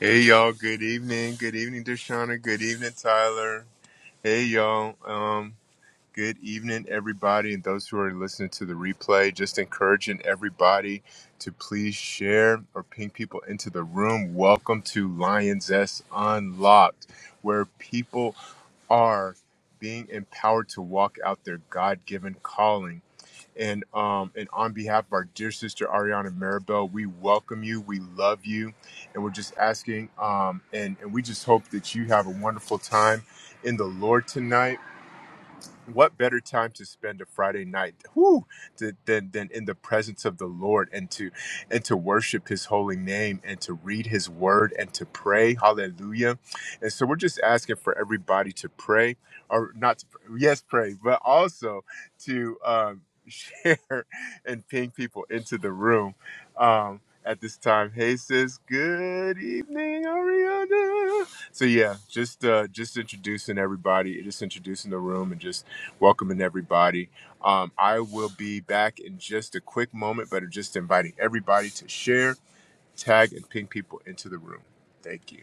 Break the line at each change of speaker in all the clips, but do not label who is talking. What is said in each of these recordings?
Hey y'all, good evening. Good evening, Deshauna. Good evening, Tyler. Hey y'all. Um, good evening, everybody, and those who are listening to the replay. Just encouraging everybody to please share or ping people into the room. Welcome to Lions S Unlocked, where people are being empowered to walk out their God given calling. And um, and on behalf of our dear sister Ariana Maribel, we welcome you, we love you, and we're just asking, um, and and we just hope that you have a wonderful time in the Lord tonight. What better time to spend a Friday night whew, to, than than in the presence of the Lord and to and to worship His holy name and to read His word and to pray, Hallelujah! And so we're just asking for everybody to pray, or not to, pray, yes, pray, but also to um, share and ping people into the room um, at this time. Hey, sis. Good evening, Ariana. So yeah, just uh, just introducing everybody, just introducing the room, and just welcoming everybody. Um, I will be back in just a quick moment, but I'm just inviting everybody to share, tag, and ping people into the room. Thank you.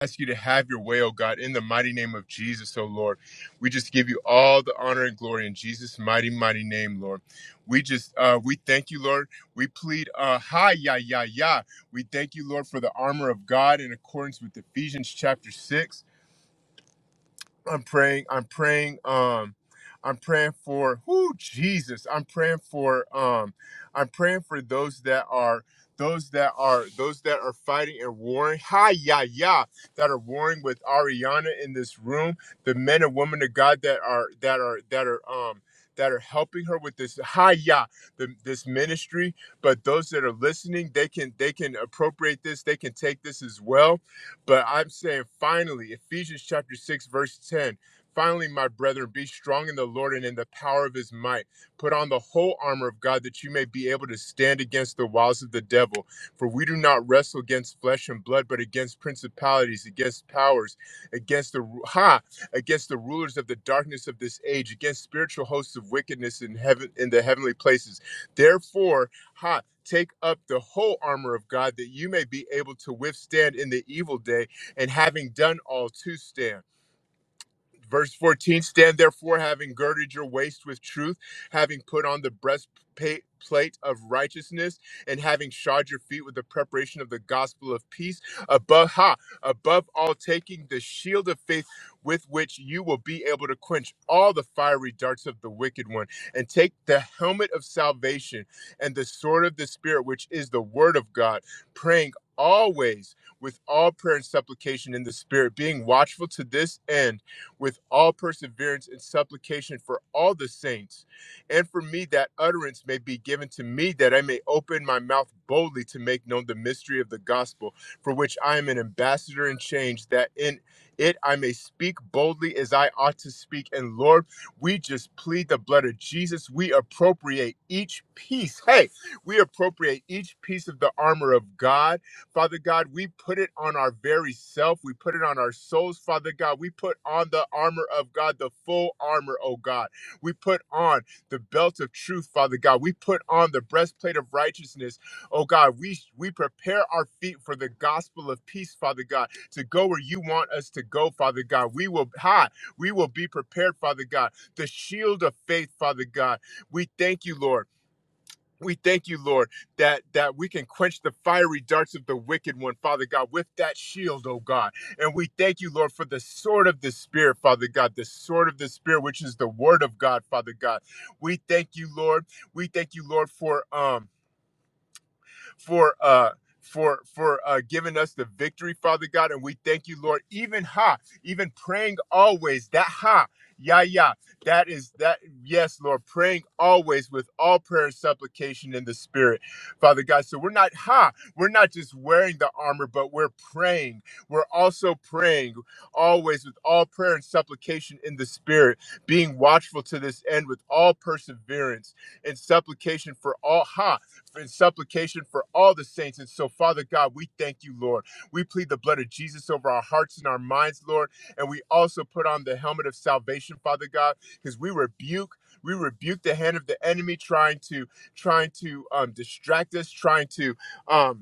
ask you to have your way, O God, in the mighty name of Jesus, O Lord. We just give you all the honor and glory in Jesus' mighty, mighty name, Lord. We just uh we thank you, Lord. We plead uh hi ya ya ya. We thank you, Lord, for the armor of God in accordance with Ephesians chapter six. I'm praying. I'm praying. Um, I'm praying for who Jesus. I'm praying for. Um, I'm praying for those that are those that are those that are fighting and warring. Hi, yeah, yeah, that are warring with Ariana in this room. The men and women of God that are that are that are um that are helping her with this hi yeah the, this ministry but those that are listening they can they can appropriate this they can take this as well but I'm saying finally, Ephesians chapter 6, verse 10. Finally, my brethren, be strong in the Lord and in the power of his might. Put on the whole armor of God that you may be able to stand against the wiles of the devil. For we do not wrestle against flesh and blood, but against principalities, against powers, against the ru- ha, against the rulers of the darkness of this age, against spiritual hosts of wickedness in heaven in the heavenly places. Therefore, Take up the whole armor of God that you may be able to withstand in the evil day, and having done all to stand. Verse 14 Stand therefore, having girded your waist with truth, having put on the breastplate of righteousness, and having shod your feet with the preparation of the gospel of peace. Above, ha, above all, taking the shield of faith with which you will be able to quench all the fiery darts of the wicked one, and take the helmet of salvation and the sword of the Spirit, which is the word of God, praying always with all prayer and supplication in the Spirit, being watchful to this end with all perseverance and supplication for all the saints. And for me, that utterance may be given to me, that I may open my mouth boldly to make known the mystery of the gospel, for which I am an ambassador in chains; that in it I may speak boldly as I ought to speak. And Lord, we just plead the blood of Jesus. We appropriate each piece. Hey, we appropriate each piece of the armor of God Father God, we put it on our very self. We put it on our souls, Father God. We put on the armor of God, the full armor, oh God. We put on the belt of truth, Father God. We put on the breastplate of righteousness, oh God. We we prepare our feet for the gospel of peace, Father God, to go where you want us to go, Father God. We will ha, we will be prepared, Father God. The shield of faith, Father God. We thank you, Lord. We thank you, Lord, that that we can quench the fiery darts of the wicked one, Father God, with that shield, oh God. And we thank you, Lord, for the sword of the Spirit, Father God, the sword of the Spirit, which is the word of God, Father God. We thank you, Lord. We thank you, Lord, for um for uh for for uh giving us the victory, Father God. And we thank you, Lord, even ha, even praying always, that ha, yeah, yeah. That is that yes, Lord, praying always with all prayer and supplication in the spirit, Father God. So we're not ha, we're not just wearing the armor, but we're praying. We're also praying always with all prayer and supplication in the spirit, being watchful to this end with all perseverance and supplication for all ha and supplication for all the saints. And so, Father God, we thank you, Lord. We plead the blood of Jesus over our hearts and our minds, Lord. And we also put on the helmet of salvation, Father God, because we rebuke. We rebuke the hand of the enemy trying to trying to um, distract us, trying to um,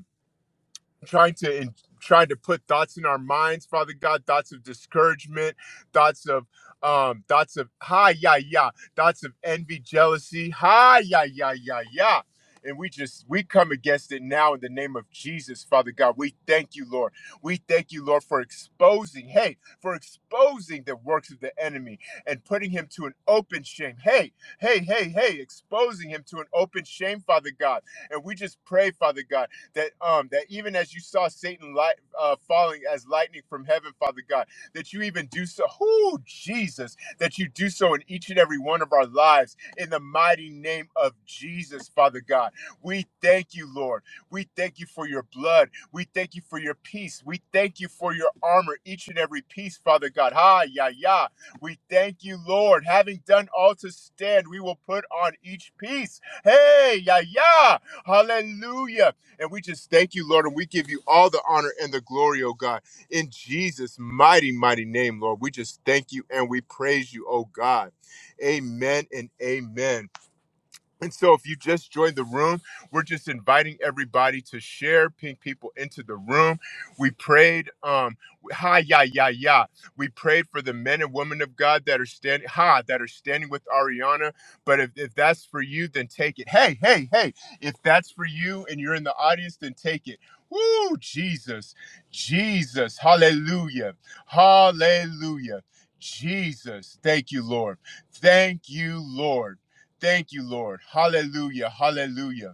trying to in, trying to put thoughts in our minds, Father God, thoughts of discouragement, thoughts of um, thoughts of hi yeah yeah, thoughts of envy, jealousy, hi yeah yeah yeah yeah. And we just we come against it now in the name of Jesus, Father God. We thank you, Lord. We thank you, Lord, for exposing, hey, for exposing the works of the enemy and putting him to an open shame. Hey, hey, hey, hey, exposing him to an open shame, Father God. And we just pray, Father God that um that even as you saw Satan light uh, falling as lightning from heaven, Father God, that you even do so, oh Jesus, that you do so in each and every one of our lives in the mighty name of Jesus, Father God. We thank you, Lord. We thank you for your blood. We thank you for your peace. We thank you for your armor, each and every piece, Father God. Ha, ya, ya. We thank you, Lord. Having done all to stand, we will put on each piece. Hey, ya, ya. Hallelujah. And we just thank you, Lord, and we give you all the honor and the glory, oh God. In Jesus' mighty, mighty name, Lord, we just thank you and we praise you, oh God. Amen and amen. And so, if you just joined the room, we're just inviting everybody to share, ping people into the room. We prayed, um, ha, yeah, yeah, yeah. We prayed for the men and women of God that are standing, ha, that are standing with Ariana. But if, if that's for you, then take it. Hey, hey, hey, if that's for you and you're in the audience, then take it. Woo, Jesus, Jesus, hallelujah, hallelujah, Jesus. Thank you, Lord. Thank you, Lord. Thank you, Lord. Hallelujah. Hallelujah.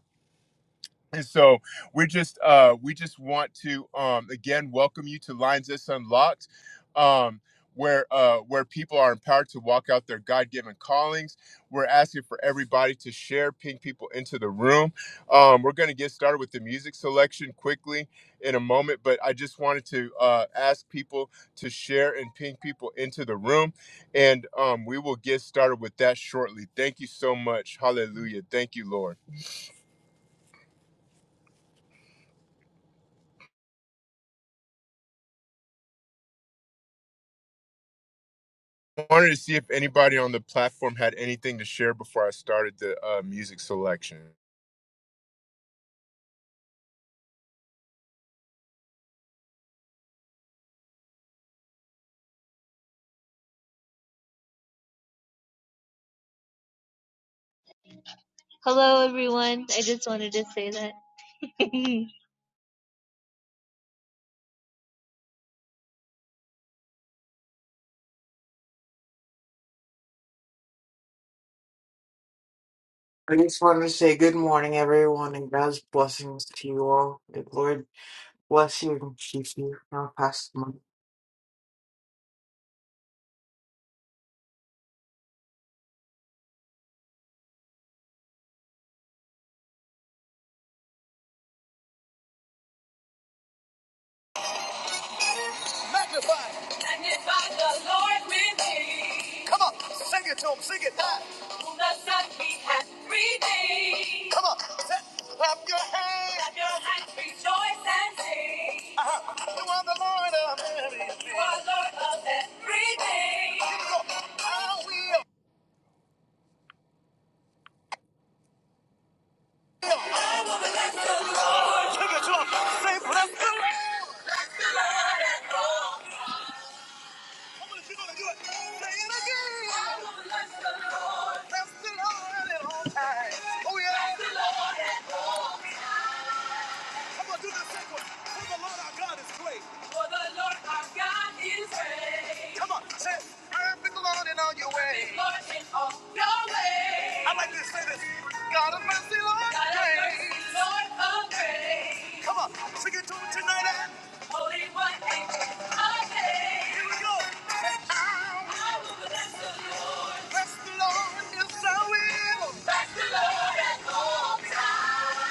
And so we're just uh we just want to um again welcome you to Lines That's Unlocked, um, where uh where people are empowered to walk out their God-given callings. We're asking for everybody to share, ping people into the room. Um, we're gonna get started with the music selection quickly in a moment, but I just wanted to uh ask people to share and ping people into the room, and um we will get started with that shortly. Thank you so much. Hallelujah. Thank you, Lord. wanted to see if anybody on the platform had anything to share before I started the uh, music selection.
Hello, everyone. I just wanted to say that.
I just wanted to say good morning, everyone, and God's blessings to you all. The Lord bless you and keep you. I'll pass the mic.
Magnify. Magnify the Lord with me. Come on, sing it to him, sing it. Who the Son he has redeemed. Come on, clap your hands. Clap your hands, rejoice and sing. Uh-huh. You are the Lord of everything. You are Lord of everything. Come on, I will. Sing it to him, say praise. Come on, gonna do it, again. I will the Lord. Bless the Lord at all times. Oh yeah. Bless the Lord at all times. Come on, do not take one. For the Lord our God is great. For the Lord our God is great. Come on, say, it. serve the Lord in all your His ways. Perfect Lord in all your ways. I like to say this. God of mercy, Lord, God of mercy, Lord of grace. Come on, sing it to him tonight. and Holy One, angel of days. Here we go. I'll I will bless the Lord. bless the Lord, yes I will. Bless the Lord at all times.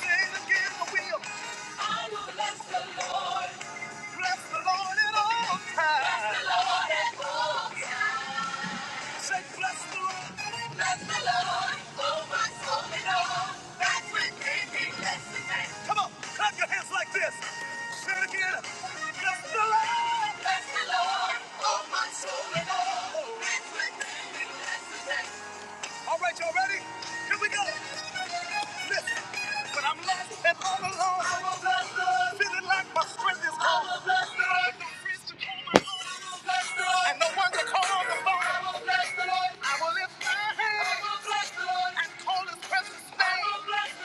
Say it again, I will. I will bless the Lord. Bless the Lord at all times. Bless the Lord at all times. Say, bless the Lord. Bless the Lord. Oh, my soul and all that's within me. Bless his name. Come on, clap your hands like this. Say it again. Bless the Lord. Bless the Lord. Oh, my soul and all that's within me. Bless his name. All right, y'all ready? Here we go. Listen, when I'm lost and all alone, I am a the feeling like my strength is gone. I am a the With no friends to call my own. I will bless the And no one to call on the phone. I am a the I will lift my hand. I am a the And call his precious name. I am a the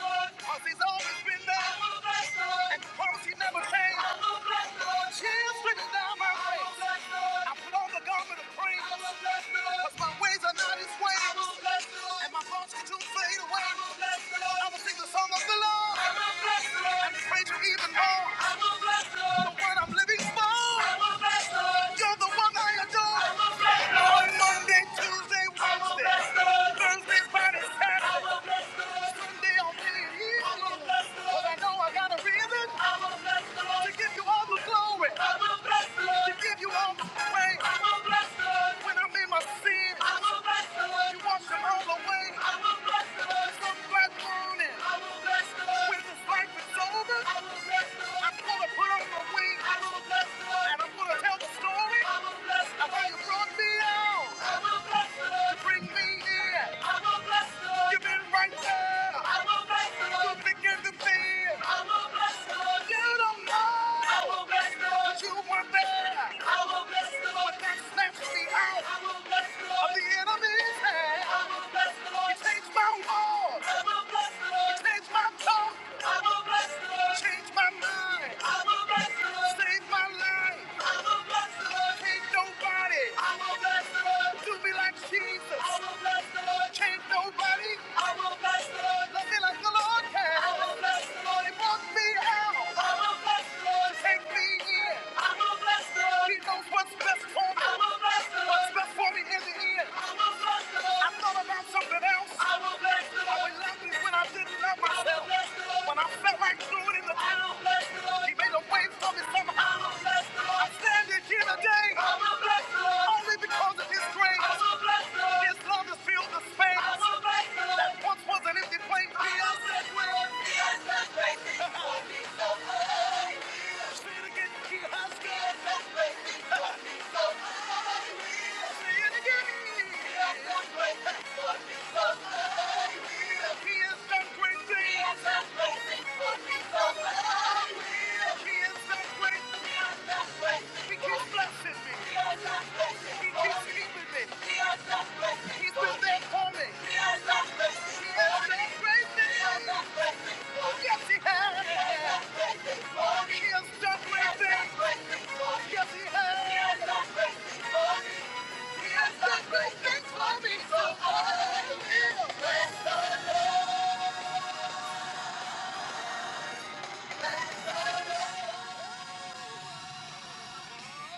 he's always been there. I will bless the Policy never changed. i Promise he never came. Tears streaming down my face. I put on the garment of praise. I'm Cause my ways are not his ways. I'm And my thoughts get too fade away. I will bless the Lord. I will sing the song of the Lord. I'm And praise you even more. I'm The Lord. The one I'm living for. I'm You're the one I adore. I'm On Monday, Tuesday, I will Wednesday, bless the Lord. Thursday, Friday, Saturday. I will I will bless the Lord. You've been right there. I will bless the Lord. You've been good to me. I will bless the Lord. You don't know. I will bless the Lord. You were there. I will bless the Lord. When that snatched me out. I will bless the Lord. Of the enemy's hand. I will bless the Lord. He changed my wall. I will bless the Lord. He changed my tongue. I will bless the Lord. Changed my mind. I will bless the Lord. Saved my life. I will bless the Lord. Can't no nobody. I will bless the Lord. Do me like Jesus. I will bless the Lord. Change nobody. I will bless the Lord. Love me like the Lord can. I will bless the Lord. He brought me out. I will bless the Lord. Take me in. I will bless the Lord. He knows what's best for me. I will bless the Lord. What's best for me in the end. I will bless the Lord. I thought about something else. I will bless the Lord. I was lucky when I didn't love myself. I will bless the Lord. When I felt like doing it in the past. He made a way for me somehow. I'm here today only because of His grace. His love has filled the space that once was an empty place. Say it again, He has done. Say it again. Yes, that's great. Thanks for me. So I will. win. We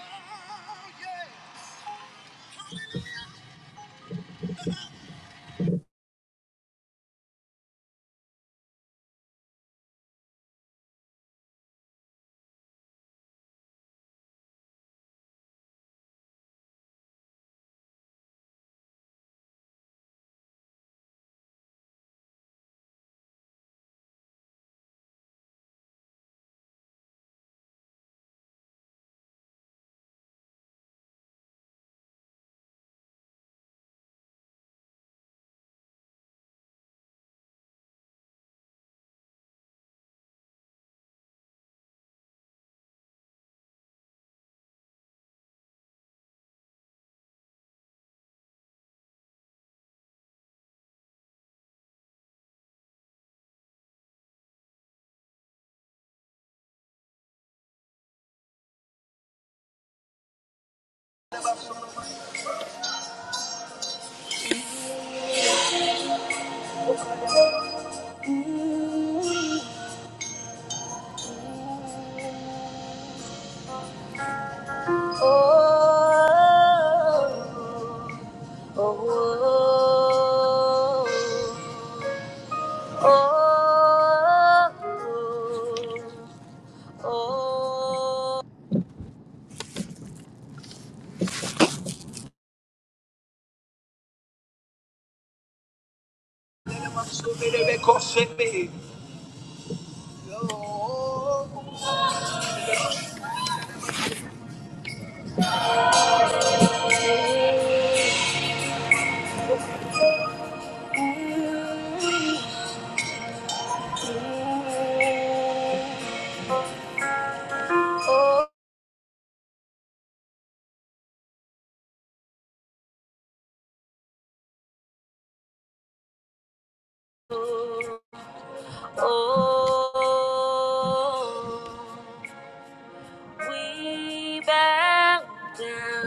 bow down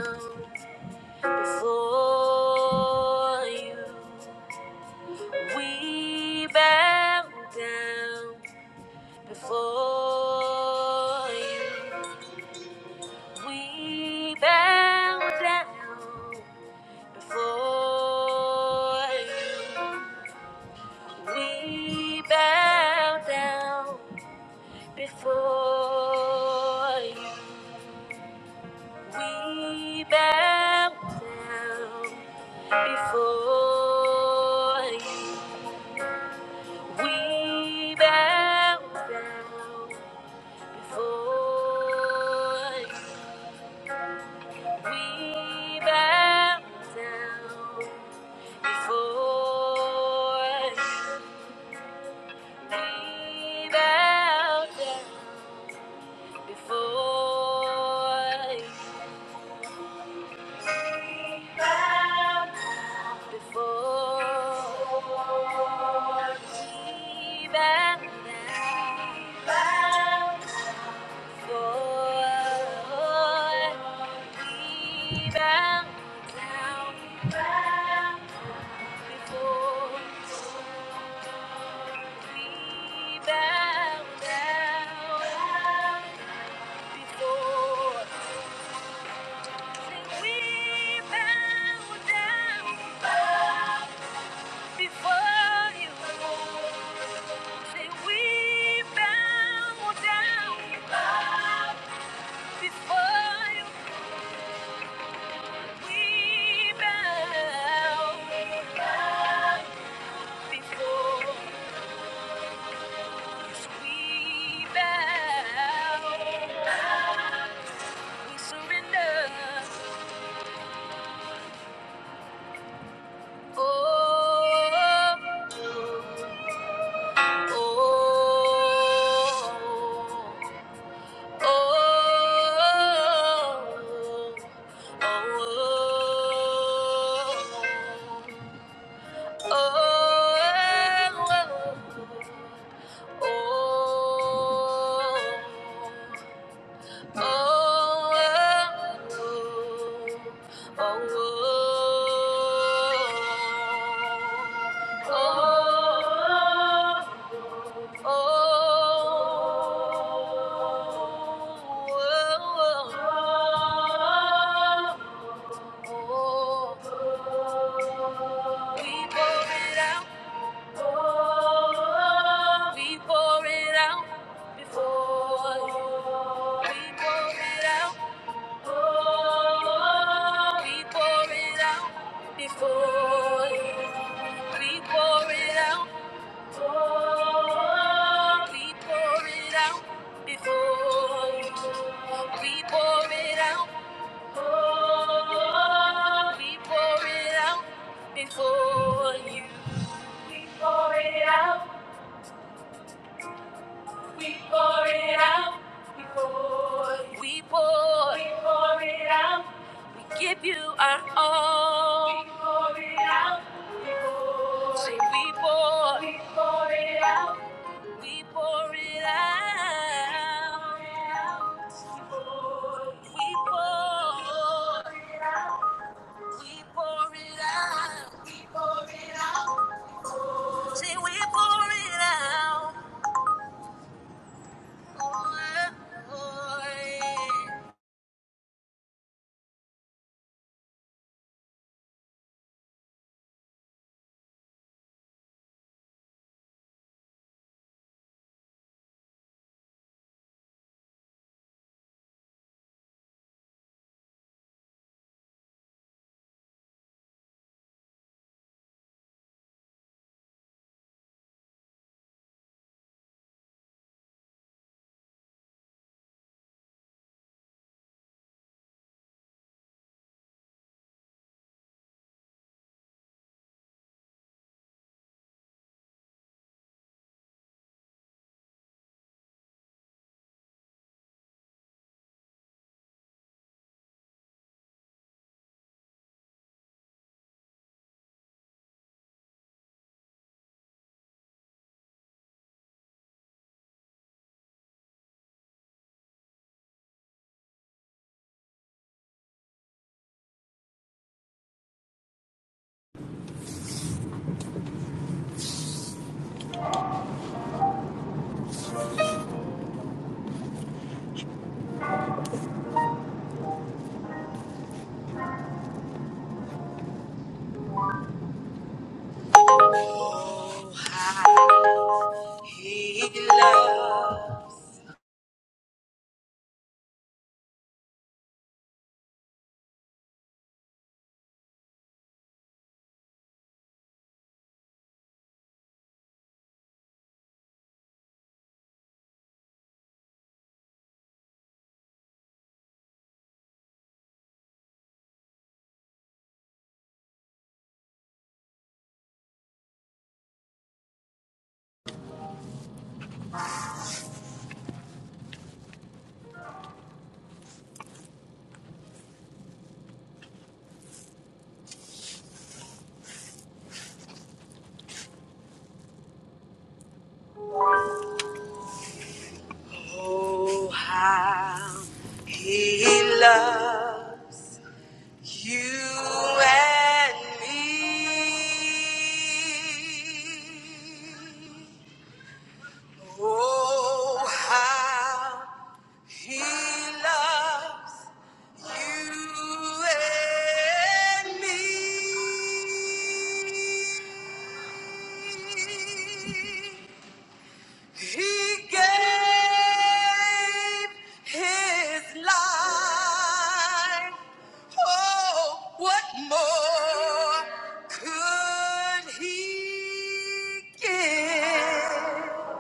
before you. We bow down before you. We bow down before you. We bow down before you. We bow down before you. We bow down before you. We bow down before you. We down before you. Before we down. Before we bow down. Before you. We bow, we surrender. Oh, oh, oh, oh, oh, oh. Oh, oh, oh, oh, oh, oh. We pour it out. We pour it out before you. We pour it out. Oh, we pour it out before you. We pour it out. Oh, we pour it out before you. We pour it out. Oh, we pour it out before you. We pour it out. We pour it out before you. We pour. We pour it out. We give you our all. We pour it out before you. Say we pour. We pour it out. We pour it out. before you. We pour. We pour it out. We pour it out. Say we pour it out. Oh, Lord. Oh, how he loves you and me. Oh, how he loves you and me. He gave his life. Oh, what more could he give?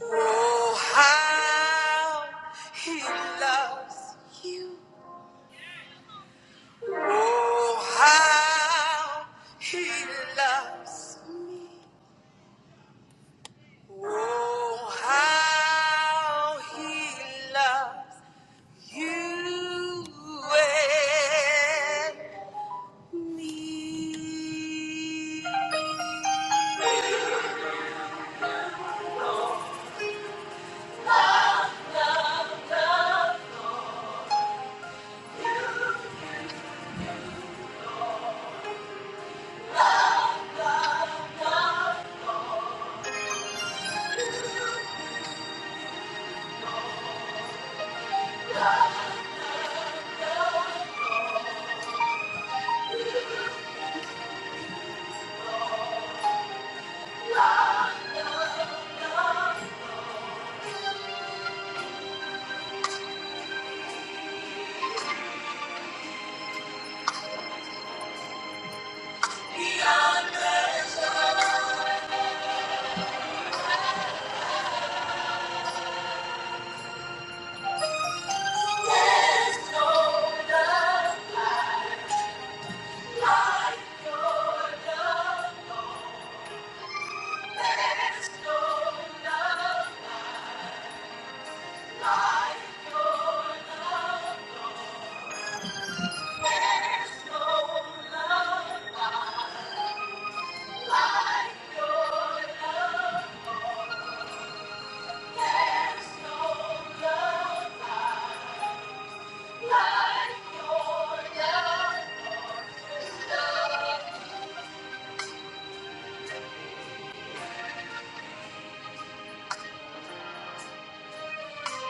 Oh, how he loves you. Oh, how he loves me. Oh, how he loves You and me.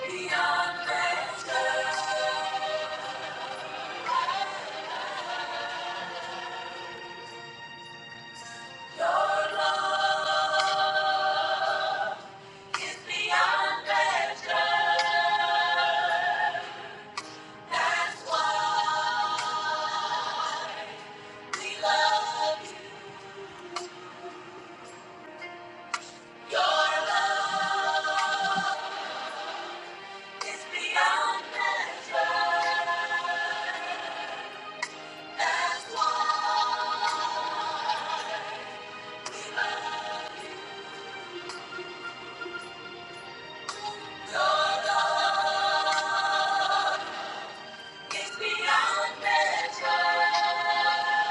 Beyond measure, your love is beyond measure. That's why we love you. Your love is beyond measure. That's why it's beyond measure.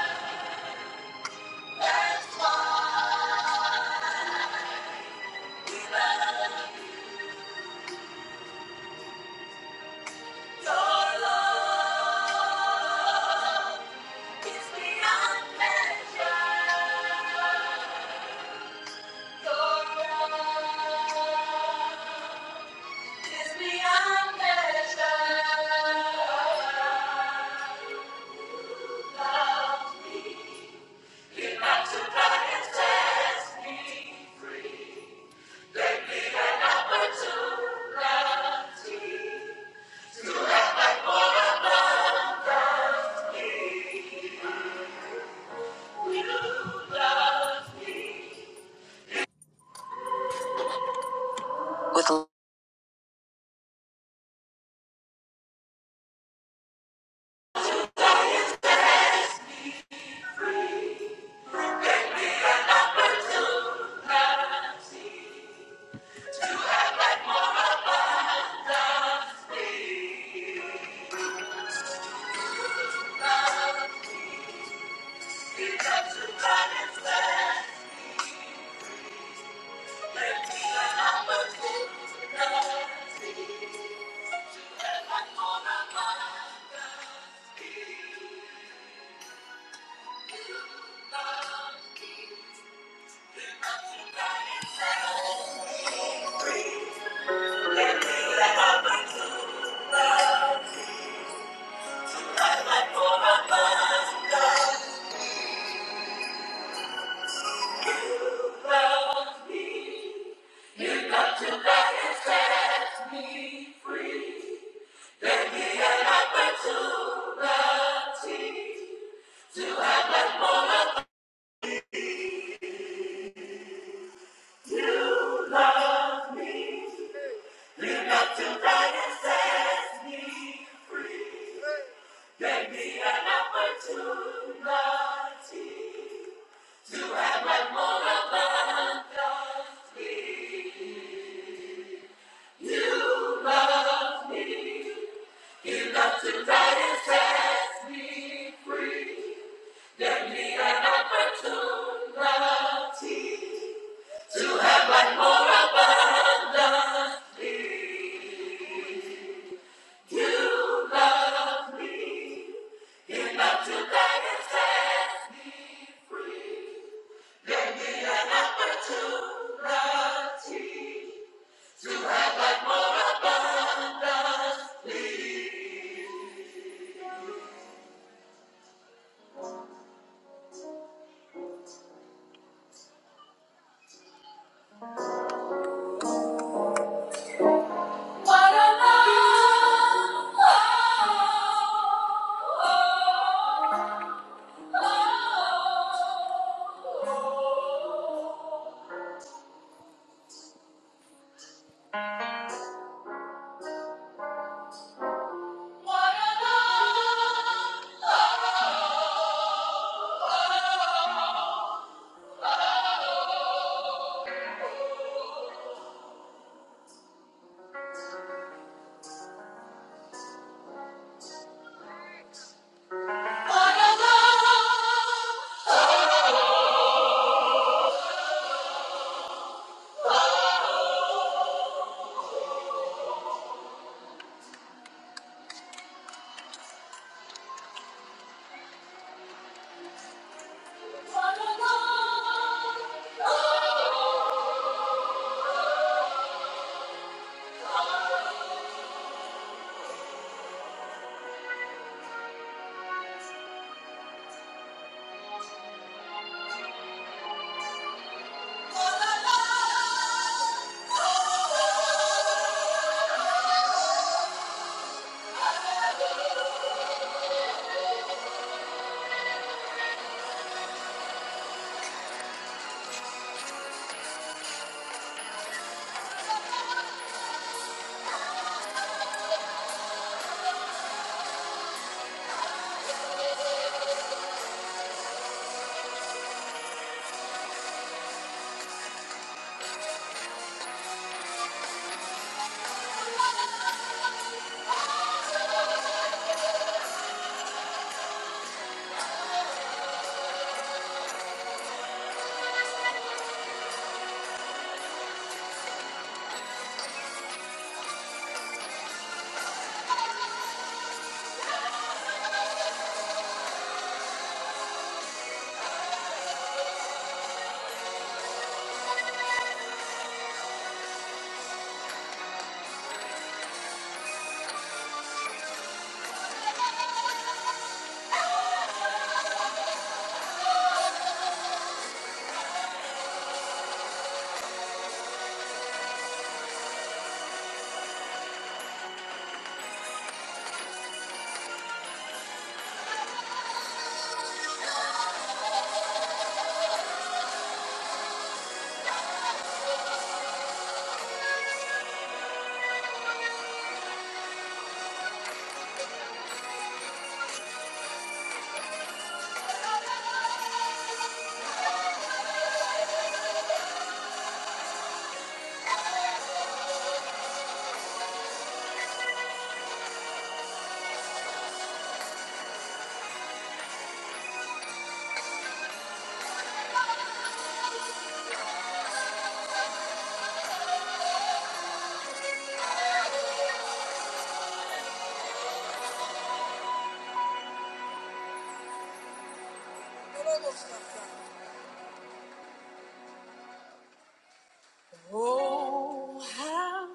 Oh, how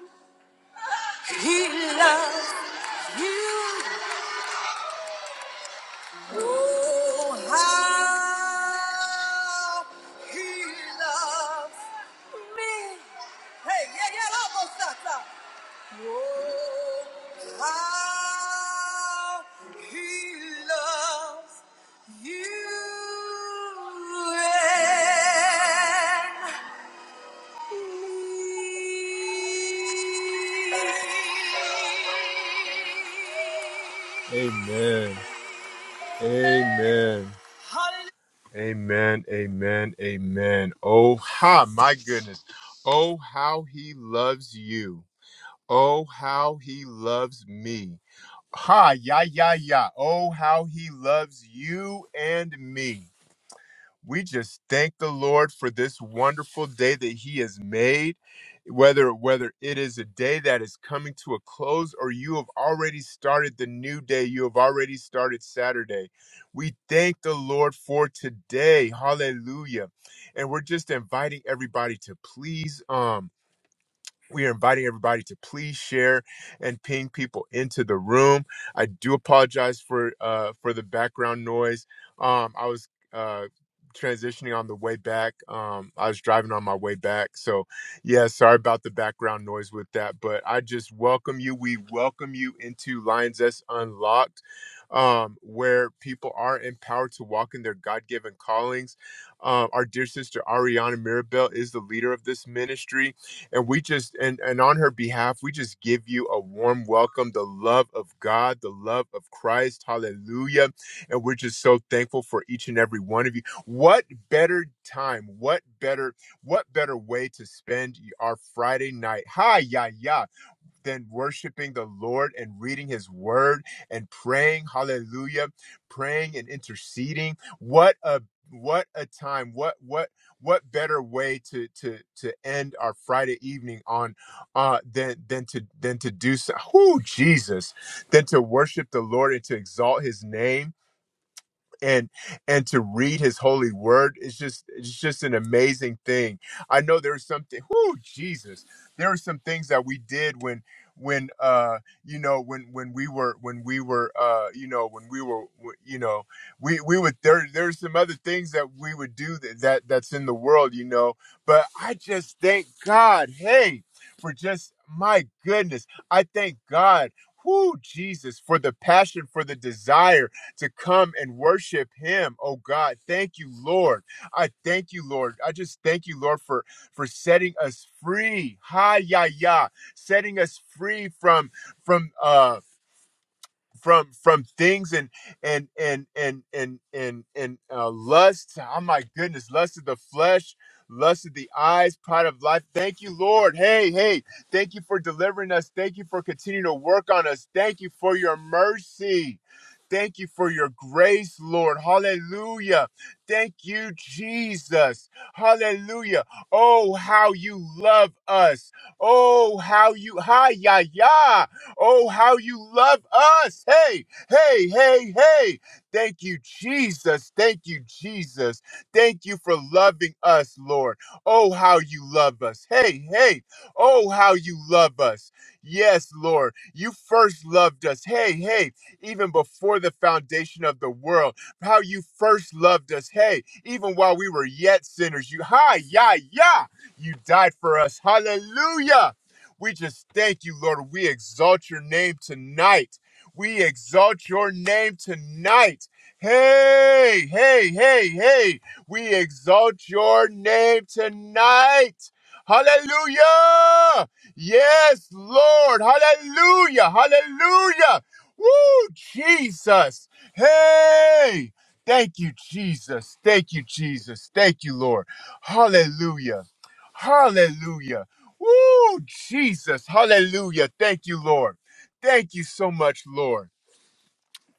He loves you. Oh, how he loves me. Hey, yeah, yeah, almost that. Oh, how he loves you. Amen. Amen. Amen. Amen. Amen. Oh, ha, my goodness. Oh, how he loves you. Oh, how he loves me. Ha, ya, ya, ya. Oh, how he loves you and me. We just thank the Lord for this wonderful day that he has made. Whether whether it is a day that is coming to a close or you have already started the new day, you have already started Saturday. We thank the Lord for today. Hallelujah. And we're just inviting everybody to please um we are inviting everybody to please share and ping people into the room. I do apologize for uh, for the background noise. Um, I was uh, transitioning on the way back. Um, I was driving on my way back, so yeah, sorry about the background noise with that. But I just welcome you. We welcome you into Lions S Unlocked, um, where people are empowered to walk in their God given callings. Um, our dear sister Ariana Mirabel is the leader of this ministry and we just, and, and on her behalf, we just give you a warm welcome, the love of God, the love of Christ. Hallelujah. And we're just so thankful for each and every one of you. What better time? What better, what better way to spend our Friday night? Hi, yeah, yeah than worshiping the Lord and reading his word and praying, hallelujah, praying and interceding. What a what a time. What what what better way to to to end our Friday evening on uh than than to than to do so who Jesus than to worship the Lord and to exalt his name and and to read his holy word is just it's just an amazing thing i know there's something Whoo, jesus there are some things that we did when when uh you know when when we were when we were uh you know when we were w- you know we we would there there's some other things that we would do that, that that's in the world you know but i just thank god hey for just my goodness i thank god whoo jesus for the passion for the desire to come and worship him. Oh God, thank you, Lord. I thank you, Lord. I just thank you, Lord, for for setting us free. Hi ya ya, setting us free from from uh from from things and and and and and and and uh, lust. Oh my goodness, lust of the flesh, lust of the eyes, pride of life. Thank you, Lord. Hey, hey, thank you for delivering us. Thank you for continuing to work on us. Thank you for your mercy. Thank you for your grace, Lord. Hallelujah. Thank you, Jesus. Hallelujah. Oh, how you love us. Oh, how you, hi, ya, ya. Oh, how you love us. Hey, hey, hey, hey. Thank you, Jesus. Thank you, Jesus. Thank you for loving us, Lord. Oh, how you love us. Hey, hey. Oh, how you love us. Yes, Lord. You first loved us. Hey, hey. Even before the foundation of the world, how you first loved us. Hey, even while we were yet sinners, you, hi, yeah, yeah. You died for us. Hallelujah. We just thank you, Lord. We exalt your name tonight. We exalt your name tonight. Hey, hey, hey, hey. We exalt your name tonight. Hallelujah. Yes, Lord. Hallelujah. Hallelujah. Woo, Jesus. Hey. Thank you, Jesus. Thank you, Jesus. Thank you, Lord. Hallelujah. Hallelujah. Woo, Jesus. Hallelujah. Thank you, Lord. Thank you so much, Lord.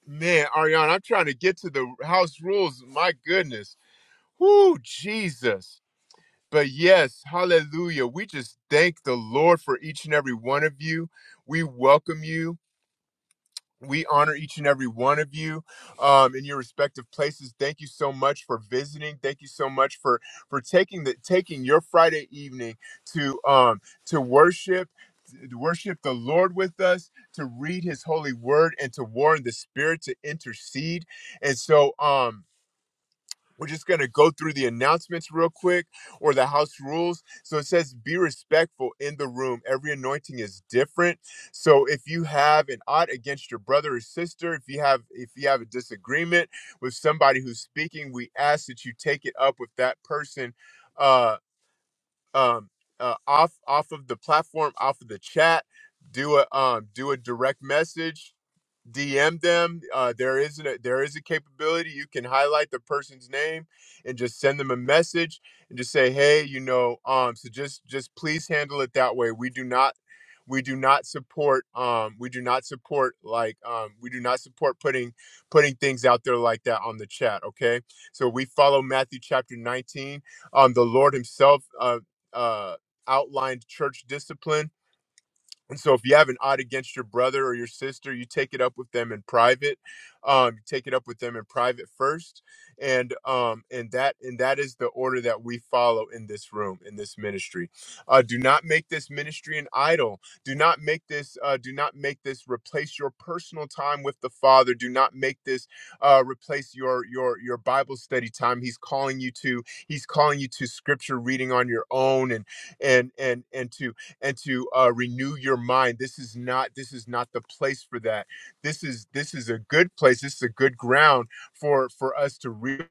Man, Ariana, I'm trying to get to the house rules. My goodness. Woo, Jesus. But yes, hallelujah. We just thank the Lord for each and every one of you. We welcome you. We honor each and every one of you um, in your respective places. Thank you so much for visiting. Thank you so much for for taking the taking your Friday evening to um, to worship to worship the Lord with us, to read His holy word, and to warn the Spirit to intercede. And so, um, we're just going to go through the announcements real quick or the house rules. So it says, be respectful in the room. Every anointing is different. So if you have an odd against your brother or sister, if you have if you have a disagreement with somebody who's speaking, we ask that you take it up with that person uh, um, uh, off off of the platform, off of the chat. Do a um, do a direct message DM them. Uh, there is a, there is a capability you can highlight the person's name and just send them a message and just say, hey, you know, um, so just just please handle it that way. We do not we do not support um we do not support like um we do not support putting putting things out there like that on the chat okay so we follow matthew chapter 19 um the lord himself uh uh outlined church discipline and so if you have an odd against your brother or your sister, you take it up with them in private. Um, you take it up with them in private first. And um, and that and that is the order that we follow in this room, in this ministry. Uh, do not make this ministry an idol. Do not make this uh, do not make this replace your personal time with the Father. Do not make this uh, replace your your your Bible study time. He's calling you to he's calling you to scripture reading on your own and and and and to and to uh, renew your mind this is not this is not the place for that this is this is a good place this is a good ground for for us to really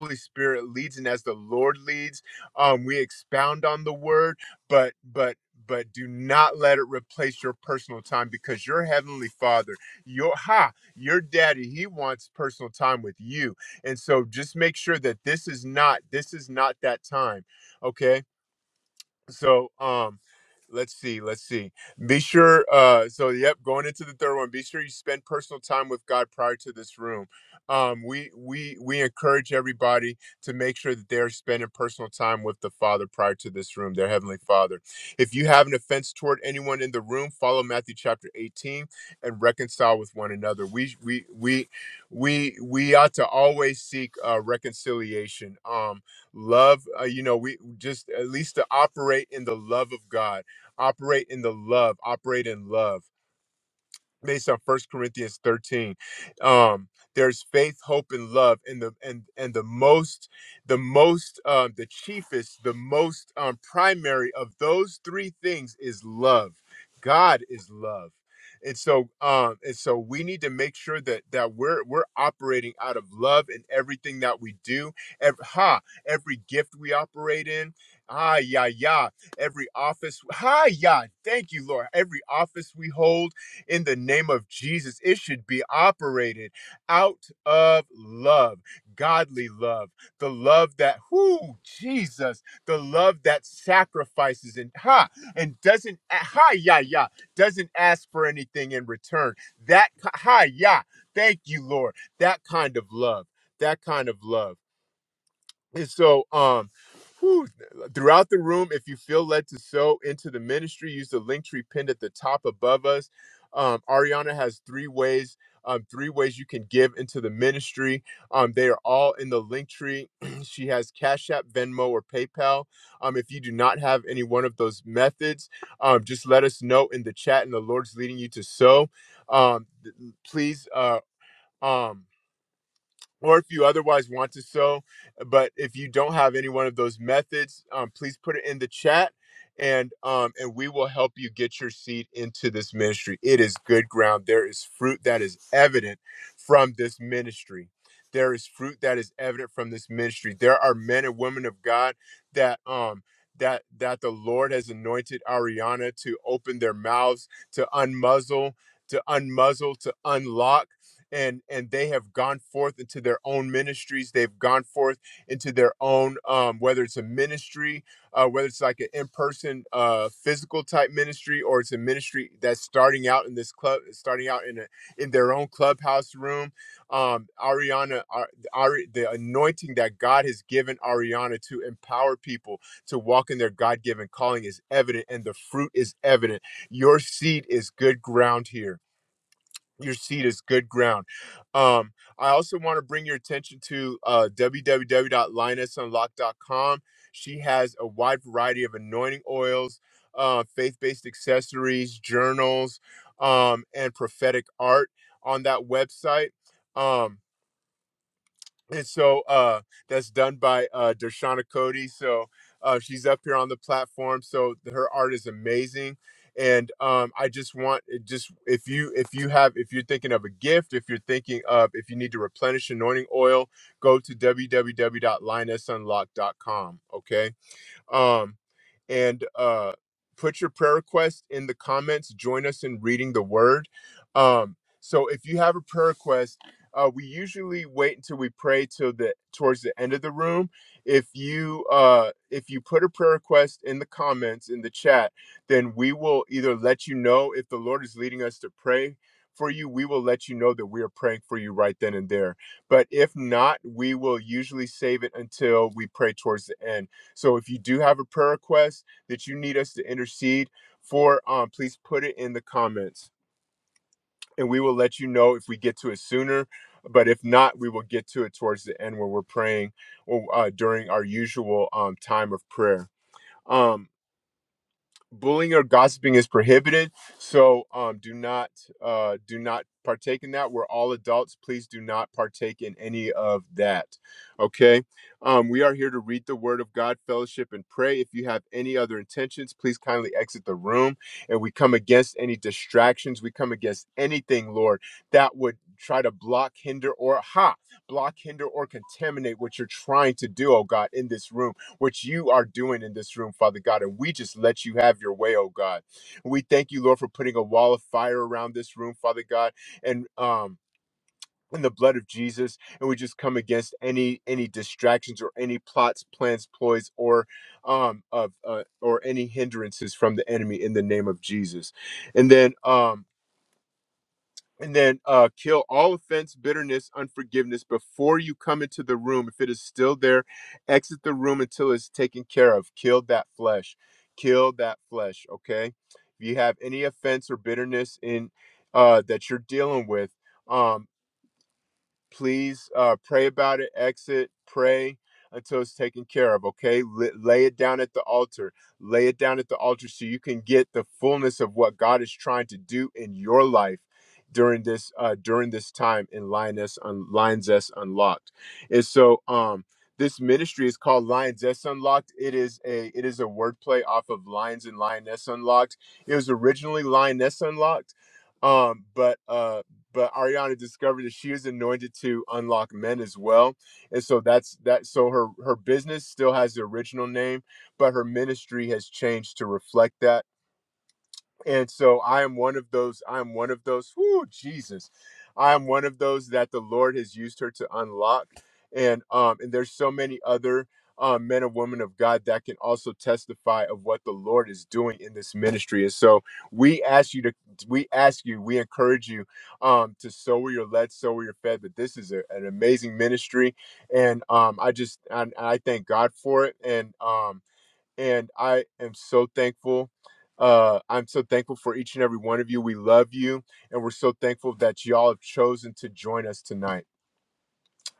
Holy Spirit leads, and as the Lord leads, um, we expound on the word. But, but, but, do not let it replace your personal time, because your heavenly Father, your ha, your Daddy, He wants personal time with you. And so, just make sure that this is not this is not that time. Okay, so um let's see, let's see. Be sure uh so yep, going into the third one, be sure you spend personal time with God prior to this room. Um we we we encourage everybody to make sure that they're spending personal time with the Father prior to this room, their heavenly Father. If you have an offense toward anyone in the room, follow Matthew chapter 18 and reconcile with one another. We we we we we ought to always seek uh reconciliation. Um love uh, you know we just at least to operate in the love of god operate in the love operate in love based on First Corinthians 13. Um, there's faith, hope, and love, and the and and the most, the most, um, the chiefest, the most um, primary of those three things is love. God is love, and so um, and so we need to make sure that that we're we're operating out of love in everything that we do. Every, ha, every gift we operate in. Ah, yeah, yeah. Every office. Ha, yeah. Thank you, Lord. Every office we hold in the name of Jesus. It should be operated out of love, godly love, the love that, whoo, Jesus, the love that sacrifices and ha and doesn't ha yeah yeah doesn't ask for anything in return. That ha yeah, thank you, Lord. That kind of love. That kind of love. And so, um, whew, throughout the room, if you feel led to sow into the ministry, use the link tree pinned at the top above us. Um, Ariana has three ways, um, three ways you can give into the ministry. Um, they are all in the link tree. she has Cash App, Venmo, or PayPal. Um, if you do not have any one of those methods, um, just let us know in the chat, and the Lord's leading you to sow. Um, th- please, uh, um, or if you otherwise want to sow. But if you don't have any one of those methods, um, please put it in the chat, and um, and we will help you get your seed into this ministry. It is good ground. There is fruit that is evident from this ministry. There is fruit that is evident from this ministry. There are men and women of God that um that that the Lord has anointed Ariana to open their mouths to unmuzzle, to unmuzzle, to unlock and and they have gone forth into their own ministries they've gone forth into their own um, whether it's a ministry uh, whether it's like an in-person uh, physical type ministry or it's a ministry that's starting out in this club starting out in a in their own clubhouse room um, ariana Ar- Ari, the anointing that god has given ariana to empower people to walk in their god-given calling is evident and the fruit is evident your seed is good ground here your seed is good ground. Um, I also want to bring your attention to uh, www.linusunlock.com. She has a wide variety of anointing oils, uh, faith based accessories, journals, um, and prophetic art on that website. Um, and so uh that's done by uh Dershana Cody. So uh she's up here on the platform. So her art is amazing. And um I just want it just if you if you have if you're thinking of a gift, if you're thinking of if you need to replenish anointing oil, go to w w w dot line s unlocked dot com. Okay. Um, and uh, put your prayer request in the comments. Join us in reading the word. Um, so if you have a prayer request, uh, we usually wait until we pray till the towards the end of the room. If you uh, if you put a prayer request in the comments in the chat, then we will either let you know if the Lord is leading us to pray for you. We will let you know that we are praying for you right then and there. But if not, we will usually save it until we pray towards the end so if you do have a prayer request that you need us to intercede for, um, please put it in the comments and we will let you know if we get to it sooner. But if not, we will get to it towards the end when we're praying or uh, during our usual um, time of prayer. Um, bullying or gossiping is prohibited so um do not uh do not partake in that we're all adults please do not partake in any of that okay um we are here to read the word of god fellowship and pray if you have any other intentions please kindly exit the room and we come against any distractions we come against anything lord that would try to block hinder or ha block hinder or contaminate what you're trying to do oh god in this room what you are doing in this room, Father God. And we just let you have your way, oh God. We thank you, Lord, for putting a wall of fire around this room, Father God. And, um, in the blood of Jesus, and we just come against any any distractions or any plots, plans, ploys, or um of uh, or any hindrances from the enemy in the name of Jesus. And then um and then uh, kill all offense, bitterness, unforgiveness before you come into the room. If it is still there, exit the room until it's taken care of. Kill that flesh. Kill that flesh. Okay. If you have any offense or bitterness in uh, that you're dealing with, um please uh, pray about it exit pray until it's taken care of okay L- lay it down at the altar lay it down at the altar so you can get the fullness of what god is trying to do in your life during this uh during this time in lioness on lions s unlocked and so um this ministry is called lions s unlocked it is a it is a wordplay off of lions and lioness unlocked it was originally lioness unlocked um but uh, but Ariana discovered that she is anointed to unlock men as well. And so that's that so her her business still has the original name, but her ministry has changed to reflect that and so I am one of those. I am one of those. Whoo, Jesus! I am one of those that the Lord has used her to unlock, and um, and there's so many other um, men and women of God that can also testify of what the Lord is doing in this ministry. And so we ask you to, we ask you, we encourage you um, to sow where you're led, sow where you're fed. But this is a, an amazing ministry, and um, I just, I, I thank God for it, and um and I am so thankful. Uh, I'm so thankful for each and every one of you. We love you, and we're so thankful that y'all have chosen to join us tonight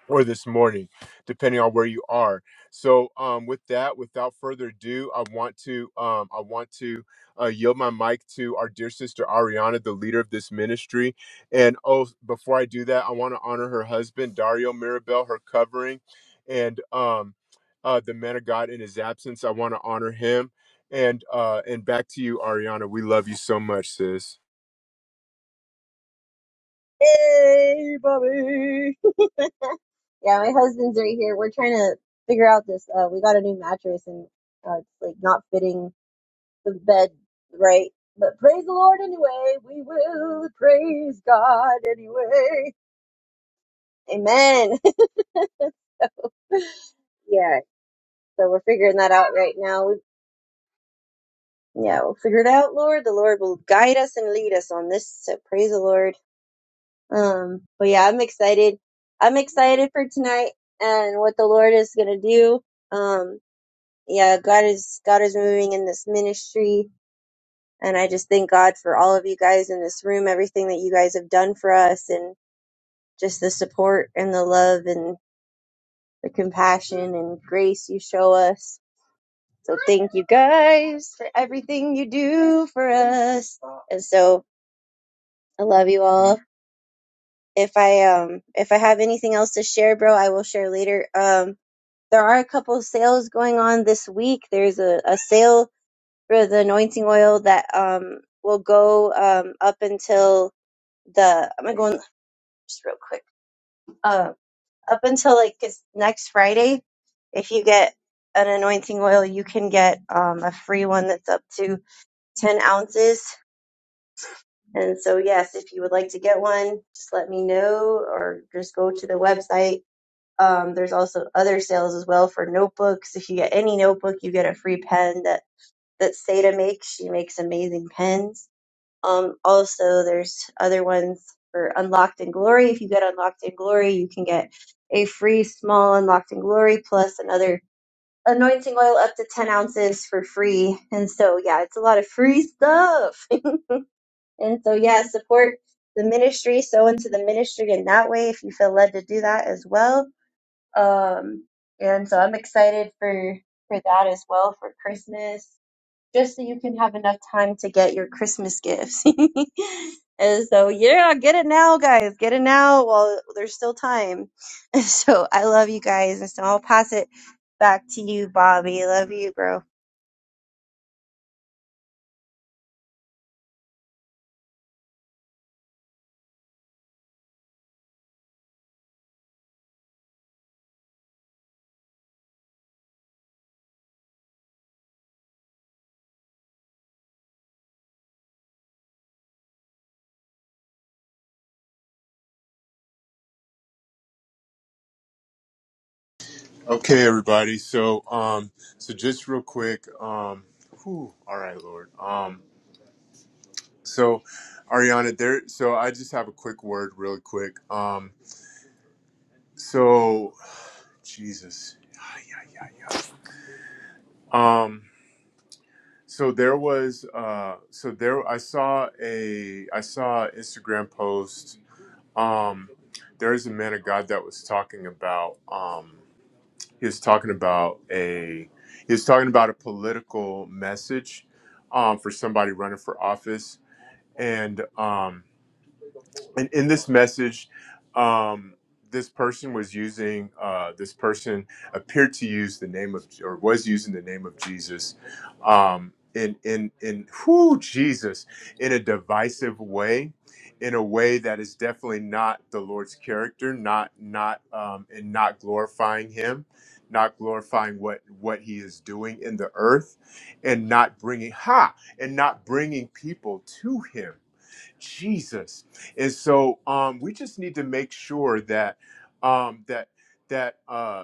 or this morning, depending on where you are. So, um, with that, without further ado, I want to um, I want to uh, yield my mic to our dear sister Ariana, the leader of this ministry. And oh, before I do that, I want to honor her husband Dario Mirabel, her covering, and um, uh, the man of God in his absence. I want to honor him. And uh, and back to you, Ariana. We love you so much, sis.
Hey, Bobby. Yeah, my husband's right here. We're trying to figure out this. Uh, we got a new mattress and uh, it's like not fitting the bed right. But praise the Lord anyway. We will praise God anyway. Amen. yeah, so we're figuring that out right now. We, yeah, we'll figure it out, Lord. The Lord will guide us and lead us on this. So praise the Lord. Um, but yeah, I'm excited. I'm excited for tonight and what the Lord is gonna do. Um. yeah, God is God is moving in this ministry, and I just thank God for all of you guys in this room, everything that you guys have done for us, and just the support and the love and the compassion and grace you show us. So thank you guys for everything you do for us. And so I love you all. If I um if I have anything else to share, bro, I will share later. Um there are a couple sales going on this week. There's a, a sale for the anointing oil that um will go um up until the I'm gonna go in just real quick. Uh, up until like it's next Friday, if you get an anointing oil, you can get um a free one that's up to ten ounces. And so yes, if you would like to get one, just let me know or just go to the website. Um, there's also other sales as well for notebooks. If you get any notebook, you get a free pen that that Seda makes. She makes amazing pens Um, also, there's other ones for Unlocked in Glory. If you get Unlocked in Glory, you can get a free small Unlocked in Glory plus another anointing oil up to 10 ounces for free. And so, yeah, it's a lot of free stuff. and so, yeah, support the ministry, sow into the ministry in that way if you feel led to do that as well. Um, and so I'm excited for for that as well for Christmas just so you can have enough time to get your Christmas gifts. and so, yeah, get it now, guys. Get it now while there's still time. So, I love you guys. And so, I'll pass it back to you, Bobby. Love you, bro.
Okay, everybody. So, um, so just real quick, um, whew, all right, Lord. Um, so, Ariana, there. So, I just have a quick word, really quick. Um, so, Jesus. Um, so there was, uh, so there. I saw a, I saw an Instagram post. Um, there is a man of God that was talking about. Um, he was talking about a he was talking about a political message um, for somebody running for office and um, in, in this message, um, this person was using, uh, this person appeared to use the name of, or was using the name of Jesus um, in, in, in, whoo, Jesus, in a divisive way, in a way that is definitely not the Lord's character, not, not, um, and not glorifying him, not glorifying what, what he is doing in the earth and not bringing, ha, and not bringing people to him Jesus. And so um, we just need to make sure that um, that that. uh,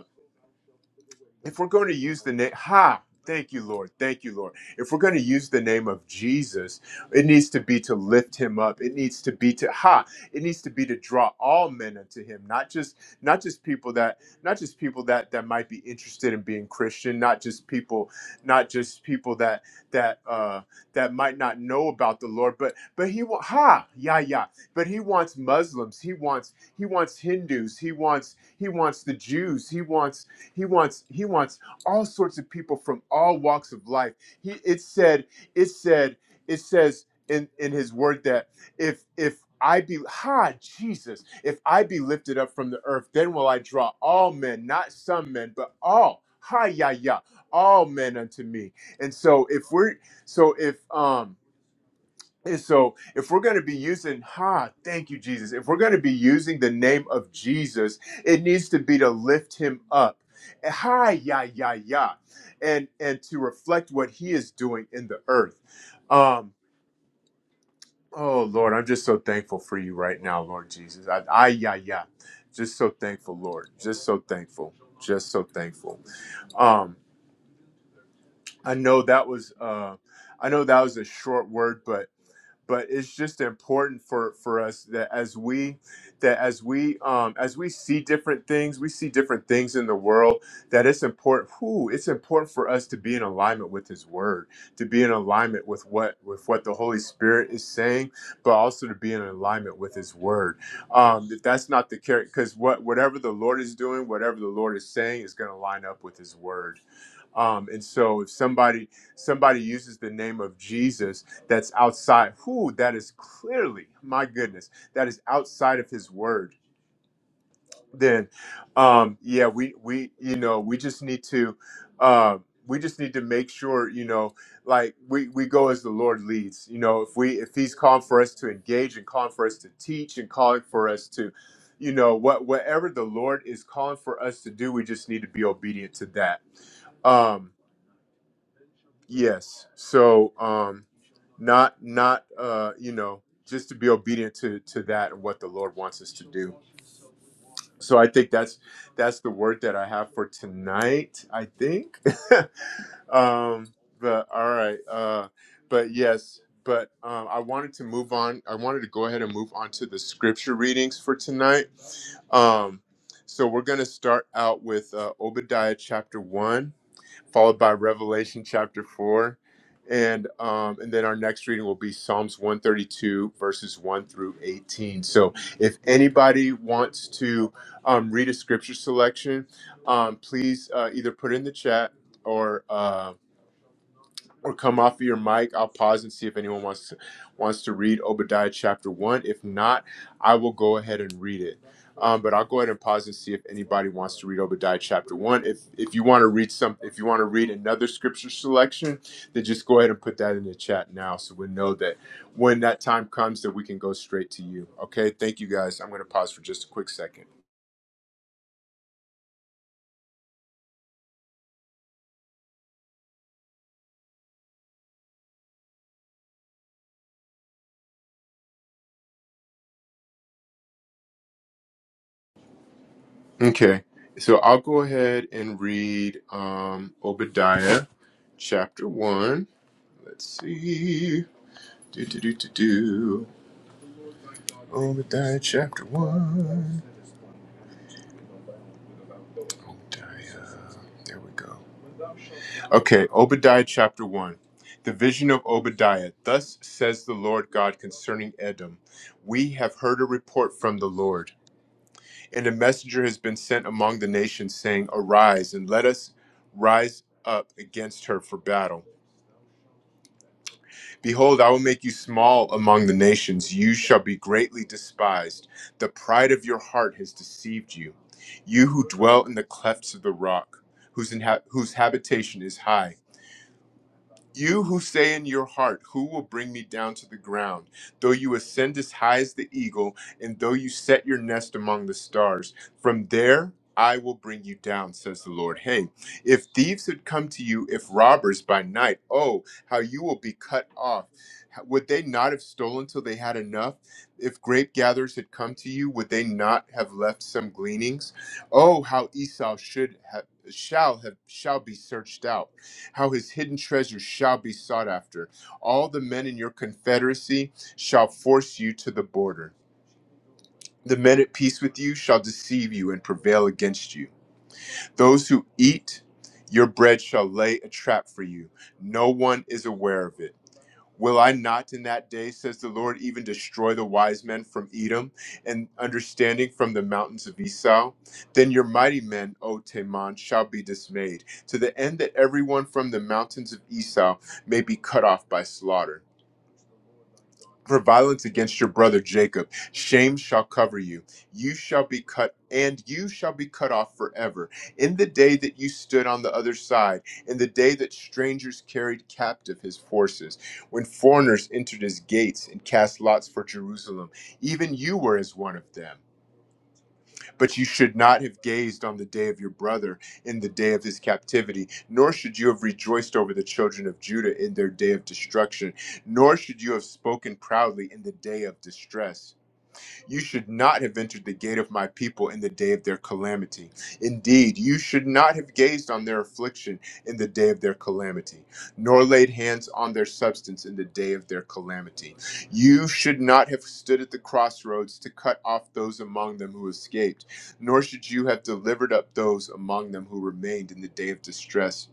if we're going to use the name, ha, thank you, Lord. Thank you, Lord. If we're going to use the name of Jesus, it needs to be to lift him up. It needs to be to, ha, it needs to be to draw all men unto him, not just, not just people that, not just people that, that might be interested in being Christian, not just people, not just people that, that, uh, that might not know about the Lord, but, but he, wa- ha, yeah, yeah. But he wants Muslims. He wants, he wants Hindus. He wants, he wants the Jews. He wants, he wants he wants all sorts of people from all walks of life. He it said it said it says in in his word that if if I be ha Jesus, if I be lifted up from the earth, then will I draw all men, not some men, but all ha ya ya, all men unto me. And so if we're so if um and so, if we're going to be using, ha, thank you, Jesus. If we're going to be using the name of Jesus, it needs to be to lift him up. Hi, yeah, yeah, yeah. And and to reflect what he is doing in the earth. Um, oh Lord, I'm just so thankful for you right now, Lord Jesus. I, I yeah, yeah. Just so thankful, Lord. Just so thankful. Just so thankful. Um, I know that was uh I know that was a short word, but. but it's just important for for us that as we that as we um as we see different things we see different things in the world that it's important who it's important for us to be in alignment with his word to be in alignment with what with what the holy spirit is saying but also to be in alignment with his word um if that's not the character because what whatever the lord is doing whatever the lord is saying is going to line up with his word um, and so if somebody somebody uses the name of jesus that's outside, who that is clearly, my goodness, that is outside of his word, then um yeah, we we you know, we just need to um we just need to make sure, you know, like we, we go as the Lord leads. You know, if we if He's calling for us to engage and calling for us to teach and calling for us to, you know, what whatever the Lord is calling for us to do, we just need to be obedient to that. Um, yes. So um not not uh you know just to be obedient to to that and what the lord wants us to do so i think that's that's the word that i have for tonight i think um but all right uh but yes but um, I wanted to move on. I wanted to go ahead and move on to the scripture readings for tonight. Um, so we're going to start out with uh, Obadiah chapter 1 followed by Revelation chapter 4. And um, and then our next reading will be Psalms 132 verses 1 through 18. So if anybody wants to um, read a scripture selection, um, please uh, either put it in the chat or um, or come off of your mic. I'll pause and see if anyone wants to, wants to read Obadiah chapter one. If not, I will go ahead and read it. Um, but I'll go ahead and pause and see if anybody wants to read Obadiah chapter one. If if you want to read some, if you want to read another scripture selection, then just go ahead and put that in the chat now, so we know that when that time comes, that we can go straight to you. Okay, thank you guys. I'm going to pause for just a quick second. Okay, so I'll go ahead and read um, Obadiah chapter one. Let's see. Do do do do do. Obadiah chapter one. Obadiah. There we go. Okay, Obadiah chapter one. The vision of Obadiah. Thus says the Lord God concerning Edom We have heard a report from the Lord, and a messenger has been sent among the nations, saying, Arise and let us rise up against her for battle. Behold, I will make you small among the nations. You shall be greatly despised. The pride of your heart has deceived you. You who dwell in the clefts of the rock, whose, inha- whose habitation is high. You who say in your heart, Who will bring me down to the ground? Though you ascend as high as the eagle, and though you set your nest among the stars, from there I will bring you down, says the Lord. Hey, if thieves had come to you, if robbers by night, oh, how you will be cut off. Would they not have stolen till they had enough? If grape gatherers had come to you, would they not have left some gleanings? Oh, how Esau should have, shall have, shall be searched out how his hidden treasures shall be sought after. All the men in your confederacy shall force you to the border. The men at peace with you shall deceive you and prevail against you. Those who eat your bread shall lay a trap for you. No one is aware of it. Will I not in that day, says the Lord, even destroy the wise men from Edom and understanding from the mountains of Esau? Then your mighty men, O Teman, shall be dismayed, to the end that everyone from the mountains of Esau may be cut off by slaughter for violence against your brother Jacob. Shame shall cover you. You shall be cut, and you shall be cut off forever. In the day that you stood on the other side, in the day that strangers carried captive his forces, when foreigners entered his gates and cast lots for Jerusalem, even you were as one of them. But you should not have gazed on the day of your brother in the day of his captivity, nor should you have rejoiced over the children of Judah in their day of destruction, nor should you have spoken proudly in the day of distress. You should not have entered the gate of my people in the day of their calamity. Indeed, you should not have gazed on their affliction in the day of their calamity, nor laid hands on their substance in the day of their calamity. You should not have stood at the crossroads to cut off those among them who escaped, nor should you have delivered up those among them who remained in the day of distress.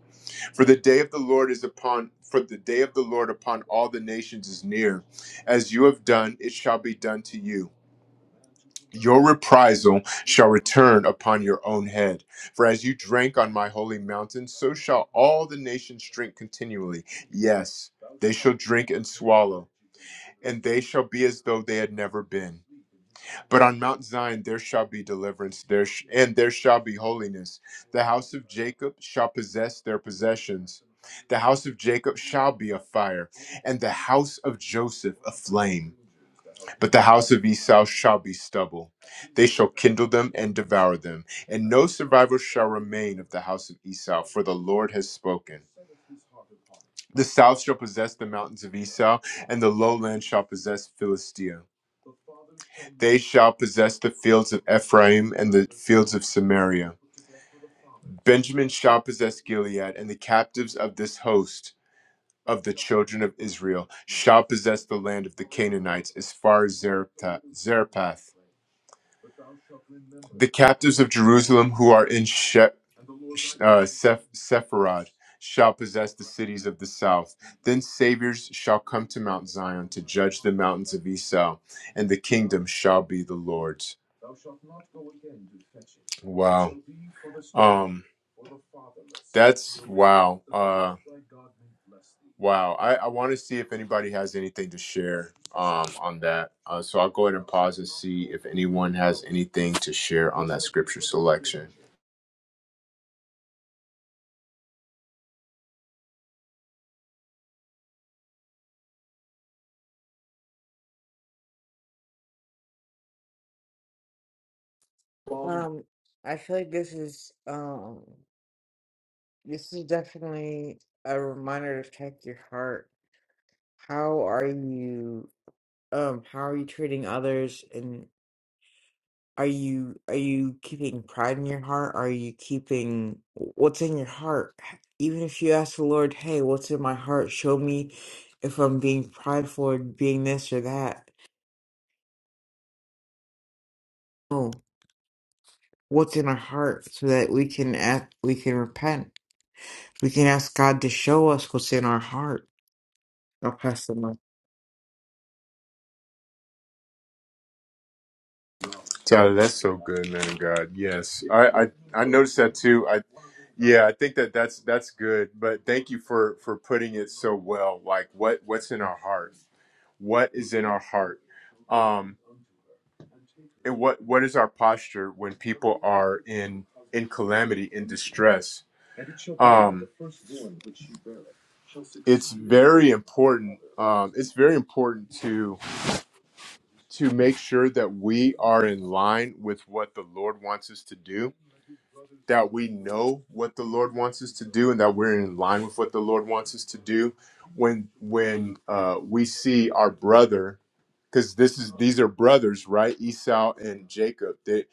For the day of the Lord is upon for the day of the Lord upon all the nations is near. As you have done, it shall be done to you your reprisal shall return upon your own head. For as you drank on my holy mountain, so shall all the nations drink continually. Yes, they shall drink and swallow, and they shall be as though they had never been. But on Mount Zion there shall be deliverance, there sh- and there shall be holiness. The house of Jacob shall possess their possessions. The house of Jacob shall be a fire, and the house of Joseph a flame but the house of Esau shall be stubble. They shall kindle them and devour them, and no survivor shall remain of the house of Esau, for the Lord has spoken. The south shall possess the mountains of Esau, and the lowland shall possess Philistia. They shall possess the fields of Ephraim and the fields of Samaria. Benjamin shall possess Gilead, and the captives of this host of the children of Israel shall possess the land of the Canaanites as far as Zarephath. Zarephath. The captives of Jerusalem who are in she- uh, Seph- Sepharad shall possess the cities of the south. Then saviors shall come to Mount Zion to judge the mountains of Esau, and the kingdom shall be the Lord's. Wow. Um, that's wow. Uh, wow. I, I want to see if anybody has anything to share um, on that. Uh, so I'll go ahead and pause and see if anyone has anything to share on that scripture selection.
Um, I feel like this is um, this is definitely a reminder to check your heart. How are you? Um, how are you treating others? Are you are you keeping pride in your heart? Are you keeping what's in your heart? Even if you ask the Lord, "Hey, what's in my heart? Show me if I'm being prideful or being this or that." Oh, what's in our heart so that we can act, we can repent. We can ask God to show us what's in our heart. I'll pass the mic.
Tyler, that's so good, man of God. Yes, I, I I noticed that too. I yeah, I think that that's that's good. But thank you for for putting it so well. Like what what's in our heart? What is in our heart? Um, and what what is our posture when people are in in calamity in distress? It's very important. Um, it's very important to to make sure that we are in line with what the Lord wants us to do that we know what the Lord wants us to do and that we're in line with what the Lord wants us to do when when uh, we see our brother because this is these are brothers right Esau and Jacob they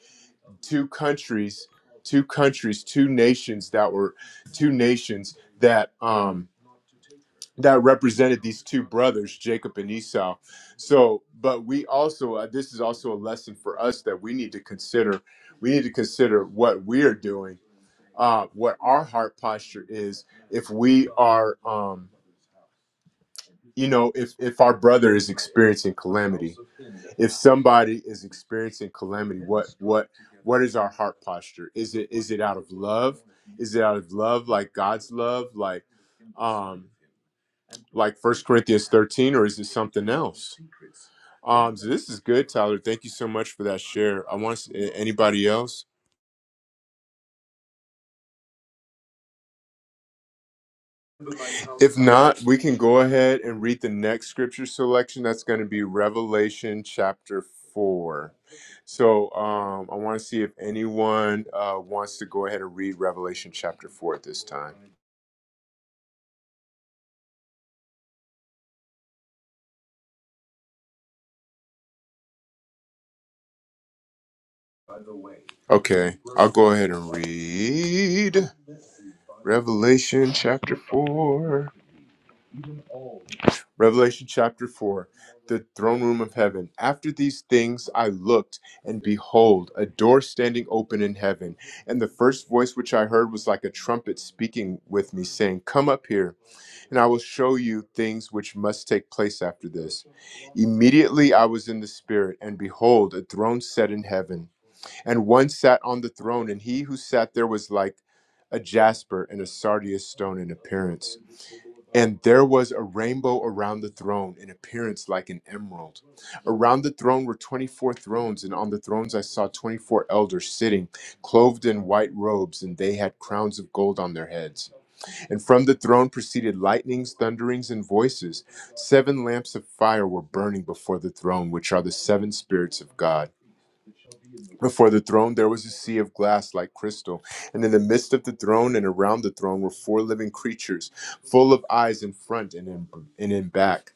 two countries two countries two nations that were two nations that um that represented these two brothers Jacob and Esau so but we also uh, this is also a lesson for us that we need to consider we need to consider what we are doing uh, what our heart posture is if we are um, you know if if our brother is experiencing calamity if somebody is experiencing calamity what is our heart posture is it is it out of love is it out of love like god's love like like first corinthians 13 or is it something else um so this is good tyler thank you so much for that share i want s- anybody else We can go ahead and read the next scripture selection. That's going to be Revelation chapter 4. So um, I want to see if anyone uh, wants to go ahead and read Revelation chapter 4 at this time. Okay, I'll go ahead and read Revelation chapter 4. Revelation chapter 4, the throne room of heaven. After these things I looked, and behold, a door standing open in heaven. And the first voice which I heard was like a trumpet speaking with me, saying, Come up here, and I will show you things which must take place after this. Immediately I was in the Spirit, and behold, a throne set in heaven. And one sat on the throne, and he who sat there was like a jasper and a sardius stone in appearance and there was a rainbow around the throne, in appearance like an emerald. Around the throne were 24 thrones, and on the thrones I saw 24 elders sitting, clothed in white robes, and they had crowns of gold on their heads. And from the throne proceeded lightnings, thunderings, and voices. Seven lamps of fire were burning before the throne, which are the seven spirits of God. Before the throne, there was a sea of glass like crystal, and in the midst of the throne and around the throne were four living creatures, full of eyes in front and in, and in back.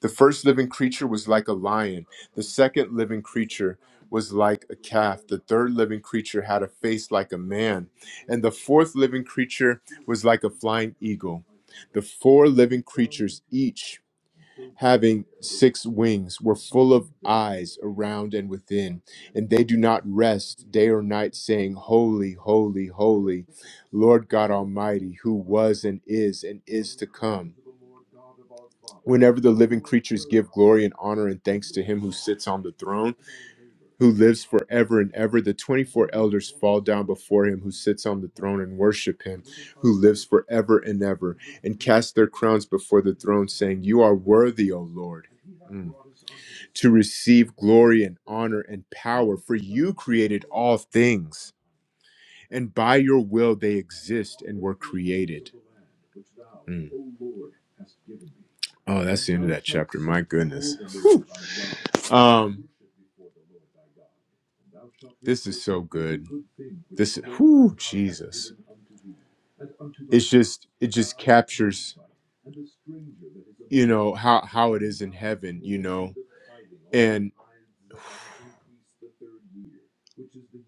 The first living creature was like a lion, the second living creature was like a calf, the third living creature had a face like a man, and the fourth living creature was like a flying eagle. The four living creatures each having six wings, were full of eyes around and within, and they do not rest day or night, saying, Holy, holy, holy, Lord God Almighty, who was and is and is to come. Whenever the living creatures give glory and honor and thanks to him who sits on the throne, who lives forever and ever, the 24 elders fall down before him who sits on the throne and worship him who lives forever and ever, and cast their crowns before the throne, saying, You are worthy, O Lord. Mm to receive glory and honor and power, for you created all things, and by your will they exist and were created. Mm. Oh, that's the end of that chapter. My goodness. Whew. Um, this is so good. This, whoo, Jesus. It's just, it just captures, you know, how how it is in heaven, you know. And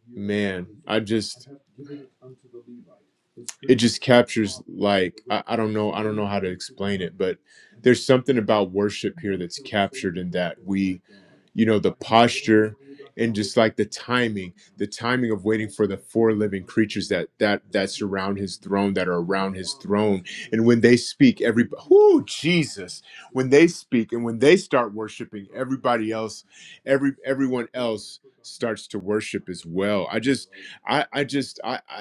man, I just just captures like I, I don't know I don't know how to explain it, but there's something about worship here that's captured in that we, you know, the posture and just like the timing, the timing of waiting for the four living creatures that that that surround his throne, that are around his throne, and when they speak, every whoo Jesus, when they speak and when they start worshiping, everybody else, every everyone else starts to worship as well. I just I I just I I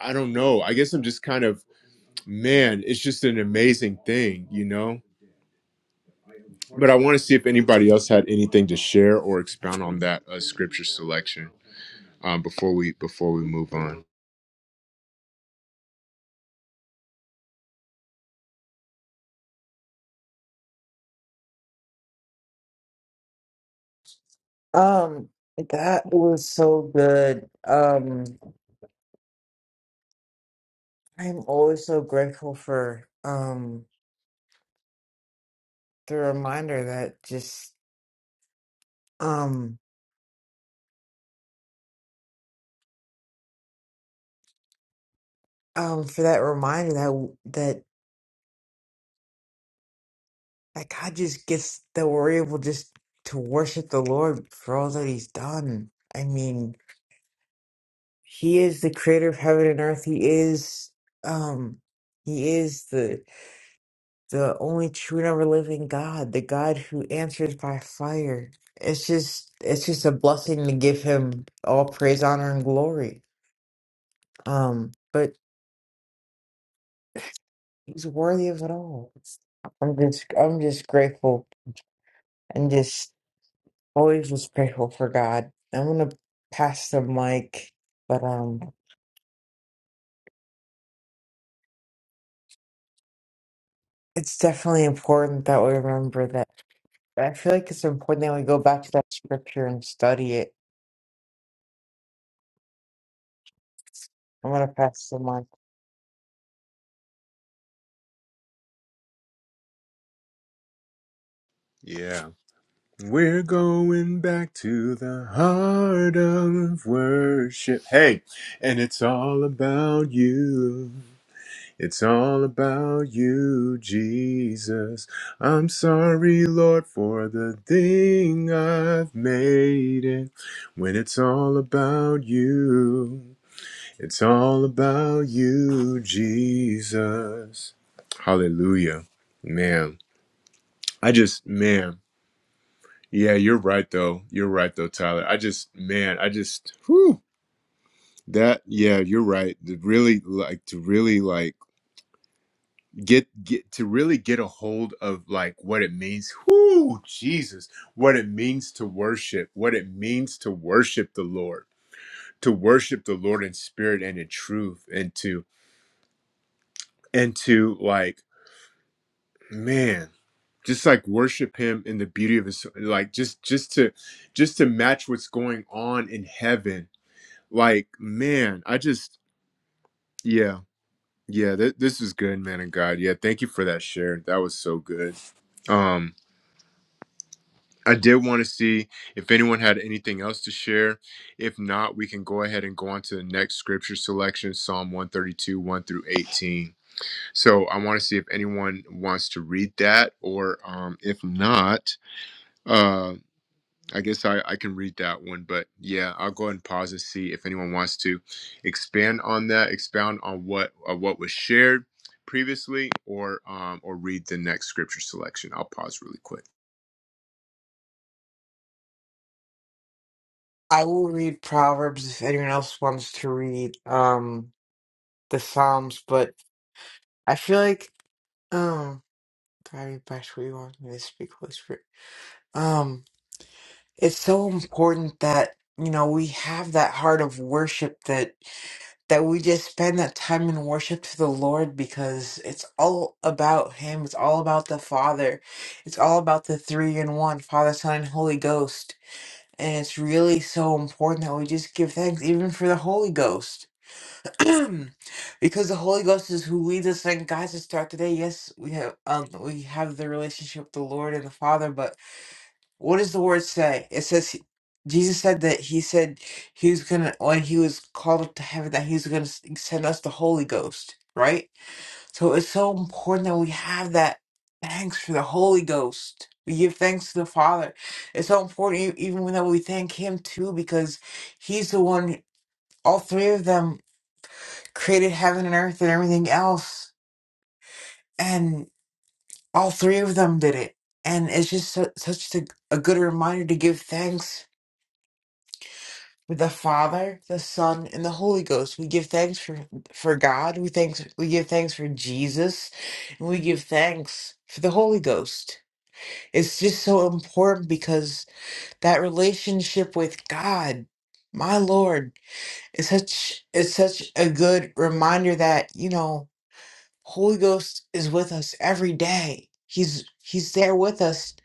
I don't know. I guess I'm just kind of, man, it's just an amazing thing, you know? But I want to see if anybody else had anything to share or expound on that uh, scripture selection um, before we before we move on.
Um, that was so good. Um, I'm always so grateful for um the reminder that just um. um for that reminder that that that God just gets that we're able just to worship the Lord for all that He's done. I mean, He is the creator of heaven and earth. He is um He is the the only true and ever living God, the God who answers by fire. It's just it's just a blessing to give him all praise, honor, and glory. Um, but he's worthy of it all. I'm just I'm just grateful and just always was grateful for God. I'm gonna pass the mic, but um, it's definitely important that we remember that. I feel like it's important that we go back to that scripture and study it. I'm gonna pass the mic.
Yeah. We're going back to the heart of worship. Hey, and it's all about you. It's all about you, Jesus. I'm sorry, Lord, for the thing I've made it. When it's all about you, it's all about you, Jesus. Hallelujah. Man, I just, man, yeah, you're right, though. You're right, though, Tyler. I just, man, I just, whew, that, yeah, you're right. To really, like, to really, like, get get to really get a hold of like what it means whoo jesus what it means to worship what it means to worship the lord to worship the lord in spirit and in truth and to and to like man just like worship him in the beauty of his like just just to just to match what's going on in heaven like man i just yeah yeah th- this is good man and god yeah thank you for that share that was so good Um, I did want to see if anyone had anything else to share. If not, we can go ahead and go on to the next scripture selection, Psalm 132, 1 through 18. So I want to see if anyone wants to read that, or um, if not, uh, I guess I, I can read that one. But yeah, I'll go ahead and pause and see if anyone wants to expand on that, expound on what uh, what was shared previously, or um, or read the next scripture selection. I'll pause really quick.
I will read Proverbs if anyone else wants to read um the Psalms, but I feel like um, Daddy Bash, what do you want me to speak, Holy Spirit? Um, it's so important that you know we have that heart of worship that. that we just spend that time in worship to the Lord because it's all about Him. It's all about the Father. It's all about the three in one Father, Son, and Holy Ghost. And it's really so important that we just give thanks even for the Holy Ghost. because the Holy Ghost is who leads us and guides us throughout the day. Yes, we have um we have the relationship with the Lord and the Father, but what does the word say? It says Jesus said that he said he was gonna when he was called up to heaven that he was gonna s- send us the Holy Ghost, right? So it's so important that we have that thanks for the Holy Ghost. We give thanks to the Father. It's so important e- even when that we thank Him too because He's the one. All three of them created heaven and earth and everything else, and all three of them did it. And it's just su- such a, a good reminder to give thanks with the Father, the Son, and the Holy Ghost. We give thanks for for God. We thanks we give thanks for Jesus, and we give thanks for the Holy Ghost. It's just so important because that relationship with God, my Lord, is such is such a good reminder that you know Holy Ghost is with us every day. He's he's there with us.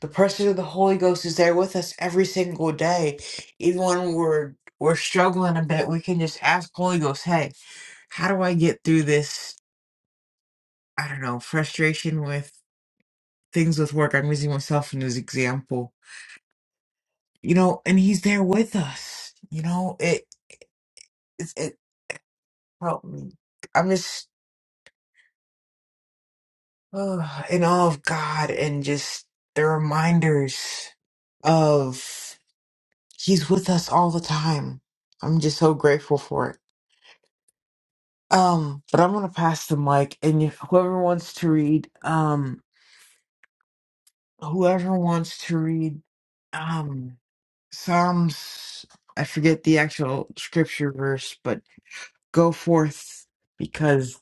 The person of the Holy Ghost is there with us every single day. Even when we're we're struggling a bit, we can just ask Holy Ghost, hey, how do I get through this, I don't know, frustration with things with work? I'm using myself in this example. You know, and he's there with us. You know, it it, it helped me. I'm just Ugh, and all of God and just the reminders of He's with us all the time. I'm just so grateful for it. Um, but I'm gonna pass the mic, and if whoever wants to read, um, whoever wants to read, um, Psalms. I forget the actual scripture verse, but go forth because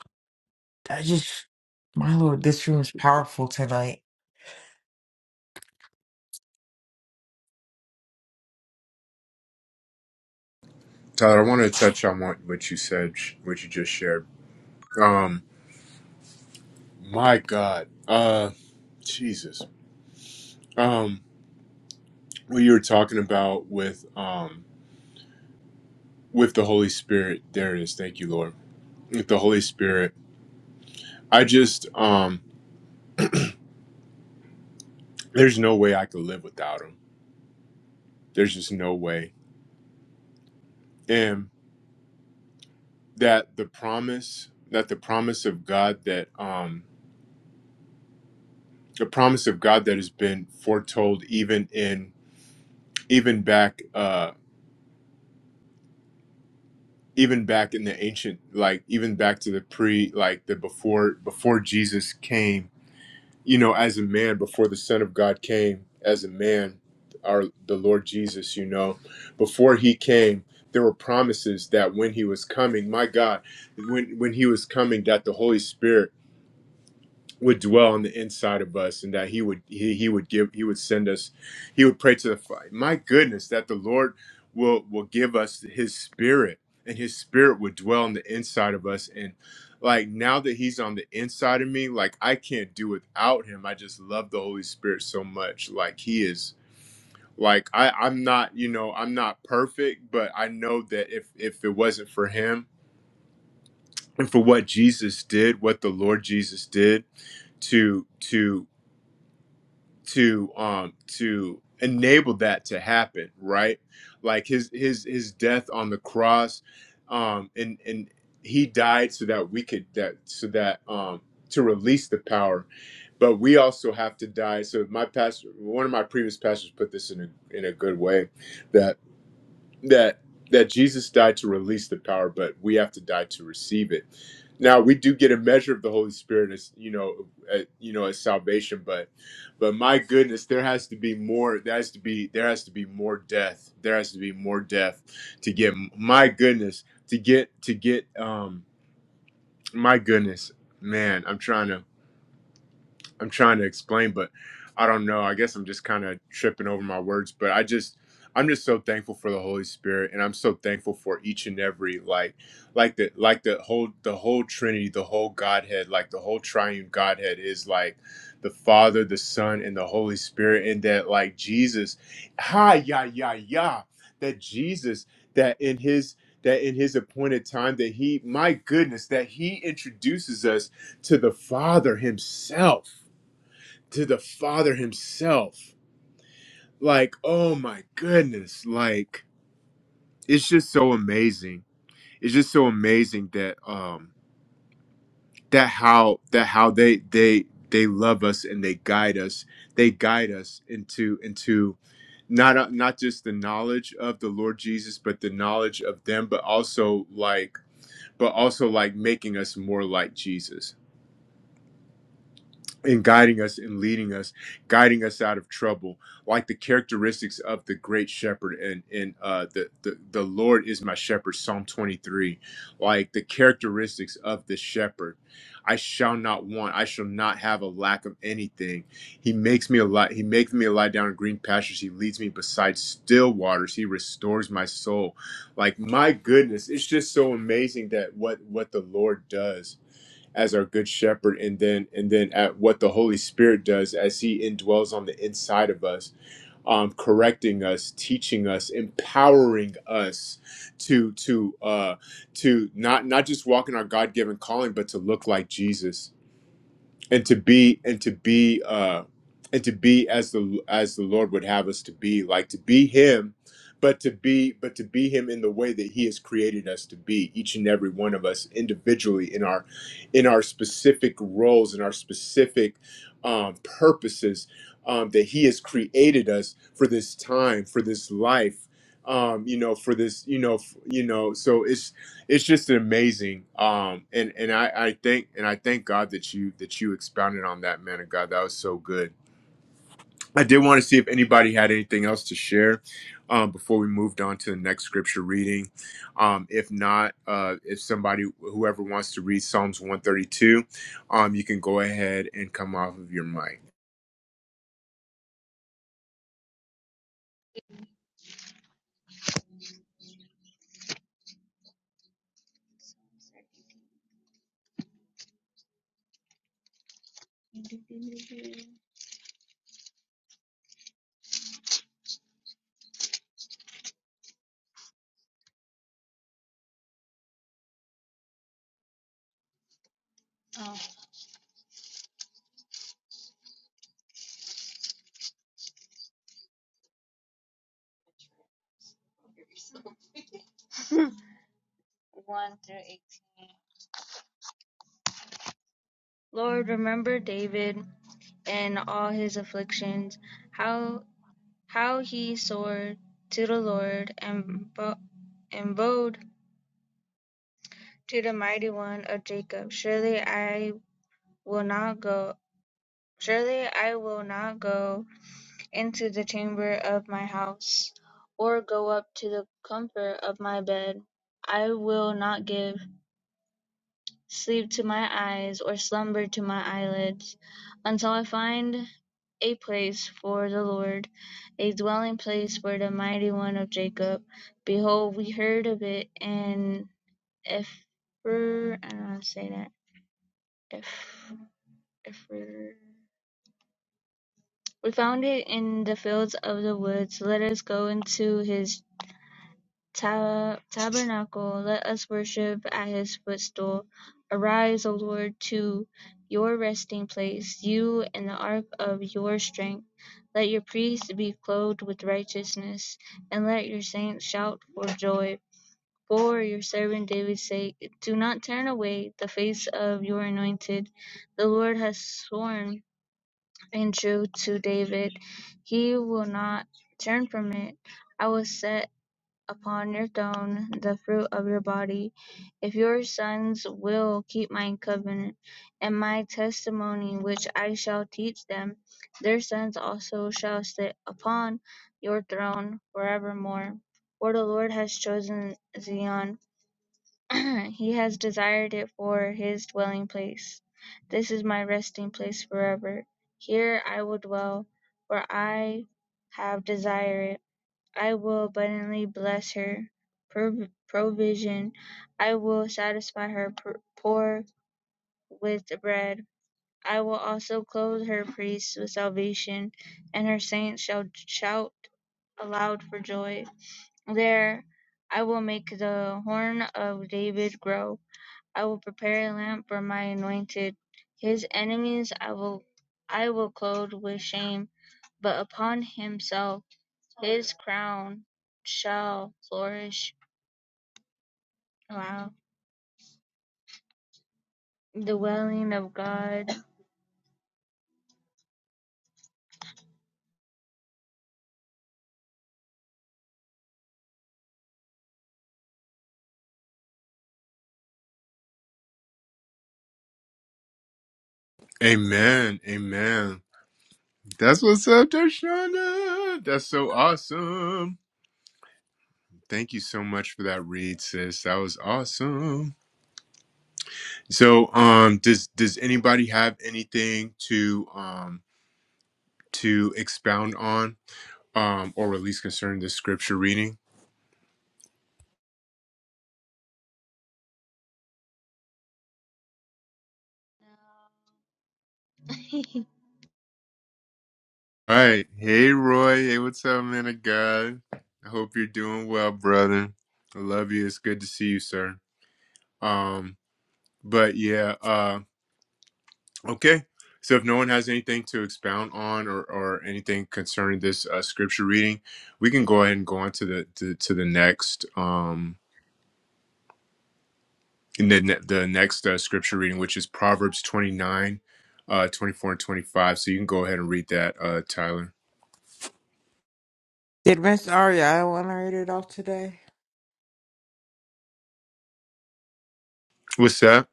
I just, my Lord, this room is powerful tonight.
Tyler, I want to touch on what, what you said, what you just shared. Um, my God, uh, Jesus. Um, what you were talking about with um with the Holy Spirit. There it is. Thank you, Lord. With the Holy Spirit, I just um, there's no way I could live without Him. There's just no way. And that the promise, that the promise of God, that um, the promise of God that has been foretold even in even back. Uh, even back in the ancient like even back to the pre like the before before jesus came you know as a man before the son of god came as a man our the lord jesus you know before he came there were promises that when he was coming my god when when he was coming that the holy spirit would dwell on the inside of us and that he would he, he would give he would send us he would pray to the father my goodness that the lord will will give us his spirit and his spirit would dwell on the inside of us and like now that he's on the inside of me like i can't do without him i just love the holy spirit so much like he is like i i'm not you know i'm not perfect but i know that if if it wasn't for him and for what jesus did what the lord jesus did to to to um to enable that to happen right like his his his death on the cross um and and he died so that we could that so that um to release the power but we also have to die so my pastor one of my previous pastors put this in a in a good way that that Jesus died to release the power, but we have to die to receive it. Now we do get a measure of the Holy Spirit as you know, at, you know, as salvation, but but my goodness, there has to be more. There has to be there has to be more death. There has to be more death to get. My goodness, to get to get. Um, my goodness, man, I'm trying to. I'm trying to explain, but I don't know. I guess I'm just kind of tripping over my words, but I just I'm just so thankful for the Holy Spirit and I'm so thankful for each and every like like the like the whole the whole Trinity, the whole Godhead, like the whole triune Godhead is like the Father, the Son, and the Holy Spirit, and that like Jesus, ha ya ya ya, that Jesus that in his that in his appointed time that he my goodness that he introduces us to the Father himself to the Father Himself. Like, oh my goodness. Like, it's just so amazing. It's just so amazing that um that how that how they they they love us and they guide us. They guide us into into not uh, not just the knowledge of the Lord Jesus, but the knowledge of them, but also like but also like making us more like Jesus and guiding us and leading us, guiding us out of trouble, like the characteristics of the great shepherd and and uh, the, the the Lord is my shepherd, Psalm twenty three, like the characteristics of the shepherd. I shall not want. I shall not have a lack of anything. He makes me a lot. He makes me lie down in green pastures. He leads me beside still waters. He restores my soul. Like my goodness, it's just so amazing that what what the Lord does as our good shepherd and then and then at what the holy spirit does as he indwells on the inside of us um, correcting us teaching us empowering us to to uh to not not just walk in our god-given calling but to look like jesus and to be and to be uh and to be as the as the lord would have us to be like to be him but to be but to be him in the way that he has created us to be each and every one of us individually in our in our specific roles in our specific um, purposes um, that he has created us for this time for this life um, you know for this you know f- you know so it's it's just amazing. Um, and and I, I thank and I thank God that you that you expounded on that, man of God. That was so good. I did want to see if anybody had anything else to share um, before we moved on to the next scripture reading. Um, if not, uh, if somebody whoever wants to read Psalms one thirty two, um, you can go ahead and come off of your mic.
oh. 1 through 18. Lord, remember David and all his afflictions, how how he soared to the Lord and, bo- and bowed to the mighty one of Jacob. Surely I will not go. Surely I will not go into the chamber of my house, or go up to the comfort of my bed. I will not give sleep to my eyes, or slumber to my eyelids, until I find a place for the Lord, a dwelling place for the mighty one of Jacob. Behold, we heard of it in Epher, I don't know how to say that. Eph, Epher. We found it in the fields of the woods. Let us go into his tab- tabernacle, let us worship at his footstool. Arise, O Lord, to your resting place, you and the ark of your strength. Let your priests be clothed with righteousness, and let your saints shout for joy. For your servant David's sake, do not turn away the face of your anointed. The Lord has sworn in truth to David, he will not turn from it. I will set upon your throne the fruit of your body, if your sons will keep my covenant and my testimony which I shall teach them, their sons also shall sit upon your throne forevermore. For the Lord has chosen Zion, he has desired it for his dwelling place. This is my resting place forever. Here I will dwell, for I have desired it. I will abundantly bless her prov- provision. I will satisfy her pr- poor with bread. I will also clothe her priests with salvation, and her saints shall shout aloud for joy. There I will make the horn of David grow. I will prepare a lamp for my anointed. His enemies I will I will clothe with shame, but upon himself his crown shall flourish. Wow. the Dwelling of God.
Amen. Amen. That's what's up, Darshana. That's so awesome. Thank you so much for that read, sis. That was awesome. So, um, does does anybody have anything to um to expound on um or at least concerning the scripture reading? All right, hey Roy, hey, what's up, man of God? I hope you're doing well, brother. I love you. It's good to see you, sir. Um, but yeah, uh, okay. So if no one has anything to expound on or or anything concerning this uh, scripture reading, we can go ahead and go on to the to, to the next. um And then the next uh, scripture reading, which is Proverbs 29, uh, 24 and 25. So you can go ahead and read that, uh, Tyler.
Did Miss Aria? I want to read it off today.
What's that?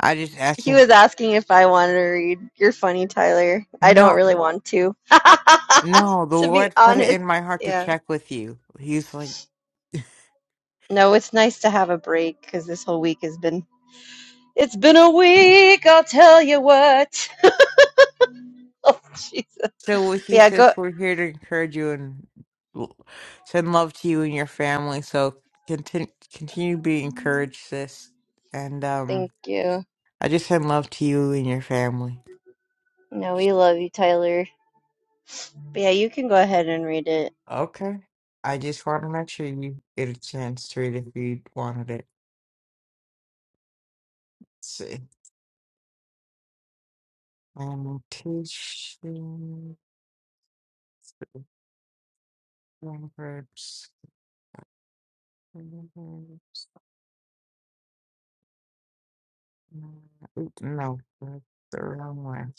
I just asked
He
him,
was asking if I wanted to read. You're funny, Tyler. I don't
no,
really want to,
no, the
to be
Lord put it
honest.
in my heart to
Yeah.
check with you. He's like,
No, it's nice to have a break because this whole week has been. It's been a week, I'll tell you what. Oh, Jesus. But
so with you,
yeah, go.
sis, we're here to encourage you and l- send love to you and your family. So continue, continue to be encouraged, sis. And um,
Thank you.
I just send love to you and your family.
No, we love you, Tyler. But yeah, you can go ahead and read it.
Okay. I just want to make sure you get a chance to read if you wanted it. Let's see. Lamentations, Proverbs. Oop, No, that's the wrong one.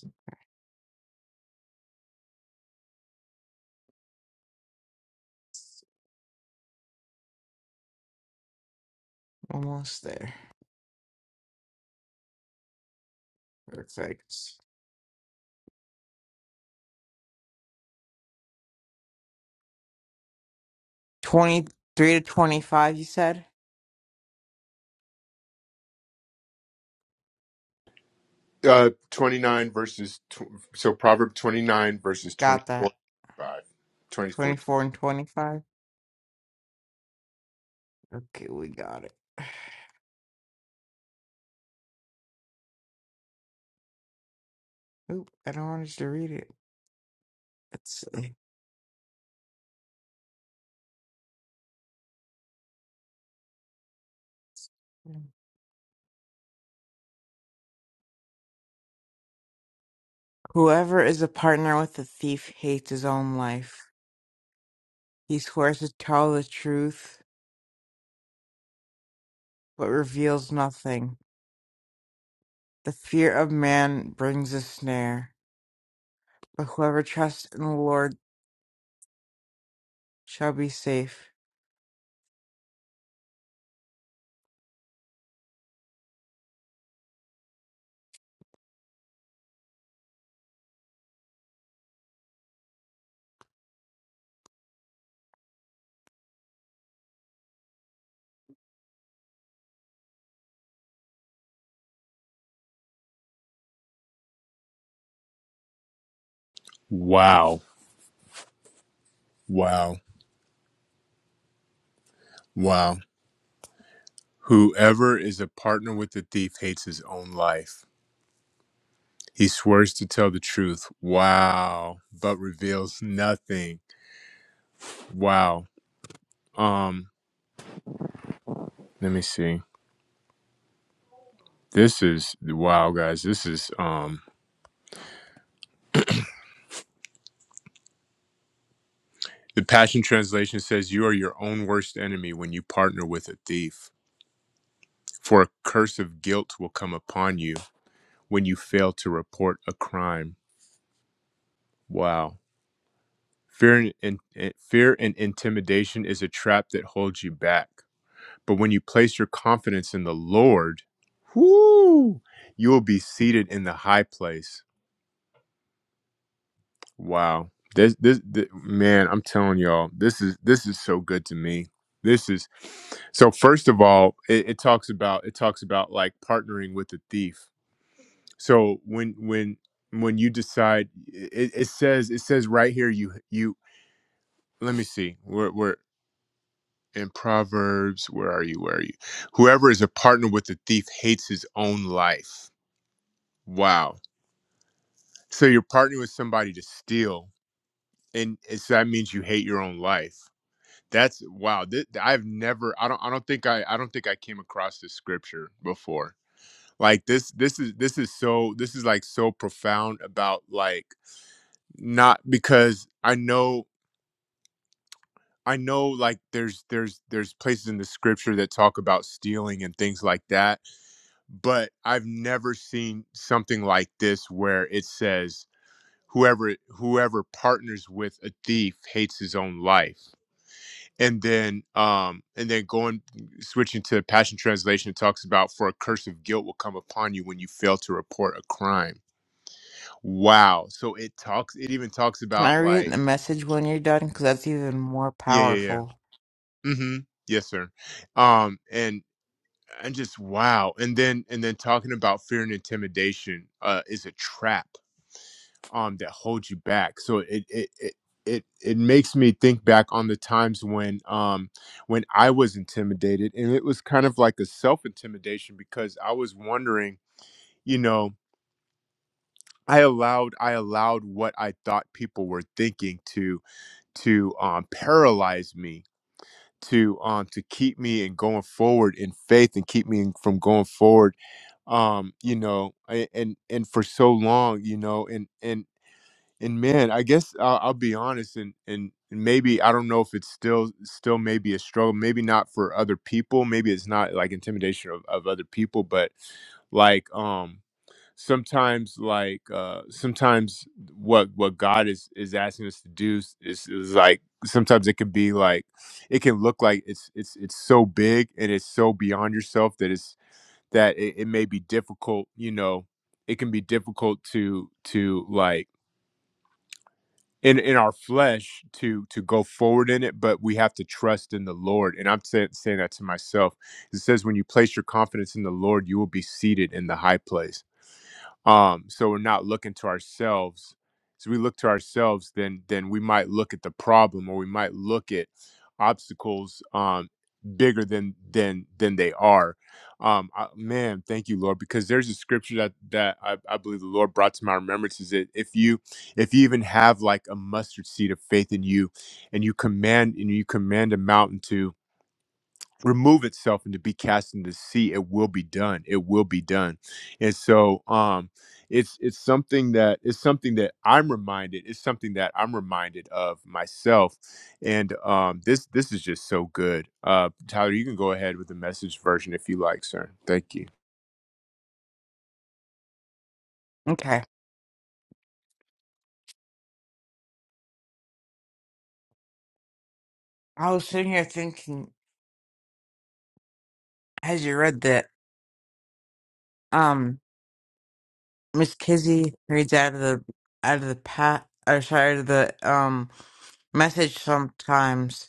Almost there. Perfect. 23 to 25, you said?
Uh, 29 verses, tw- so Proverb 29 verses
Got
24,
that.
five, twenty four.
24 and 25? Okay, we got it. Oop, I don't want us to read it. Let's see. Whoever is a partner with a thief hates his own life. He swears to tell the truth, but reveals nothing. The fear of man brings a snare, but whoever trusts in the Lord shall be safe.
Wow. Wow. Wow. Whoever is a partner with the thief hates his own life. He swears to tell the truth. Wow. But reveals nothing. Wow. Um, let me see. This is wow, guys. This is um the Passion Translation says you are your own worst enemy when you partner with a thief. For a curse of guilt will come upon you when you fail to report a crime. Wow. Fear and, and, fear and intimidation is a trap that holds you back. But when you place your confidence in the Lord, whoo, you will be seated in the high place. Wow. This, this this man, I'm telling y'all, this is this is so good to me. This is so first of all, it, it talks about it talks about like partnering with the thief. So when when when you decide it, it says it says right here you you let me see. We're we're in Proverbs, where are you? Where are you? Whoever is a partner with the thief hates his own life. Wow. So you're partnering with somebody to steal, and it's, that means you hate your own life That's wow. Th- I've never. I don't. I don't think I. I don't think I came across this scripture before. Like this. This is. This is so. This is like so profound about like not because I know. I know like there's there's there's places in the scripture that talk about stealing and things like that, but I've never seen something like this where it says whoever whoever partners with a thief hates his own life and then um and then going switching to passion translation it talks about for a curse of guilt will come upon you when you fail to report a crime wow so it talks it even talks
Can I
about
read
like
the message when you're done? Because that's even more
yeah yeah
powerful.
yeah mm-hmm yes sir um and. and just wow and then and then talking about fear and intimidation uh is a trap um that holds you back so it it it it, it makes me think back on the times when um when I was intimidated and it was kind of like a self intimidation because I was wondering you know I allowed I allowed what I thought people were thinking to to um paralyze me to um to keep me in going forward in faith and keep me in- from going forward um you know a- and and for so long you know and and and man i guess i'll, I'll be honest and and and maybe i don't know if it's still still maybe a struggle maybe not for other people maybe it's not like intimidation of, of other people but like um sometimes like uh sometimes what what god is is asking us to do is, is, is like sometimes it could be like it can look like it's it's it's so big and it's so beyond yourself that it's that it, it may be difficult you know it can be difficult to to like in in our flesh to to go forward in it but we have to trust in the lord and i'm saying saying that to myself it says when you place your confidence in the lord you will be seated in the high place um so we're not looking to ourselves So we look to ourselves then then we might look at the problem or we might look at obstacles um bigger than than than they are um I, man thank you lord because there's a scripture that that I, I believe the lord brought to my remembrance is that if you if you even have like a mustard seed of faith in you and you command and you command a mountain to remove itself and to be cast into the sea it will be done it will be done and so um it's it's something that it's something that i'm reminded it's something that i'm reminded of myself and um this this is just so good uh tyler you can go ahead with the message version if you like sir thank you
Okay. I was sitting here thinking as you read that, um, Miss Kizzy reads out of the out of the pat or sorry, out of the um message sometimes,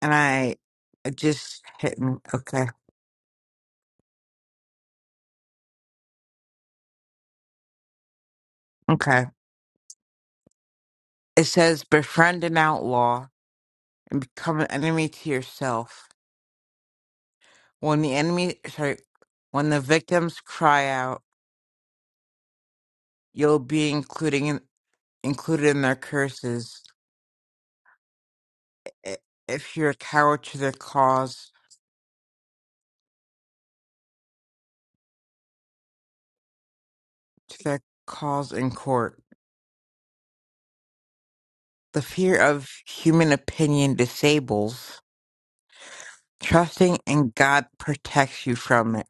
and I it just hit me. Okay, okay. It says, "Befriend an outlaw, become an enemy to yourself. When the enemy, sorry, when the victims cry out, you'll be including included in their curses." i- if you're a coward to their cause to their cause in court. The fear of human opinion disables. Trusting in God protects you from it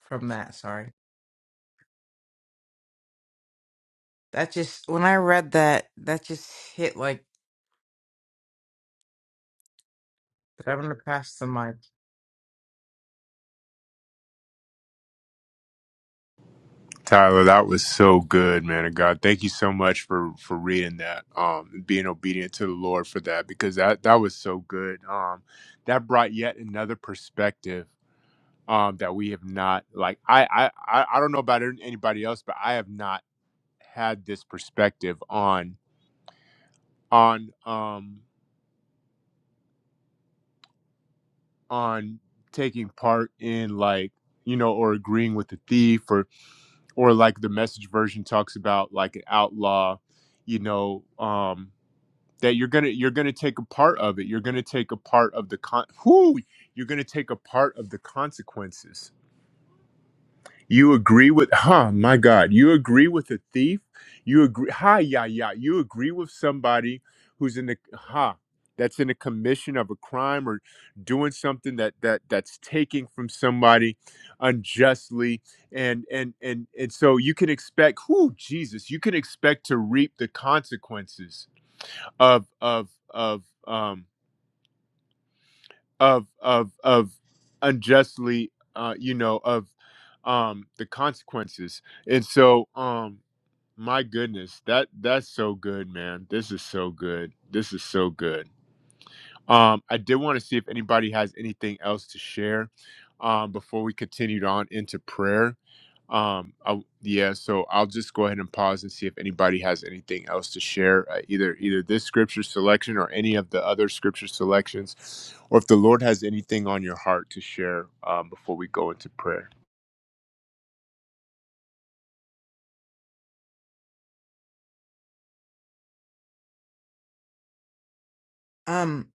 from that, sorry. That just when I read that, that just hit like I'm gonna pass the mic.
tyler that was so good man of god thank you so much for for reading that um and being obedient to the lord for that because that that was so good um that brought yet another perspective um, that we have not like I, I I I don't know about anybody else, but I have not had this perspective on on um on taking part in like you know or agreeing with the thief or or like the message version talks about like an outlaw, you know, um that you're gonna you're gonna take a part of it. You're gonna take a part of the con whoo, you're gonna take a part of the consequences You agree with, huh, my God, you agree with a thief? You agree, Ha! yeah, yeah. You agree with somebody who's in the, ha? that's in the commission of a crime or doing something that that that's taking from somebody unjustly and and and and so you can expect who Jesus you can expect to reap the consequences of of of um of of of unjustly uh you know of um the consequences and so um my goodness that that's so good man this is so good this is so good um, I did want to see if anybody has anything else to share um, before we continued on into prayer. Um, I, yeah, so I'll just go ahead and pause and see if anybody has anything else to share, uh, either either this scripture selection or any of the other scripture selections, or if the Lord has anything on your heart to share um, before we go into prayer.
Um,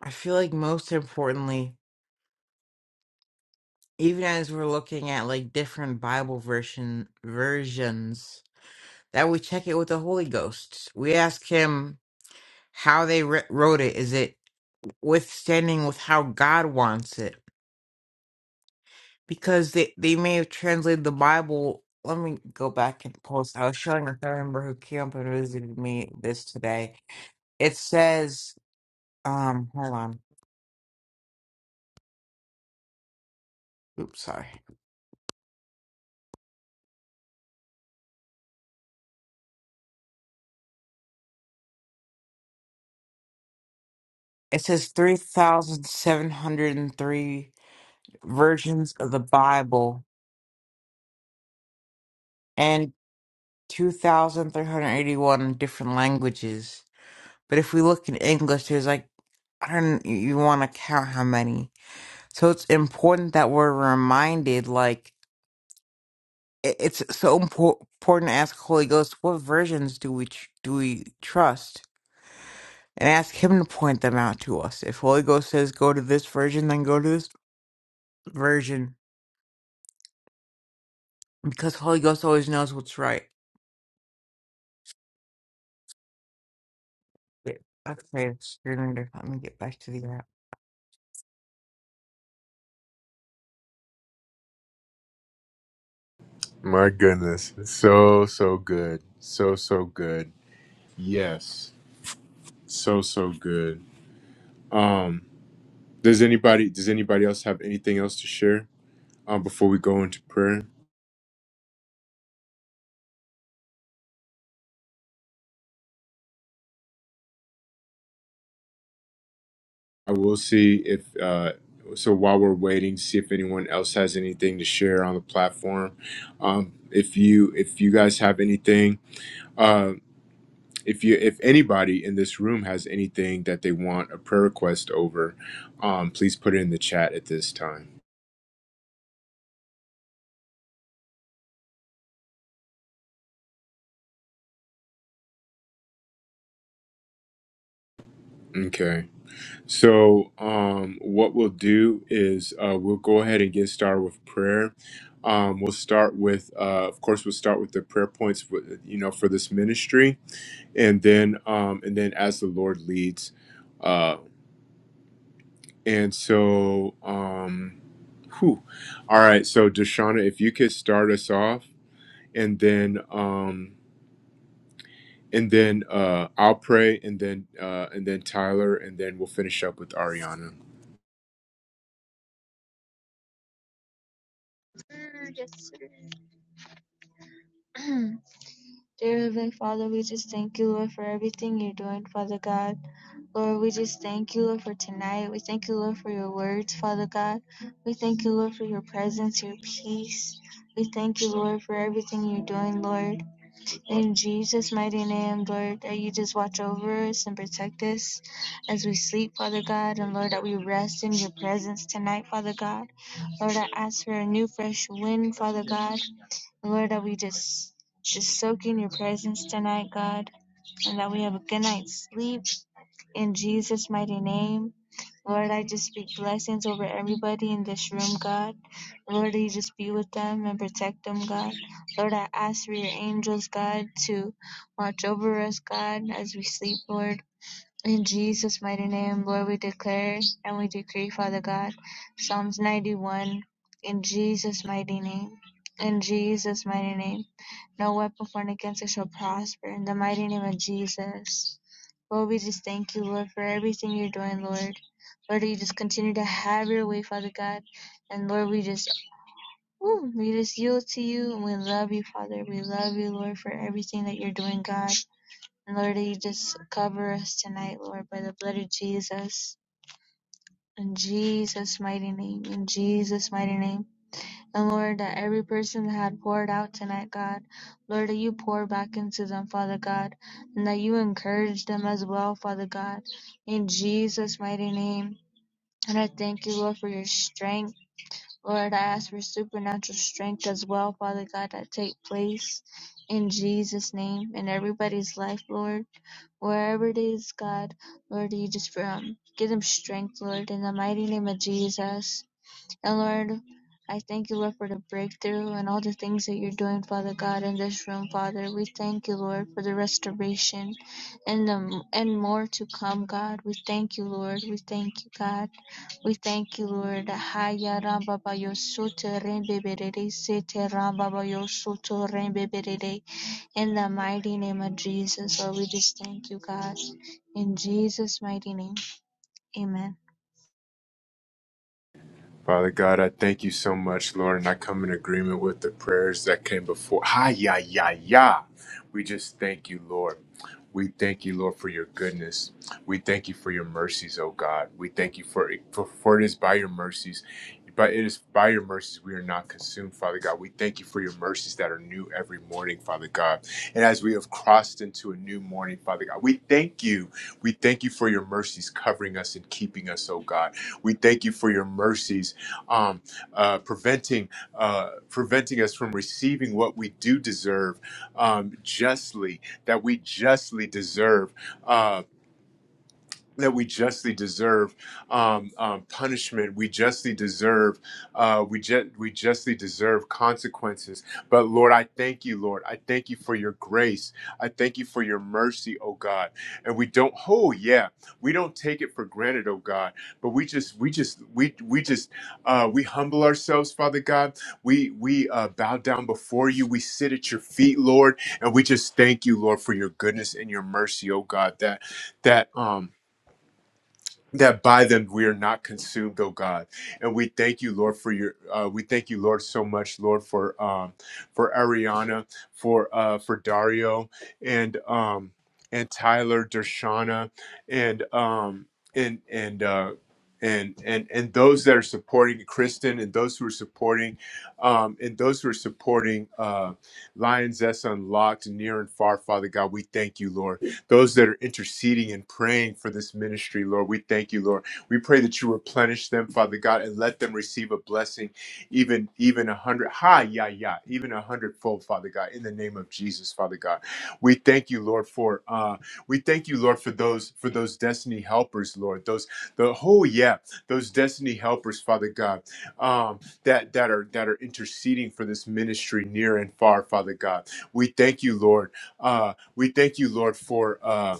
I feel like most importantly, even as we're looking at like different Bible version versions, that we check it with the Holy Ghost. We ask him how they writ- wrote it. Is it withstanding with how God wants it. Because they, they may have translated the Bible. Let me go back and post. I was showing a third member who came up and visited me this today. It says, um, hold on. Oops, sorry. It says 3,703 versions of the Bible and 2,381 different languages. But if we look in English, there's like, I don't, you want to count how many So it's important that we're reminded, like i- it's so impor- important to ask Holy Ghost, what versions do we tr- do we trust, and ask Him to point them out to us. If Holy Ghost says go to this version, then go to this version, because Holy Ghost always knows what's right. Wait, Okay, it's surrender. Let me get back to the app.
My goodness, so so good, so so good. Yes, so so good. Um, Does anybody does anybody else have anything else to share um, before we go into prayer? I will see if uh, so while we're waiting, see if anyone else has anything to share on the platform. Um, if you if you guys have anything, uh, if you if anybody in this room has anything that they want a prayer request over, um, please put it in the chat at this time. Okay. So, um, what we'll do is uh, we'll go ahead and get started with prayer. Um, we'll start with, uh, of course, we'll start with the prayer points, for, you know, for this ministry, and then, um, and then as the Lord leads. Uh, and so, um, whew. all right. So, Deshauna, if you could start us off, and then, um, and then uh, I'll pray, and then, uh, and then Tyler, and then we'll finish up with Ariana.
yes, sir. Dear Heavenly Father, we just thank you, Lord, for everything you're doing, Father God. Lord, we just thank you, Lord, for tonight. We thank you, Lord, for your words, Father God. We thank you, Lord, for your presence, your peace. We thank you, Lord, for everything you're doing, Lord. In Jesus' mighty name, Lord, that you just watch over us and protect us as we sleep, Father God, and Lord, that we rest in your presence tonight, Father God. Lord, I ask for a new, fresh wind, Father God. Lord, that we just just soak in your presence tonight, God, and that we have a good night's sleep in Jesus' mighty name. Lord, I just speak blessings over everybody in this room, God. Lord, you just be with them and protect them, God. Lord, I ask for your angels, God, to watch over us, God, as we sleep, Lord. In Jesus' mighty name, Lord, we declare and we decree, Father God, Psalms 91, in Jesus' mighty name. In Jesus' mighty name. No weapon formed against us shall prosper. In the mighty name of Jesus. Lord, we just thank you, Lord, for everything you're doing, Lord. Lord, you just continue to have your way, Father God. And Lord, we just woo, we just yield to you and we love you, Father. We love you, Lord, for everything that you're doing, God. And Lord, you just cover us tonight, Lord, by the blood of Jesus. In Jesus' mighty name. In Jesus' mighty name. And Lord, that every person that had poured out tonight, God, Lord, that you pour back into them, Father God, and that you encourage them as well, Father God, in Jesus' mighty name. And I thank you, Lord, for your strength. Lord, I ask for supernatural strength as well, Father God, that take place in Jesus' name in everybody's life, Lord. Wherever it is, God, Lord, you just um, give them strength, Lord, in the mighty name of Jesus. And Lord, I thank you, Lord, for the breakthrough and all the things that you're doing, Father God, in this room, Father. We thank you, Lord, for the restoration and the and more to come, God. We thank you, Lord. We thank you, God. We thank you, Lord. Haya ramba ba yo soto rembe berere, sete ramba ba yo soto rembe berere. In the mighty name of Jesus, Lord, we just thank you, God. In Jesus' mighty name, amen.
Father God, I thank you so much, Lord, and I come in agreement with the prayers that came before. Hi, ya, ya, ya. We just thank you, Lord. We thank you, Lord, for your goodness. We thank you for your mercies, oh God. We thank you for for, for it is by your mercies. But it is by your mercies we are not consumed, Father God. We thank you for your mercies that are new every morning, Father God. And as we have crossed into a new morning, Father God, we thank you. We thank you for your mercies covering us and keeping us, oh God. We thank you for your mercies um, uh, preventing uh, preventing us from receiving what we do deserve um, justly, that we justly deserve. uh, that we justly deserve um, um, punishment. We justly deserve uh, we ju- we justly deserve consequences. But Lord, I thank you, Lord. I thank you for your grace. I thank you for your mercy, oh God. And we don't oh yeah, we don't take it for granted, oh God. But we just we just we we just uh, we humble ourselves, Father God. We we uh, bow down before you. We sit at your feet, Lord, and we just thank you, Lord, for your goodness and your mercy, oh God. That that um that by them we are not consumed, oh God. And we thank you, Lord, for your. Uh, we thank you, Lord, so much, Lord, for um, for Ariana, for uh, for Dario, and um, and Tyler, Dershana, and um, and and. Uh, and, and and those that are supporting Kristen and those who are supporting um, and those who are supporting uh, Lions S Unlocked near and far, Father God, we thank you, Lord those that are interceding and praying for this ministry, Lord. We thank you, Lord. We pray that you replenish them, Father God, and let them receive a blessing, even even a hundred, hi, yeah, yeah, even a hundredfold, Father God, in the name of Jesus, Father God. We thank you, Lord, for uh, we thank you, Lord, for those for those destiny helpers, Lord. Those the whole yeah, those destiny helpers, Father God, um, that that are that are interceding for this ministry near and far, Father God. We thank you, Lord. Uh, we thank you, Lord, for uh,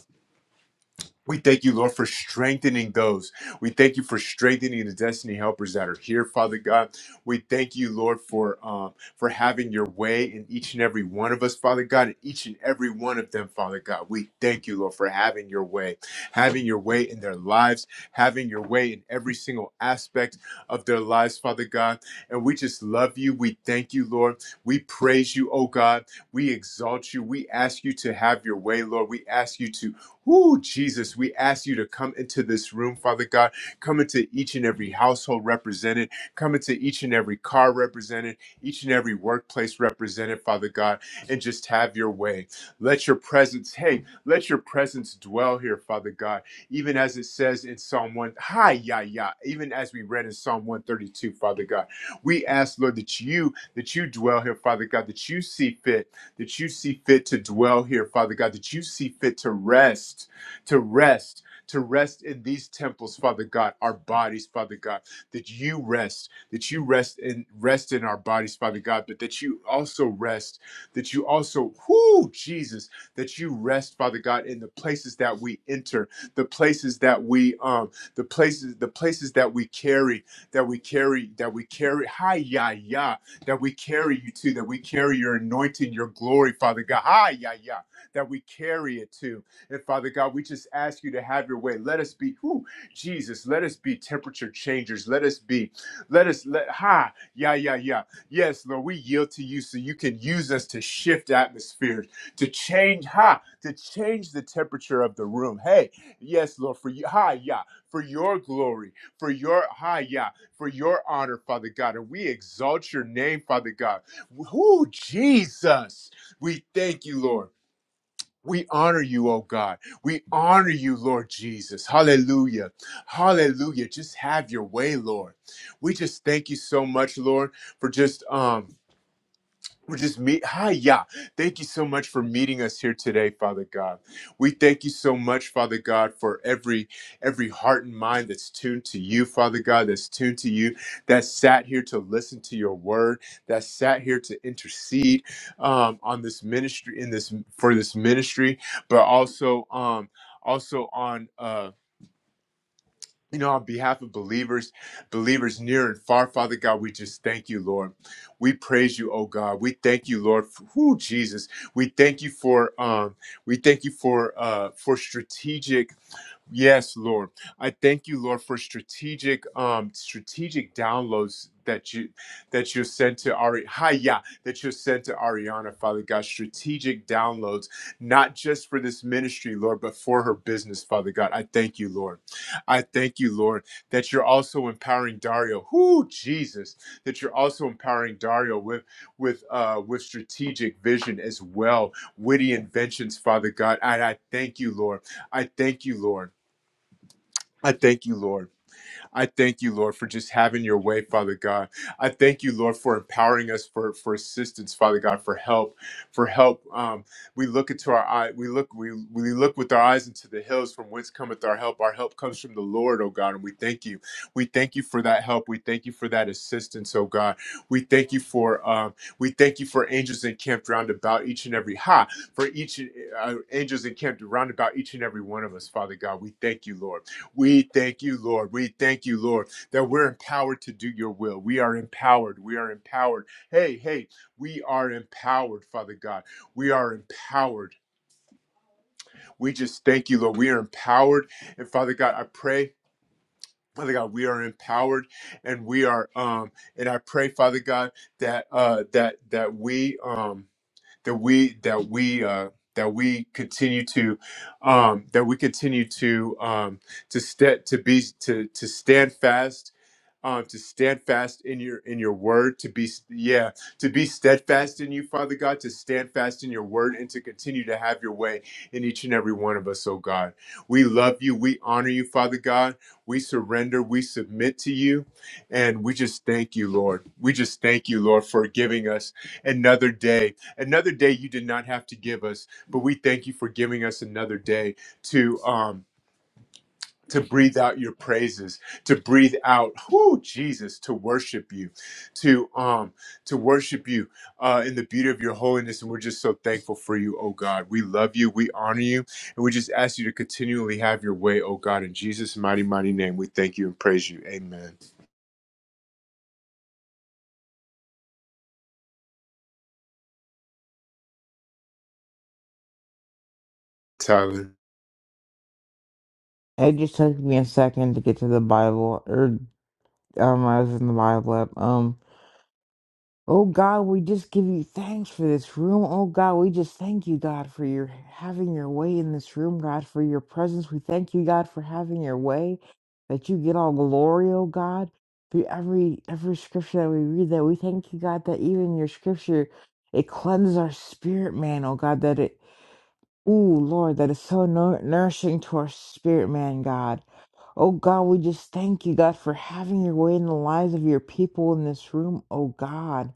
we thank you, Lord, for strengthening those. We thank you for strengthening the destiny helpers that are here, Father God. We thank you, Lord, for um, for having your way in each and every one of us, Father God, and each and every one of them, Father God. We thank you, Lord, for having your way, having your way in their lives, having your way in every single aspect of their lives, Father God. And we just love you. We thank you, Lord. We praise you, oh God. We exalt you. We ask you to have your way, Lord. We ask you to Ooh, Jesus, we ask you to come into this room, Father God. Come into each and every household represented. Come into each and every car represented. Each and every workplace represented, Father God. And just have your way. Let your presence, hey, let your presence dwell here, Father God. Even as it says in Psalm 1, hi, ya, ya. Even as we read in Psalm 132, Father God. We ask, Lord, that you, that you dwell here, Father God, that you see fit that you see fit to dwell here, Father God, that you see fit to rest, to rest, to rest in these temples, Father God, our bodies, Father God, that you rest, that you rest in rest in our bodies, Father God, but that you also rest, that you also, whoo, Jesus, that you rest, Father God, in the places that we enter, the places that we um, the places, the places that we carry, that we carry, that we carry. Hi, ya, ya that we carry you to, that we carry your anointing, your glory, Father God. Ah, yeah, yeah, that we carry it to. And Father God, we just ask you to have your way. Let us be, who Jesus, let us be temperature changers. Let us be, let us, let, ha, yeah, yeah, yeah. Yes, Lord, we yield to you so you can use us to shift atmospheres, to change, ha, to change the temperature of the room. Hey, yes, Lord, for you, hi, yeah, for your glory, for your, hi, yeah for your honor, Father God, and we exalt your name, Father God. Who Jesus, we thank you, Lord. We honor you, oh God. We honor you, Lord Jesus. Hallelujah. Hallelujah. Just have your way, Lord. We just thank you so much, Lord, for just um we just meet. Hi, yeah. Thank you so much for meeting us here today, Father God. We thank you so much, Father God, for every every heart and mind that's tuned to you, Father God, that's tuned to you, that sat here to listen to your word, that sat here to intercede um, on this ministry in this for this ministry, but also um also on uh you know, on behalf of believers, believers near and far, Father God, we just thank you, Lord. We praise you, oh God. We thank you, Lord, for who Jesus. We thank you for um, we thank you for uh for strategic Yes, Lord. I thank you, Lord, for strategic um strategic downloads that you that you sent to Ari hi yeah that you sent to Ariana, Father God, strategic downloads, not just for this ministry, Lord, but for her business, Father God. I thank you, Lord. I thank you, Lord, that you're also empowering Dario. Whoo, Jesus, that you're also empowering Dario with with uh with strategic vision as well, witty inventions, Father God. And I thank you, Lord. I thank you, Lord. I thank you, Lord. I thank you, Lord, for just having your way, Father God. I thank you, Lord, for empowering us for, for assistance, Father God, for help, for help. Um, we look into our eye, we look, we, we look with our eyes into the hills from whence cometh our help. Our help comes from the Lord, oh God, and we thank you. We thank you for that help. We thank you for that assistance, oh God. We thank you for um, we thank you for angels encamped round about each and every ha for each uh, angels encamped round about each and every one of us, Father God. We thank you, Lord. We thank you, Lord. We thank you, Lord, that we're empowered to do your will. We are empowered. We are empowered. Hey, hey, we are empowered, Father God. We are empowered. We just thank you, Lord. We are empowered. And Father God, I pray. Father God, we are empowered and we are um and I pray, Father God, that uh that that we um that we that we uh, that we continue to um, that we continue to um, to st- to be to to stand fast um, to stand fast in your in your word to be yeah to be steadfast in you father god to stand fast in your word and to continue to have your way in each and every one of us oh god we love you we honor you father god we surrender we submit to you and we just thank you lord we just thank you lord for giving us another day another day you did not have to give us but we thank you for giving us another day to um to breathe out your praises to breathe out whoo, jesus to worship you to um to worship you uh in the beauty of your holiness and we're just so thankful for you oh god we love you we honor you and we just ask you to continually have your way oh god in jesus mighty mighty name we thank you and praise you amen tyler
It just took me a second to get to the Bible, or um, I was in the Bible app. Um. Oh God, we just give you thanks for this room. Oh God, we just thank you, God, for your having your way in this room, God, for your presence. We thank you, God, for having your way, that you get all glory, oh God, through every every scripture that we read. That we thank you, God, that even your scripture it cleanses our spirit, man. Oh God, that it, ooh Lord, that is so nour- nourishing to our spirit, man, God. Oh God, we just thank you, God, for having your way in the lives of your people in this room, oh God.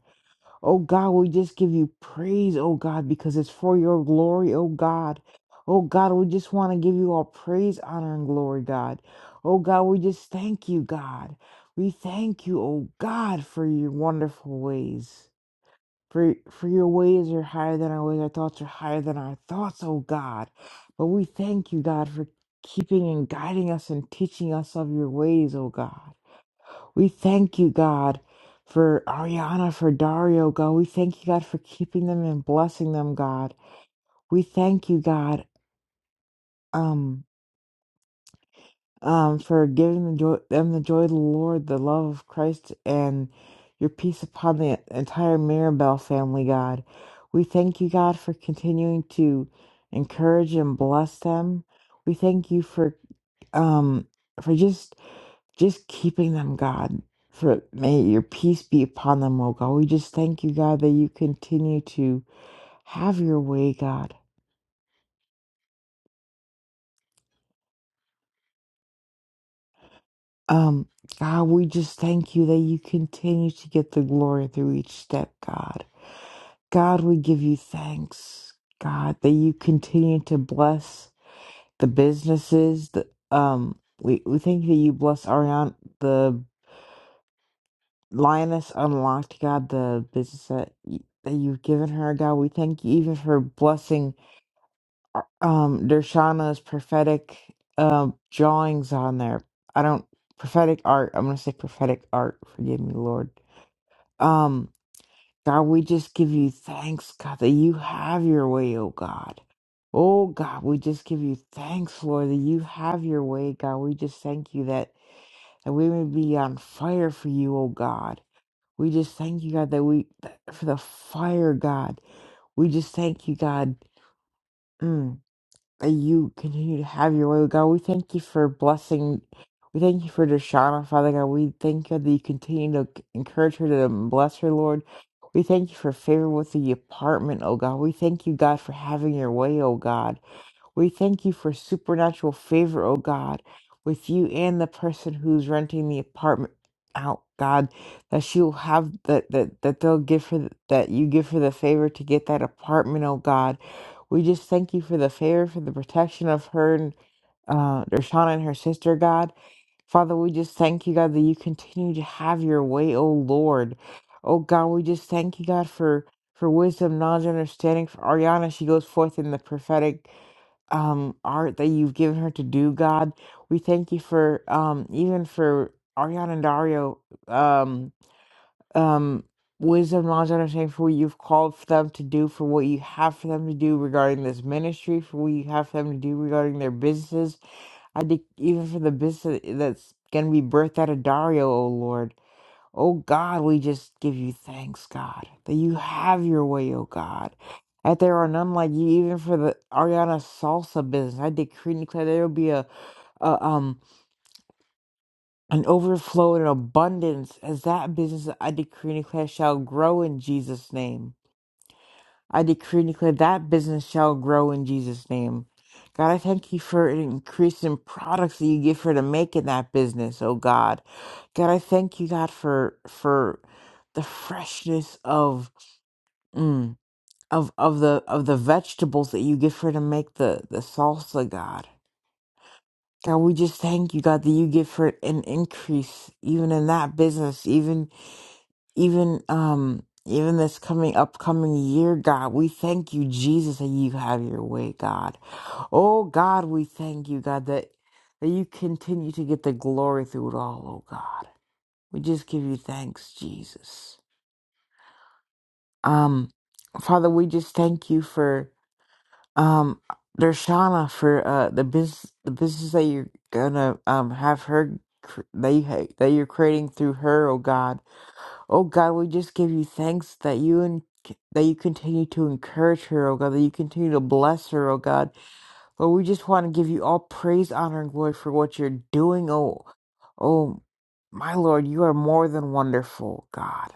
Oh God, we just give you praise, oh God, because it's for your glory, oh God. Oh God, we just want to give you all praise, honor, and glory, God. Oh God, we just thank you, God. We thank you, oh God, for your wonderful ways. For, for your ways are higher than our ways, our thoughts are higher than our thoughts, oh God. But we thank you, God, for keeping and guiding us and teaching us of your ways, oh God. We thank you, God, for Ariana, for Dario, God. We thank you, God, for keeping them and blessing them, God. We thank you, God, um, um, for giving the joy, them the joy of the Lord, the love of Christ, and your peace upon the entire Mirabel family, God. We thank you, God, for continuing to encourage and bless them. We thank you for um for just just keeping them, God. For may your peace be upon them, oh God. We just thank you, God, that you continue to have your way, God. Um, God, we just thank you that you continue to get the glory through each step, God. God, we give you thanks, God, that you continue to bless the businesses. The, um, we, we thank you that you bless Ariana, the Lioness Unlocked, God, the business that, y- that you've given her, God. We thank you even for blessing um Dershana's prophetic um drawings on there. I don't prophetic art. I'm gonna say prophetic art. Forgive me, Lord. Um, God, we just give you thanks, God, that you have your way, oh God. Oh God, we just give you thanks, Lord, that you have your way, God. We just thank you that that we may be on fire for you, oh God. We just thank you, God, that we for the fire, God. We just thank you, God. Mm. that you continue to have your way, God. We thank you for blessing. We thank you for Deshauna, Father God. We thank you that you continue to c- encourage her to bless her, Lord. We thank you for favor with the apartment, oh God. We thank you, God, for having your way, oh God. We thank you for supernatural favor, O God, with you and the person who's renting the apartment out, God, that she will have that that that they'll give her th- that you give her the favor to get that apartment, oh God. We just thank you for the favor, for the protection of her and uh Dershana and her sister, God. Father, we just thank you, God, that you continue to have your way, oh Lord. Oh God, we just thank you, God, for for wisdom, knowledge, and understanding for Ariana. She goes forth in the prophetic um, art that you've given her to do, God. We thank you for um, even for Ariana and Dario, um, um, wisdom, knowledge, and understanding for what you've called for them to do, for what you have for them to do regarding this ministry, for what you have for them to do regarding their businesses. I think even for the business that's going to be birthed out of Dario, oh Lord. Oh God, we just give you thanks, God, that you have your way, oh God. That there are none like you, even for the Ariana salsa business. I decree and declare there will be a, a um an overflow and abundance as that business I decree and declare shall grow in Jesus' name. I decree and declare that business shall grow in Jesus' name. God, I thank you for an increase in products that you give her to make in that business, oh God. God, I thank you, God, for for the freshness of mm, of of the of the vegetables that you give her to make the the salsa, God. God, we just thank you, God, that you give her an increase even in that business, even even um even this coming upcoming year god we thank you jesus that you have your way god oh god we thank you god that that you continue to get the glory through it all oh god we just give you thanks jesus um father we just thank you for um dershana for uh the business the business that you're gonna um have her cr- that you ha- that you're creating through her oh god Oh God, we just give you thanks that you and that you continue to encourage her, oh God, that you continue to bless her, oh God. Lord, we just want to give you all praise, honor, and glory for what you're doing, oh oh my Lord, you are more than wonderful, God.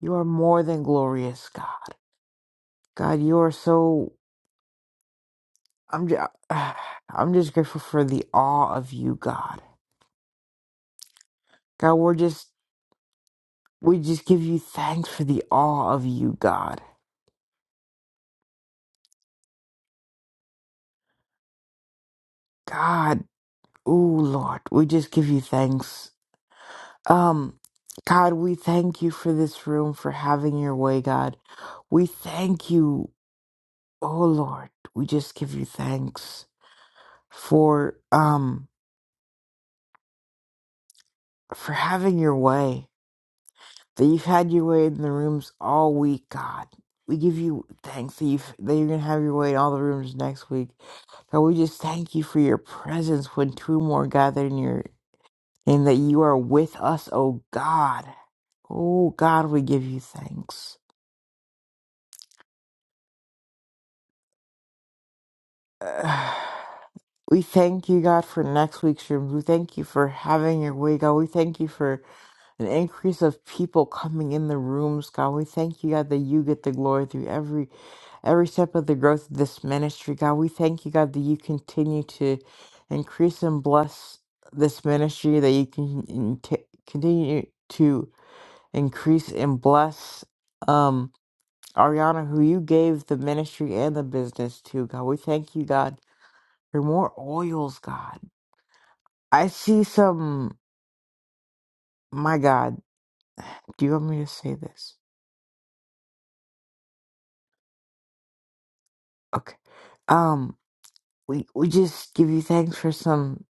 You are more than glorious, God. God, you are so I'm just I'm just grateful for the awe of you, God. God, we're just we just give you thanks for the awe of you, God. God, Ooh, Lord, we just give you thanks. Um, God, we thank you for this room, for having your way, God. We thank you, oh Lord, we just give you thanks for um for having your way. That you've had your way in the rooms all week, God. We give you thanks that you that you're gonna have your way in all the rooms next week. God, we just thank you for your presence when two or more gather in your and that you are with us, O God. Oh God, we give you thanks. We thank you, God, for next week's rooms. We thank you for having your way, God. We thank you for an increase of people coming in the rooms, God. We thank you, God, that you get the glory through every every step of the growth of this ministry, God. We thank you, God, that you continue to increase and bless this ministry, that you can in- t- continue to increase and bless. Um, Ariana, who you gave the ministry and the business to, God. We thank you, God, for more oils, God. I see some, my God, do you want me to say this? Okay. Um, we, we just give you thanks for some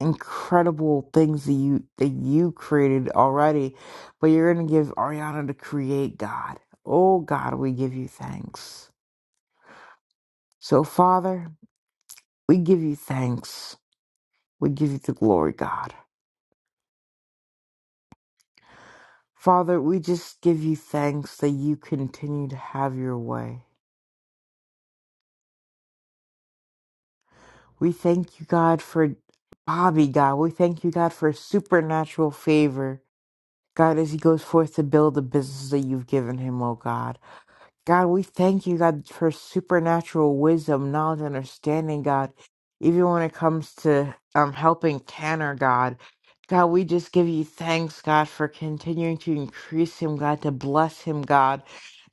incredible things that you, that you created already, but you're going to give Ariana to create, God. Oh, God, we give you thanks. So, Father, we give you thanks. We give you the glory, God. Father, we just give you thanks that you continue to have your way. We thank you, God, for Bobby, God. We thank you, God, for supernatural favor. God, as he goes forth to build the business that you've given him, oh God. God, we thank you, God, for supernatural wisdom, knowledge, understanding, God. Even when it comes to um, helping Tanner, God, God, we just give you thanks, God, for continuing to increase him, God, to bless him, God.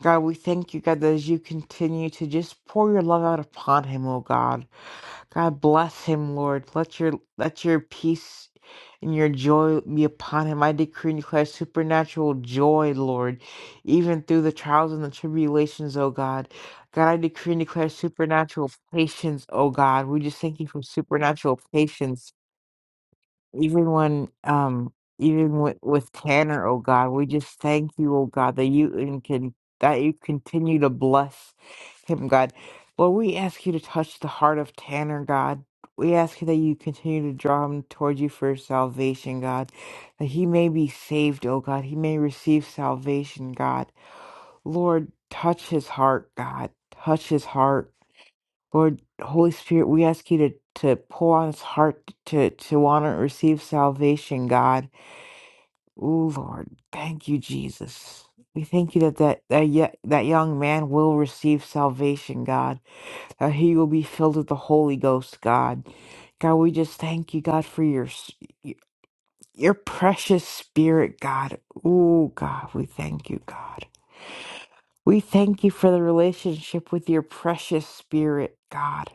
God, we thank you, God, that as you continue to just pour your love out upon him, oh God. God bless him, Lord. Let your let your peace and your joy be upon him. I decree and declare supernatural joy, Lord, even through the trials and the tribulations, oh God. God, I decree and declare supernatural patience, oh God. We just thank you for supernatural patience even when um even with, with Tanner, oh God, we just thank you, oh God, that you and can that you continue to bless him, God. Lord, we ask you to touch the heart of Tanner, God. We ask you that you continue to draw him towards you for salvation, God. That he may be saved, oh God. He may receive salvation, God. Lord, touch his heart, God. Touch his heart. Lord, Holy Spirit, we ask you to, to pour on his heart to, to want to receive salvation, God. Ooh, Lord, thank you, Jesus. We thank you that that, that, ye- that young man will receive salvation, God, that he will be filled with the Holy Ghost, God. God, we just thank you, God, for your, s- y- your precious spirit, God. Ooh, God, we thank you, God. We thank you for the relationship with your precious spirit, God.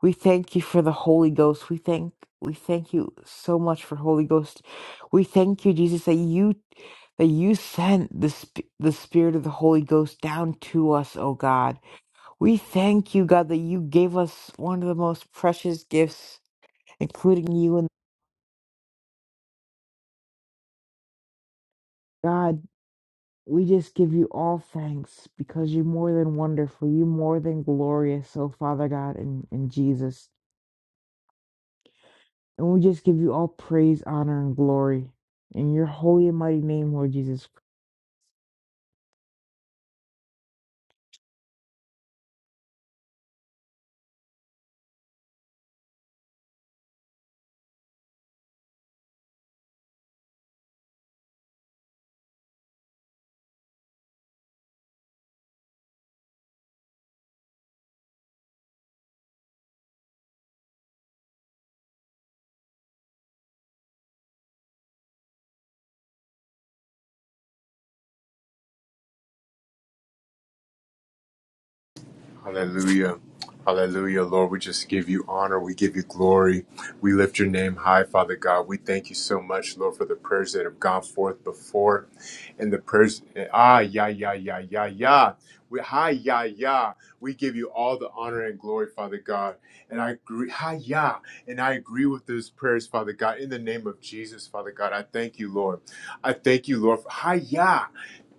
We thank you for the Holy Ghost. We thank we thank you so much for Holy Ghost. We thank you, Jesus, that you that you sent the sp- the Spirit of the Holy Ghost down to us, oh God. We thank you, God, that you gave us one of the most precious gifts, including you and God. We just give you all thanks because you're more than wonderful. You're more than glorious, oh Father God, and, and Jesus. And we just give you all praise, honor, and glory. In your holy and mighty name, Lord Jesus
Hallelujah. Hallelujah, Lord. We just give you honor. We give you glory. We lift your name high, Father God. We thank you so much, Lord, for the prayers that have gone forth before and the prayers. Ah, yeah, yeah, yeah, yeah, yeah. We, hi, yeah, yeah. We give you all the honor and glory, Father God. And I agree. Hi, yeah. And I agree with those prayers, Father God. In the name of Jesus, Father God, I thank you, Lord. I thank you, Lord. For, Hi, yeah.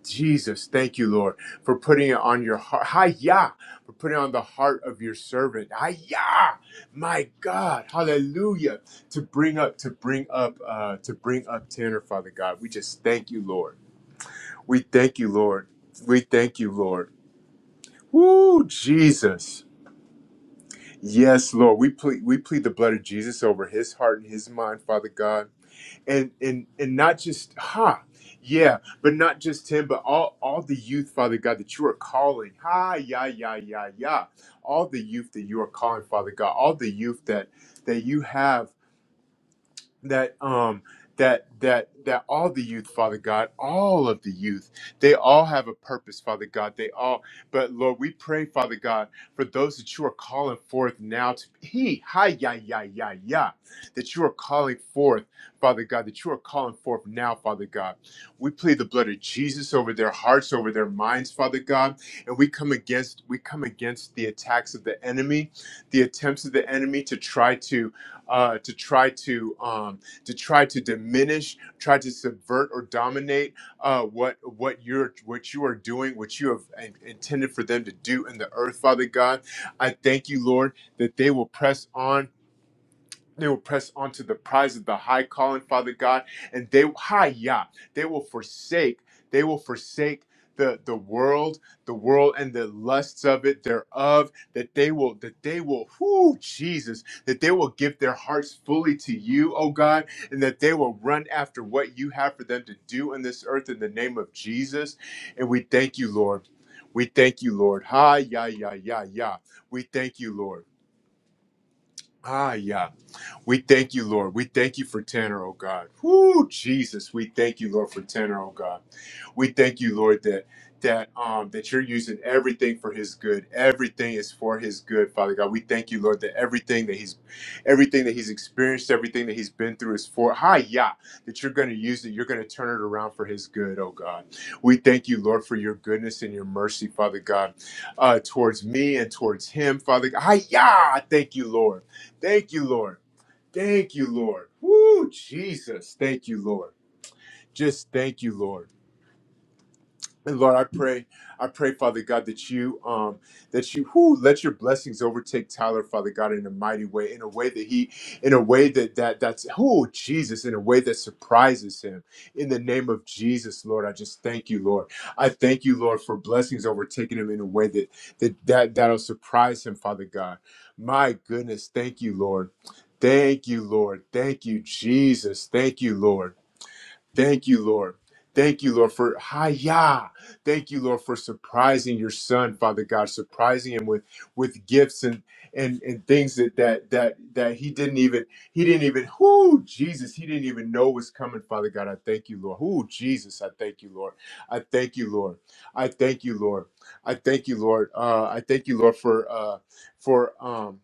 Jesus, thank you, Lord, for putting it on your heart. Hiya, for putting it on the heart of your servant. Hiya, my God, Hallelujah! To bring up, to bring up, uh, to bring up Tanner, Father God. We just thank you, Lord. We thank you, Lord. We thank you, Lord. Woo, Jesus. Yes, Lord. We plead, we plead the blood of Jesus over his heart and his mind, Father God and and and not just ha yeah but not just him but all all the youth father god that you are calling ha yeah yeah yeah yeah all the youth that you are calling father god all the youth that that you have that um that that that all the youth father god all of the youth they all have a purpose father god they all but lord we pray father god for those that you are calling forth now to he hi ya ya ya ya that you are calling forth father god that you are calling forth now father god we plead the blood of jesus over their hearts over their minds father god and we come against we come against the attacks of the enemy the attempts of the enemy to try to uh, to try to um, to try to diminish, try to subvert or dominate uh, what what you're what you are doing, what you have in- intended for them to do in the earth, Father God. I thank you, Lord, that they will press on they will press on to the prize of the high calling, Father God, and they hi yeah, they will forsake, they will forsake the the world, the world and the lusts of it thereof, that they will that they will whoo Jesus, that they will give their hearts fully to you, oh God, and that they will run after what you have for them to do in this earth in the name of Jesus. And we thank you, Lord. We thank you, Lord. Hi, yeah, yeah, yeah, yeah. We thank you, Lord. Hi, yeah. We thank you, Lord. We thank you for Tanner, oh God. Whoo, Jesus. We thank you, Lord, for Tanner, oh God. We thank you, Lord, that that um that you're using everything for his good. Everything is for his good, Father God. We thank you, Lord, that everything that he's everything that he's experienced, everything that he's been through is for hi yeah, that you're gonna use it, you're gonna turn it around for his good, oh God. We thank you, Lord, for your goodness and your mercy, Father God, uh, towards me and towards him, Father God. Hi yeah, thank you, Lord. Thank you, Lord. Thank you, Lord. Woo, Jesus. Thank you, Lord. Just thank you, Lord. And Lord, I pray, I pray, Father God, that you, um, that you, who let your blessings overtake Tyler, Father God, in a mighty way, in a way that he, in a way that that that's, oh Jesus, in a way that surprises him. In the name of Jesus, Lord, I just thank you, Lord. I thank you, Lord, for blessings overtaking him in a way that that that that'll surprise him, Father God. My goodness, thank you, Lord. Thank you, Lord. Thank you, Jesus. Thank you, Lord. Thank you, Lord. Thank you, Lord, for hiya. Thank you, Lord, for surprising your son, Father God, surprising him with with gifts and and and things that that that that he didn't even he didn't even whoo Jesus he didn't even know was coming, Father God. I thank you, Lord. Whoo Jesus, I thank you, Lord. I thank you, Lord. I thank you, Lord. I thank you, Lord. Uh, I thank you, Lord, for uh, for um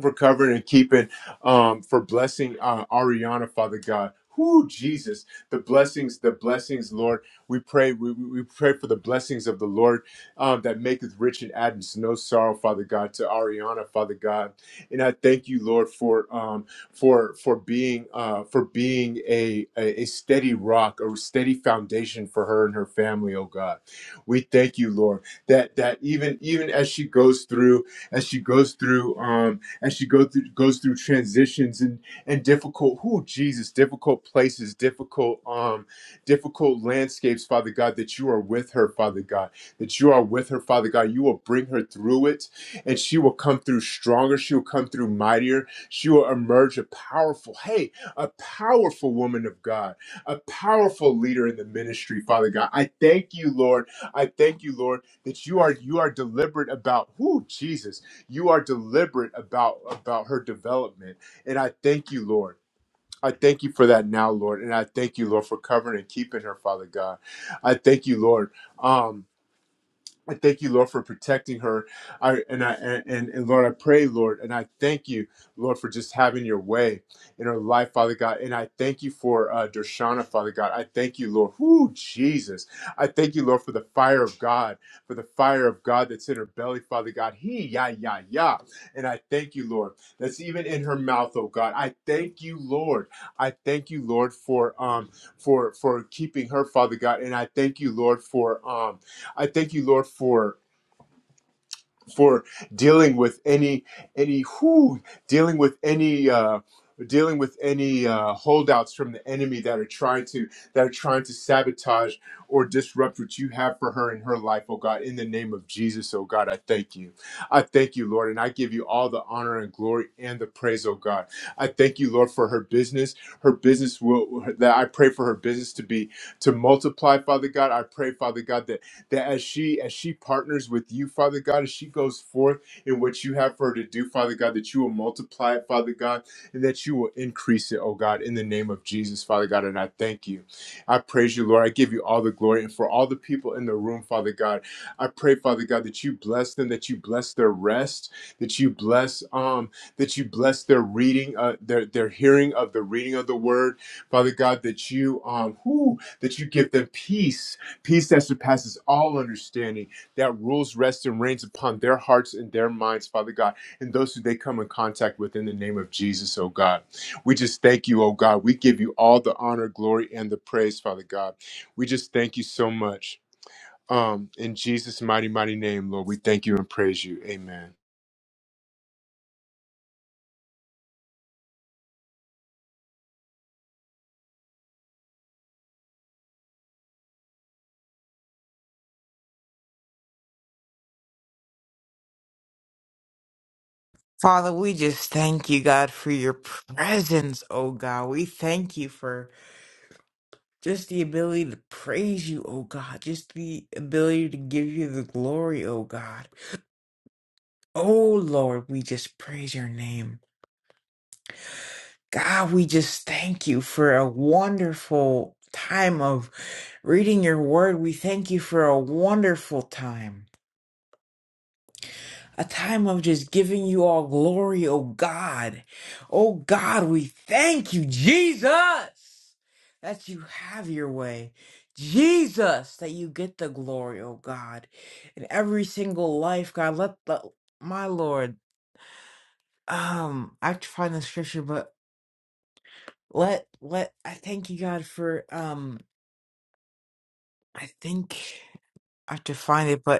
for covering and keeping, um, for blessing uh, Ariana, Father God. Who Jesus, the blessings, the blessings, Lord. We pray, we, we we pray for the blessings of the Lord um, that maketh rich and adds no sorrow, Father God, to Ariana, Father God. And I thank you, Lord, for um, for for being uh, for being a, a a steady rock, a steady foundation for her and her family, oh God. We thank you, Lord, that that even even as she goes through, as she goes through. Um, as she go through goes through transitions and and difficult who Jesus difficult places difficult um difficult landscapes Father God that you are with her Father God that you are with her Father God you will bring her through it and she will come through stronger she will come through mightier she will emerge a powerful hey a powerful woman of God a powerful leader in the ministry Father God I thank you Lord I thank you Lord that you are you are deliberate about who Jesus you are deliberate about about her development and i thank you lord I thank you for that now, Lord, and I thank you, Lord, for covering and keeping her, Father God. I thank you, Lord. Um, I thank you, Lord, for protecting her. I and I and, and Lord, I pray, Lord, and I thank you, Lord, for just having your way in her life, Father God. And I thank you for uh Dershana, Father God. I thank you, Lord. Whoo, Jesus. I thank you, Lord, for the fire of God, for the fire of God that's in her belly, Father God. He ya ya ya. And I thank you, Lord, that's even in her mouth, oh God. I thank you, Lord. I thank you, Lord, for um for for keeping her, Father God. And I thank you, Lord, for um I thank you, Lord, for for dealing with any any who dealing with any uh dealing with any uh holdouts from the enemy that are trying to that are trying to sabotage or disrupt what you have for her in her life oh god in the name of jesus oh god i thank you i thank you lord and i give you all the honor and glory and the praise oh god i thank you lord for her business her business will that i pray for her business to be to multiply father god i pray father god that that as she as she partners with you, Father God, as she goes forth in what you have for her to do, Father God, that you will multiply it, Father God, and that you will increase it, oh God, in the name of Jesus, Father God. And I thank you. I praise you, Lord. I give you all the glory. And for all the people in the room, Father God, I pray, Father God, that you bless them, that you bless their rest, that you bless um, that you bless their reading, uh, their their hearing of the reading of the word, Father God, that you um, whoo, that you give them peace Peace that surpasses all understanding, that rules, rests, and reigns upon their hearts and their minds, Father God, and those who they come in contact with in the name of Jesus, oh God. We just thank you, oh God. We give you all the honor, glory, and the praise, Father God. We just thank you so much. Um, in Jesus' mighty, mighty name, Lord, we thank you and praise you. Amen.
Father, we just thank you, God, for your presence, oh God. We thank you for just the ability to praise you, oh God. Just the ability to give you the glory, oh God. Oh Lord, we just praise your name. God, we just thank you for a wonderful time of reading your word. We thank you for a wonderful time. a time of just giving you all glory, oh God. Oh God, we thank you, Jesus, that you have your way. Jesus, that you get the glory, oh God. In every single life, God, let the my Lord, um, I have to find the scripture, but let let I thank you, God, for um I think I have to find it, but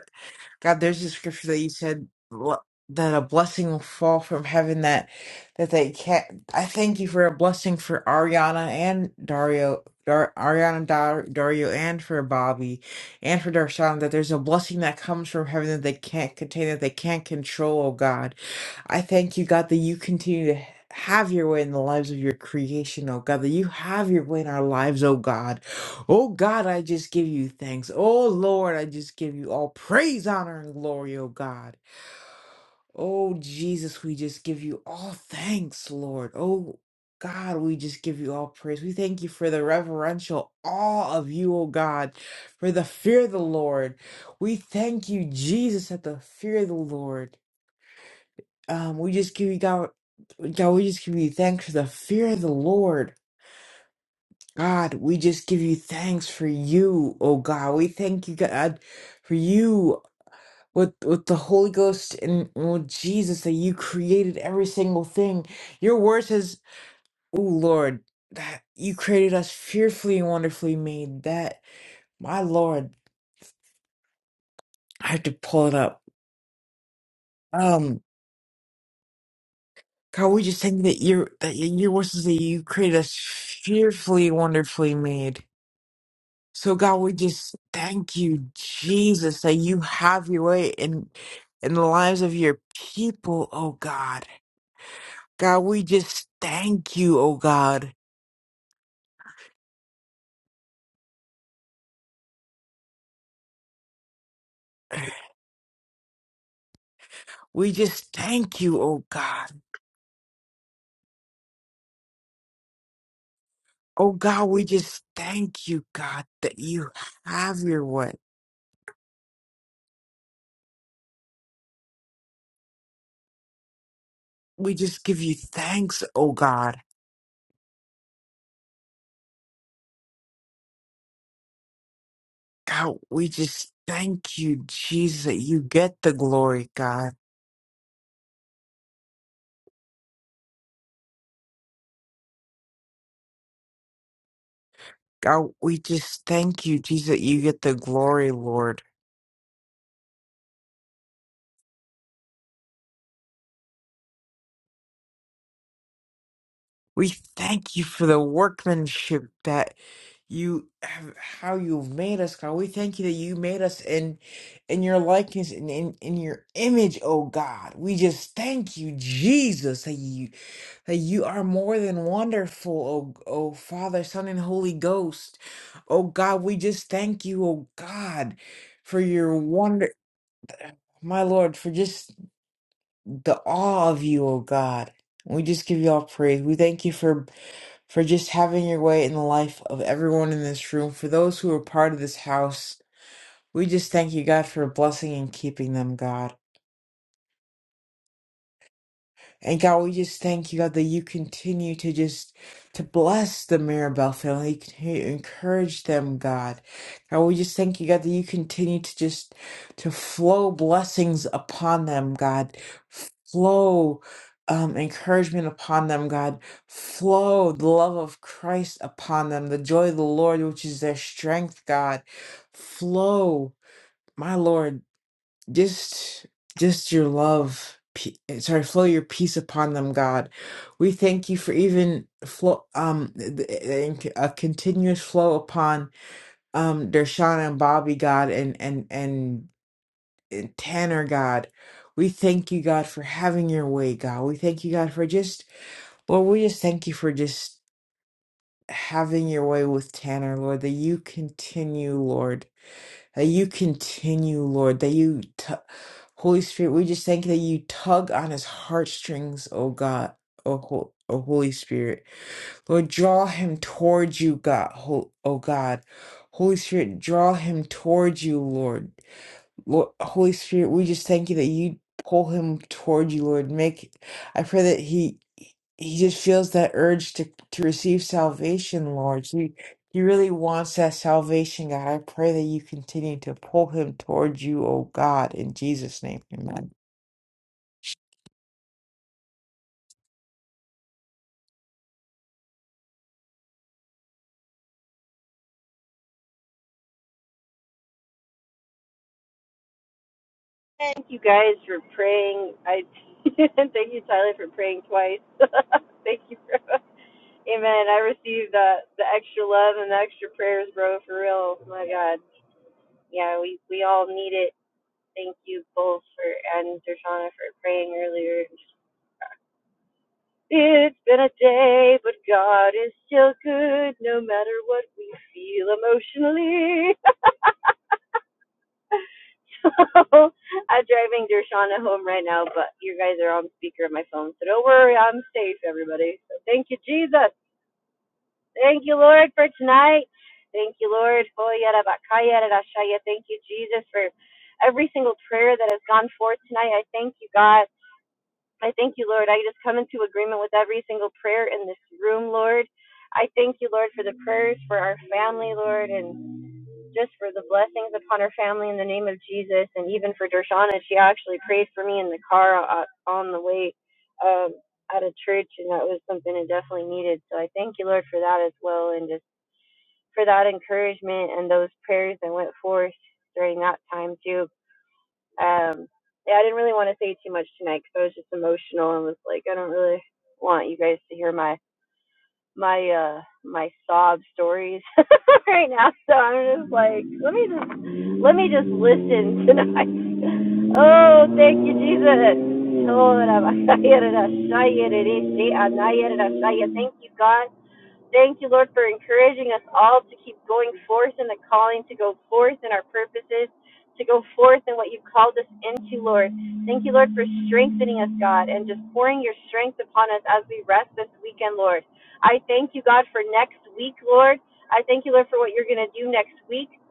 God, there's a scripture that you said bl- that a blessing will fall from heaven that that they can't. I thank you for a blessing for Ariana and Dario, Dar, Ariana, Dar, Dario, and for Bobby, and for Darshan. That there's a blessing that comes from heaven that they can't contain, that they can't control. Oh God, I thank you, God, that you continue to. Have your way in the lives of your creation, oh God, that you have your way in our lives, oh God. Oh God, I just give you thanks. Oh Lord, I just give you all praise, honor, and glory, oh God. Oh Jesus, we just give you all thanks, Lord. Oh God, we just give you all praise. We thank you for the reverential awe of you, oh God, for the fear of the Lord. We thank you, Jesus, at the fear of the Lord. Um, we just give you God, God, we just give you thanks for the fear of the Lord. God, we just give you thanks for you, oh God. We thank you, God, for you with with the Holy Ghost and with Jesus that you created every single thing. Your word says, "Oh Lord, that you created us fearfully and wonderfully made." That my Lord, I have to pull it up. Um, God, we just thank you that your that your word says that you created us fearfully and wonderfully made. So God, we just thank you, Jesus, that you have your way in in the lives of your people, oh God. God, we just thank you, oh God. We just thank you, oh God. Oh God, we just thank you, God, that you have your way. We just give you thanks, oh God. God, we just thank you, Jesus, that you get the glory, God. God, we just thank you, Jesus, that you get the glory, Lord. We thank you for the workmanship that you have, how you've made us, God. We thank you that you made us in, in your likeness and in, in your image, oh God. We just thank you, Jesus, that you, that you are more than wonderful, oh, oh Father, Son, and Holy Ghost. Oh God, we just thank you, oh God, for your wonder, my Lord, for just the awe of you, oh God. We just give you all praise. We thank you for for just having your way in the life of everyone in this room, for those who are part of this house. We just thank you, God, for blessing and keeping them, God. And God, we just thank you, God, that you continue to just to bless the Mirabel family, you continue to encourage them, God. God, we just thank you, God, that you continue to just to flow blessings upon them, God. Flow um, encouragement upon them, God. Flow the love of Christ upon them, the joy of the Lord, which is their strength, God. Flow, my Lord just just your love pe- sorry flow your peace upon them god we thank you for even flow um th- th- a continuous flow upon um Dershana and Bobby God and and and, and Tanner God we thank you God for having your way God we thank you God for just Lord we just thank you for just having your way with Tanner Lord that you continue Lord that you continue, Lord, that you, t- Holy Spirit, we just thank you that you tug on his heartstrings, oh God, oh, Ho- oh Holy Spirit. Lord, draw him towards you, God, Ho- oh God. Holy Spirit, draw him towards you, Lord. Lord, Holy Spirit, we just thank you that you pull him toward you, Lord. Make I pray that he he just feels that urge to to receive salvation, Lord. He he really wants that salvation, God. I pray that you continue to pull him toward you, oh God, in Jesus' name, Amen.
Thank you guys for praying. I thank you, Tyler, for praying twice. Thank you, bro. Amen. I received the the extra love and the extra prayers, bro. For real, my God. Yeah, we we all need it. Thank you both for and Dershana for praying earlier. It's been a day, but God is still good, no matter what we feel emotionally. So I'm driving Dershana home right now, but you guys are on speaker of my phone, so don't worry, I'm safe, everybody. So thank you, Jesus. Thank you, Lord, for tonight. Thank you, Lord. Thank you, Jesus, for every single prayer that has gone forth tonight. I thank you, God. I thank you, Lord. I just come into agreement with every single prayer in this room, Lord. I thank you, Lord, for the prayers for our family, Lord, and just for the blessings upon her family in the name of Jesus, and even for Dershana. She actually prayed for me in the car uh, on the way um, out of church, and that was something I definitely needed. So I thank you, Lord, for that as well, and just for that encouragement and those prayers that went forth during that time too. Um, yeah, I didn't really want to say too much tonight because I was just emotional and was like, I don't really want you guys to hear my my uh my sob stories right now so i'm just like let me just let me just listen tonight oh thank you jesus thank you god Thank you, Lord, for encouraging us all to keep going forth in the calling, to go forth in our purposes, to go forth in what you've called us into, Lord. Thank you, Lord, for strengthening us, God, and just pouring your strength upon us as we rest this weekend, Lord. I thank you, God, for next week, Lord. I thank you, Lord, for what you're going to do next week.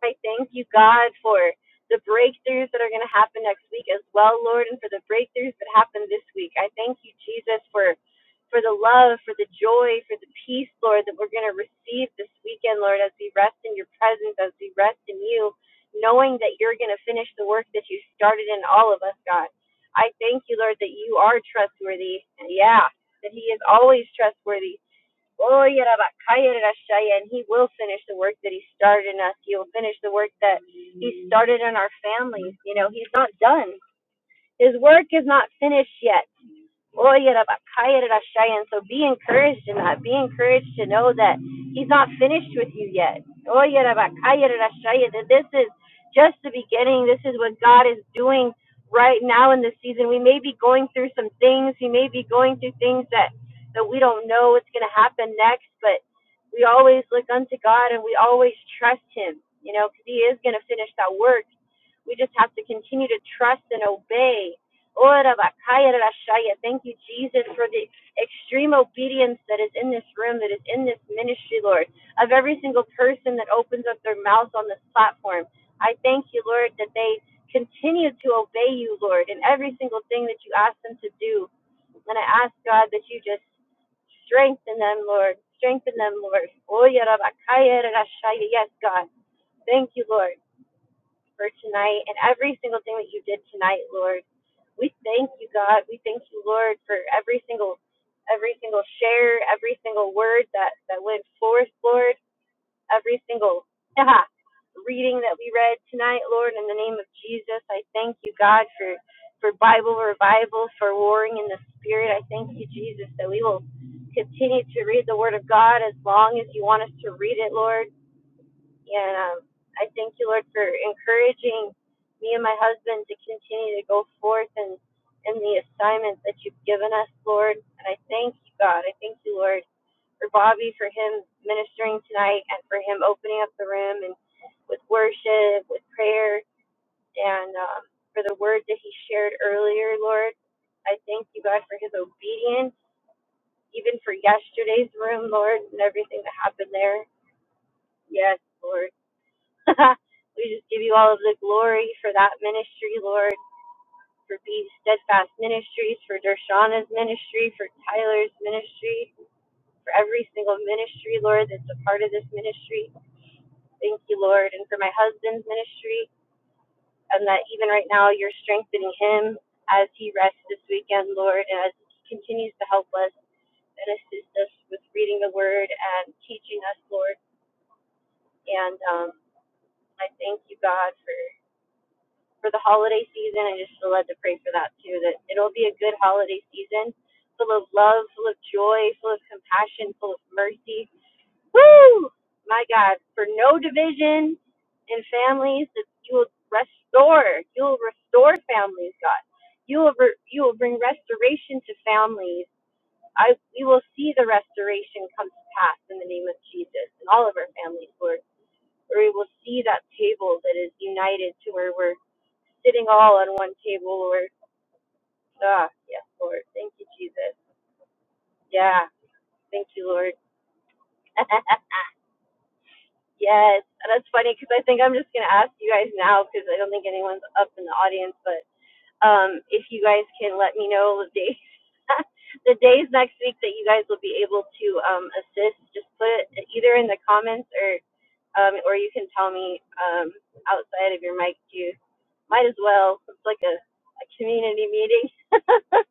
I thank you, God, for the breakthroughs that are going to happen next week as well, Lord, and for the breakthroughs that happen this week. I thank you, Jesus, for for the love, for the joy, for the peace, Lord, that we're going to receive this weekend, Lord, as we rest in your presence, as we rest in you, knowing that you're going to finish the work that you started in all of us, God. I thank you, Lord, that you are trustworthy. Yeah, that he is always trustworthy. Oh, yeah, Rabbi, and he will finish the work that he started in us. He will finish the work that he started in our families. You know, he's not done. His work is not finished yet oye ra ba So be encouraged in that. Be encouraged to know that He's not finished with you yet. oye ra ba That this is just the beginning. This is what God is doing right now in this season. We may be going through some things. We may be going through things that, that we don't know what's going to happen next, but we always look unto God and we always trust Him, you know, because He is going to finish that work. We just have to continue to trust and obey. Ora bakaya rashaya. Thank you, Jesus, for the extreme obedience that is in this room, that is in this ministry, Lord, of every single person that opens up their mouth on this platform. I thank you, Lord, that they continue to obey you, Lord, in every single thing that you ask them to do. And I ask, God, that you just strengthen them, Lord. Strengthen them, Lord. Oya rabakaya rashaya. Yes, God. Thank you, Lord for tonight and every single thing that you did tonight, Lord. We thank you, God. We thank you, Lord, for every single every single share, every single word that that went forth, Lord, every single ah, reading that we read tonight, Lord, in the name of Jesus. I thank you, God, for for Bible revival, for warring in the spirit. I thank you, Jesus, that we will continue to read the word of God as long as you want us to read it, Lord and um, I thank you, Lord, for encouraging me and my husband to continue to go forth and in the assignment that you've given us, Lord. And I thank you, God. I thank you, Lord, for Bobby, for him ministering tonight, and for him opening up the room and with worship, with prayer, and um, for the word that he shared earlier, Lord. I thank you, God, for his obedience, even for yesterday's room, Lord, and everything that happened there. Yes, Lord. we just give you all of the glory for that ministry, Lord, for Be Steadfast Ministries, for Dershana's ministry, for Tyler's ministry, for every single ministry, Lord, that's a part of this ministry. Thank you, Lord, and for my husband's ministry, and that even right now you're strengthening him as he rests this weekend, Lord, and as he continues to help us and assist us with reading the word and teaching us, Lord. And um, I thank you, God, for for the holiday season. I just feel led to pray for that too, that it'll be a good holiday season, full of love, full of joy, full of compassion, full of mercy. Woo! My God, for no division in families, that you will restore, you will restore families, God. You will, re- you will bring restoration to families. I, we will see the restoration come to pass in the name of Jesus and all of our families, Lord, where we will see that table that is united to where we're sitting all on one table, Lord. Ah, yes, Lord. Thank you, Jesus. Yeah, thank you, Lord. yes, and that's funny because I think I'm just gonna ask you guys now because I don't think anyone's up in the audience, but um, if you guys can let me know the days, the days next week that you guys will be able to um assist, just put it either in the comments or um, or you can tell me um outside of your mic too might as well. It's like a, a community meeting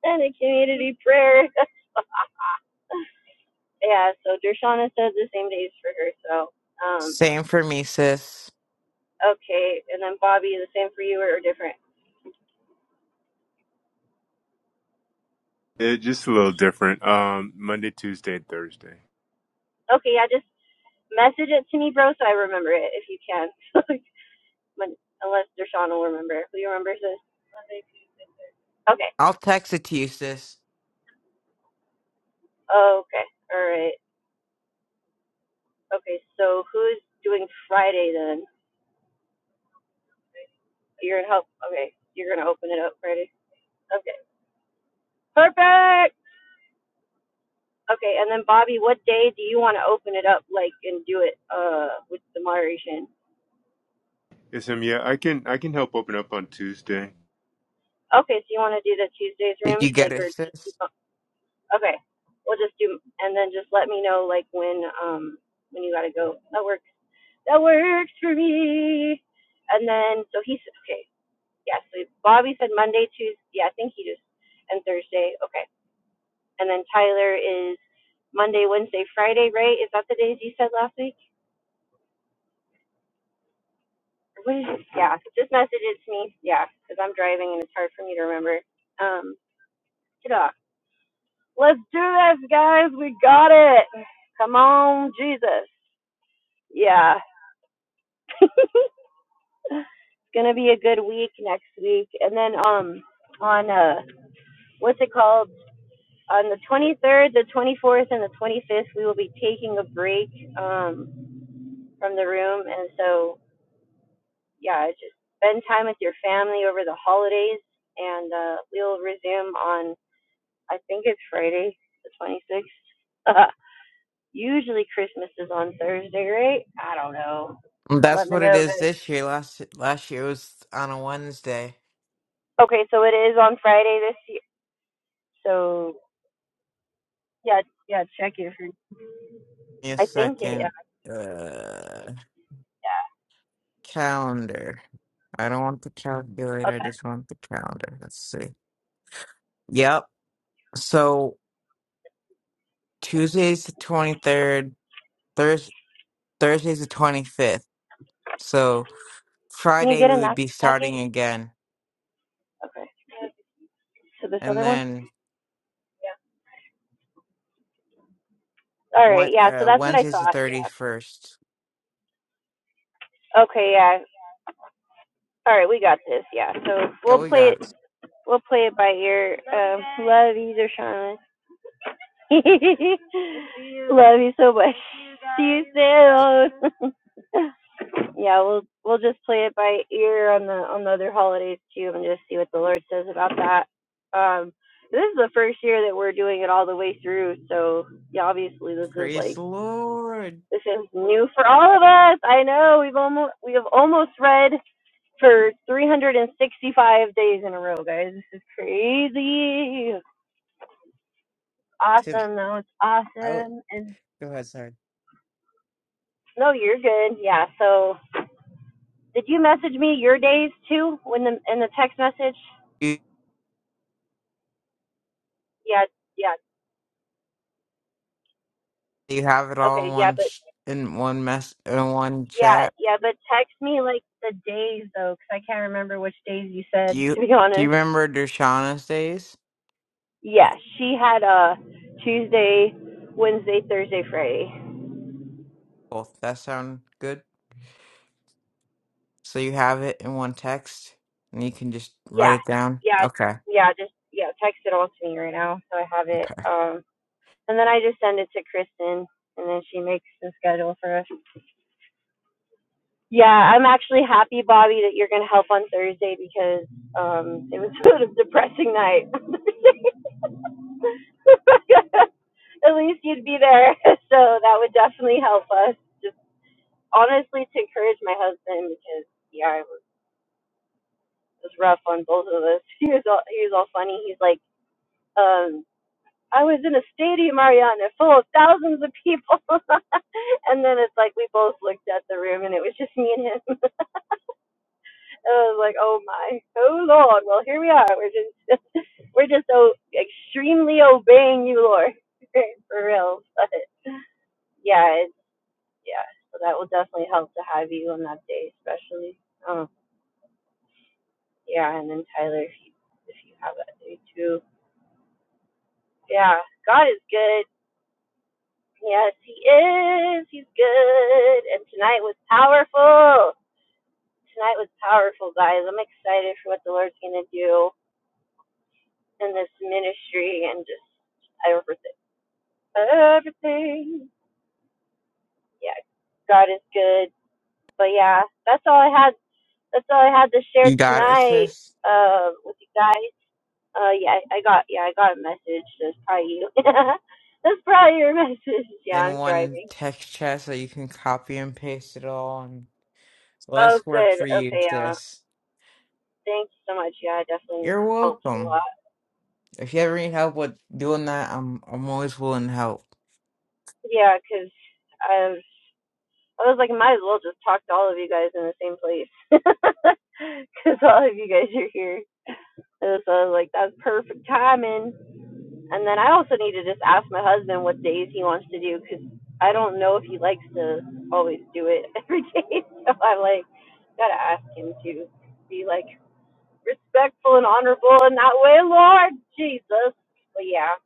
and a community prayer. yeah, so Dershana said the same days for her. So, um,
Same for me, sis.
okay. And then Bobby, the same for you or different?
Yeah, just a little different. Um, Monday, Tuesday, Thursday.
Okay, yeah, just message it to me, bro, so I remember it if you can. Unless Dershana will remember. Who remembers this? Okay.
I'll text it to you, sis.
Okay. All right. Okay, so who's doing Friday then? You're gonna help. Okay, you're gonna open it up Friday. Okay. Perfect. Okay, and then Bobby, what day do you want to open it up, like, and do it uh with the moderation?
Yes, um, yeah, I can I can help open up on Tuesday.
Okay, so you want to do the Tuesdays
Did
room,
you get
like,
it,
or just do,
sis?
okay, we'll just do, and then just let me know, like, when um when you gotta go. That works. That works for me. And then so he said, okay, yeah. So Bobby said Monday, Tuesday. Yeah, I think he just and Thursday. Okay, and then Tyler is Monday, Wednesday, Friday, right? Is that the days you said last week? what is it? Yeah, just message it to me. Yeah, because I'm driving and it's hard for me to remember. Um, get off. Let's do this, guys. We got it. Come on, Jesus. Yeah, it's gonna be a good week next week, and then um, on uh, what's it called? On the 23rd, the 24th, and the 25th, we will be taking a break um from the room, and so yeah, just spend time with your family over the holidays, and uh, we'll resume on I think it's Friday, the 26th. Usually Christmas is on Thursday, right? I don't know. Let
That's
me
what it
know.
is
guys.
this year. Last last year was on a Wednesday.
Okay, so it is on Friday this year. So yeah, yeah, check it.
Give me a
I think it. Yeah.
second. Uh, Calendar. I don't want the calculator. I just want the calendar. Let's see. Yep. So Tuesday's the 23rd. Thurs Thursday's the 25th. So
Can you
Friday
get
we
in
would
that
be
that gate?
starting again.
Okay. So this
And
other one.
then
All right.
one,
Yeah. So
uh,
that's what I
Wednesday's the
thought. Yeah.
31st.
Okay. Yeah. All right. We got this. Yeah. So
Yeah,
we'll
we
play
got it.
it. We'll play it by ear. Um, love you, Deshaun. love you so much. See you soon. Yeah, we'll we'll just play it by ear on the on the other holidays too, and just see what the Lord says about that. Um, this is the first year that we're doing it all the way through, so yeah, obviously this is
Praise
like
the Lord.
this is new for all of us. I know we've almost we have almost read for 365 days in a row, guys. This is crazy. It's
Tim,
awesome though. It's
out.
awesome. And
Go ahead, sorry.
no, you're good. Yeah. So did you message me your days too when the in the text message?
You,
Yeah, yeah.
you have it all
Okay,
in
yeah,
one
but
sh- in one mess in one
yeah,
chat.
yeah, but text me like the days though, cause I can't remember which days you
Do
said.
you
To be
do you
honest,
remember Dershana's days?
yeah, she had a uh Tuesday, Wednesday, Thursday, Friday.
Cool. That sound good? So you have it in one text and you can just write
Yeah,
it down?
yeah,
Okay.
yeah. Just yeah, text it all to me right now so I have it.
Okay.
Um, and then I just send it to Kristen, and then she makes the schedule for us. Yeah, I'm actually happy, Bobby, that you're gonna help on Thursday because um it was sort of a depressing night. at least you'd be there. So that would definitely help us. Just honestly to encourage my husband because yeah, it was, it was rough on both of us. He was all he was all funny. He's like, um, I was in a stadium, Ariana, full of thousands of people. and then it's like we both looked at the room and it was just me and him. And I was like, oh my, oh Lord. Well, here we are. We're just we're just so extremely obeying you, Lord, for real. But yeah, yeah, so that will definitely help to have you on that day, especially. Um, yeah, and then Tyler, if you if you have that day too. Yeah, God is good. Yes, He is. He's good. And tonight was powerful. Tonight was powerful, guys. I'm excited for what the Lord's gonna do in this ministry and just everything. Everything. Yeah, God is good. But yeah, that's all I had. That's all I had to share
You got it,
tonight
sis?
uh, with you guys. Uh, yeah, I got yeah, I got a message. That's probably you. That's probably your message. Yeah,
In
I'm
one
driving.
text chat so you can copy and paste it all and
Oh,
less work
good.
for you,
Okay. Uh,
sis.
thanks so much. Yeah, it definitely
You're
helps a lot.
welcome. If you ever need help with doing that, I'm I'm always willing to help.
Yeah, 'cause I was I was like, might as well just talk to all of you guys in the same place. 'Cause all of you guys are here. so I was like, that's perfect timing. And then I also need to just ask my husband what days he wants to do, cause I don't know if he likes to always do it every day. So I'm like, gotta ask him to be like respectful and honorable in that way, Lord Jesus. But yeah,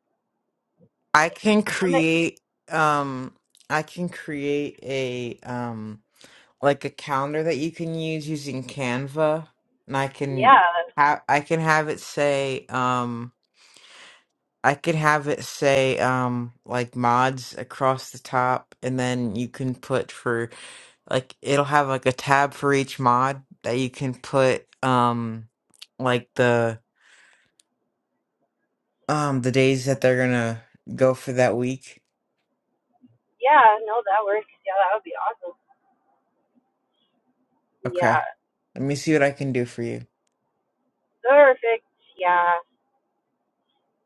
I can
I'm like,
create um I can create a um like a calendar that you can use using Canva, and I can
yeah,
have I can have it say um I could have it say um like mods across the top, and then you can put for like it'll have like a tab for each mod that you can put um like the um the days that they're gonna go for that week.
yeah, no, that works. Yeah, that would be awesome. Yeah,
Okay, let me see what I can do for you.
perfect. Yeah,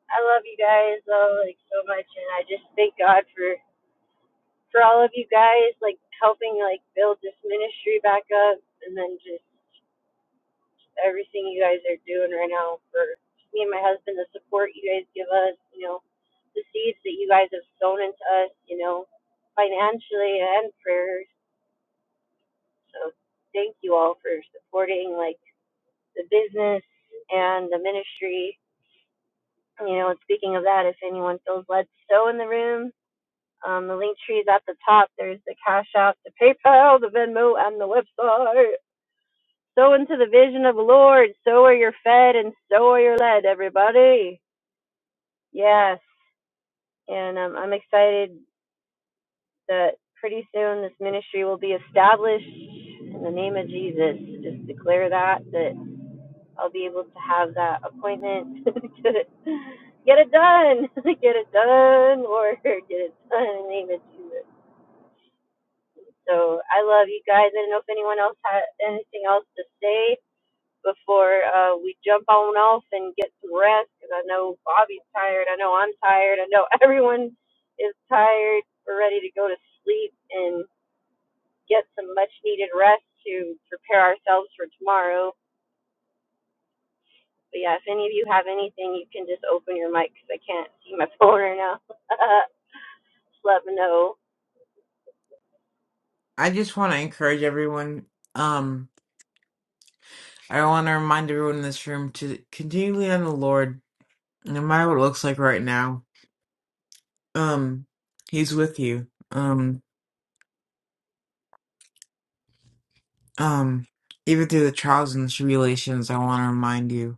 I love you guys though, like so much, and I just thank God for for all of you guys, like helping like build this ministry back up, and then just everything you guys are doing right now for me and my husband, the support you guys give us, you know, the seeds that you guys have sown into us, you know, financially and prayers. So thank for supporting like the business and you know, speaking of that, if anyone feels led to sow in the room, um, the link tree is at the top. There's the Cash App, the PayPal, the Venmo, and the website. Sow into the vision of the Lord. So are you're fed and so are you're led every day. Yes. And um, I'm excited that pretty soon this ministry will be established in the name of Jesus. Just declare that that I'll be able to have that appointment. get it, get it done, get it done, Lord, get it done in the name of Jesus. So I love you guys. I don't know if anyone else had anything else to say before uh, we jump on off and get some rest because I know Bobby's tired. I know I'm tired. I know everyone is tired. We're ready to go to sleep and. get some much needed rest to prepare ourselves for tomorrow. But yeah, if any of you have anything, you can just open your mic because I can't see my phone right now. just let me know.
I just want to encourage everyone. Um, I want to remind everyone in this room to continue to lean on the Lord, no matter what it looks like right now. Um, He's with you. Um, um, even through the trials and tribulations, I want to remind you.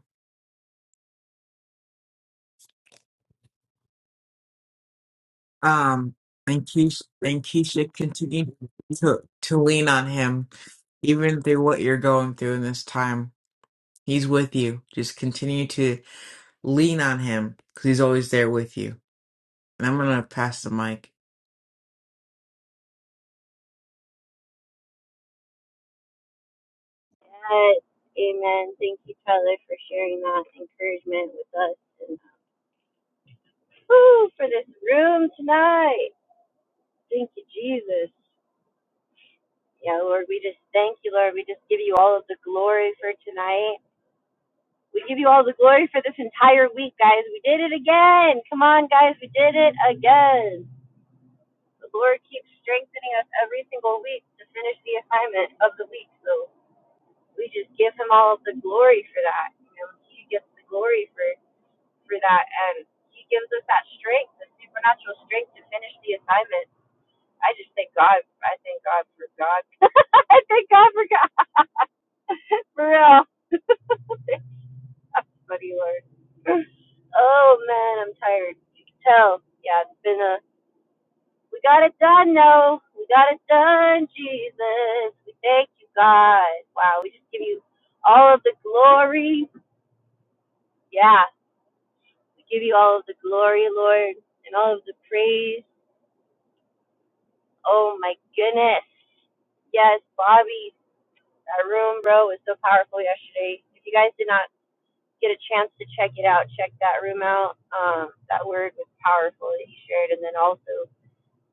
Um, and Keisha, and Keisha, continue to to lean on Him, even through what you're going through in this time. He's with you. Just continue to lean on Him, because He's always there with you. And I'm gonna pass the mic.
But, amen. Thank you, Tyler, for sharing that encouragement with us and woo, for this room tonight. Thank you, Jesus. Yeah, Lord, we just thank you, Lord. We just give you all of the glory for tonight. We give you all the glory for this entire week, guys. We did it again. Come on, guys. We did it again. The Lord keeps strengthening us every single week to finish the assignment of the week. So we just give Him all of the glory for that. You know, He gets the glory for for that, and He gives us that strength, the supernatural strength to finish the assignment. I just thank God. I thank God for God. I thank God for God for real. That's funny, Lord. Oh man, I'm tired. You can tell. Yeah, it's been a We got it done, no. We got it done, Jesus. We thank you, God. Wow, we just give you all of the glory. Yeah, we give you all of the glory, Lord, and all of the praise. Oh my goodness. Yes, Bobby, that room, bro, was so powerful yesterday. If you guys did not get a chance to check it out, check that room out. Um, that word was powerful that he shared. And then also,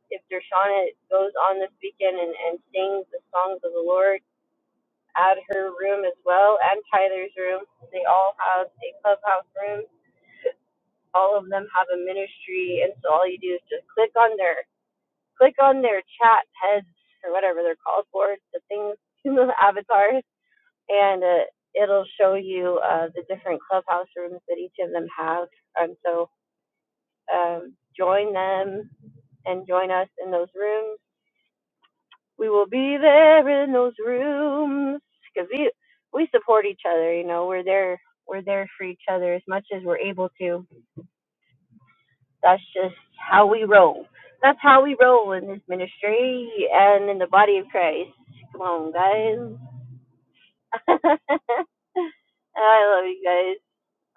if Dershana goes on this weekend and, and sings the songs of the Lord, at her room as well and Tyler's room. They all have a clubhouse room. All of them have a ministry, and so all you do is just click on their click on their chat heads or whatever they're called for the things the avatars, and uh, it'll show you uh, the different clubhouse rooms that each of them have. And so um, join them and join us in those rooms we will be there in those rooms because we we support each other you know we're there we're there for each other as much as we're able to that's just how we roll that's how we roll in this ministry and in the body of christ come on guys i love you guys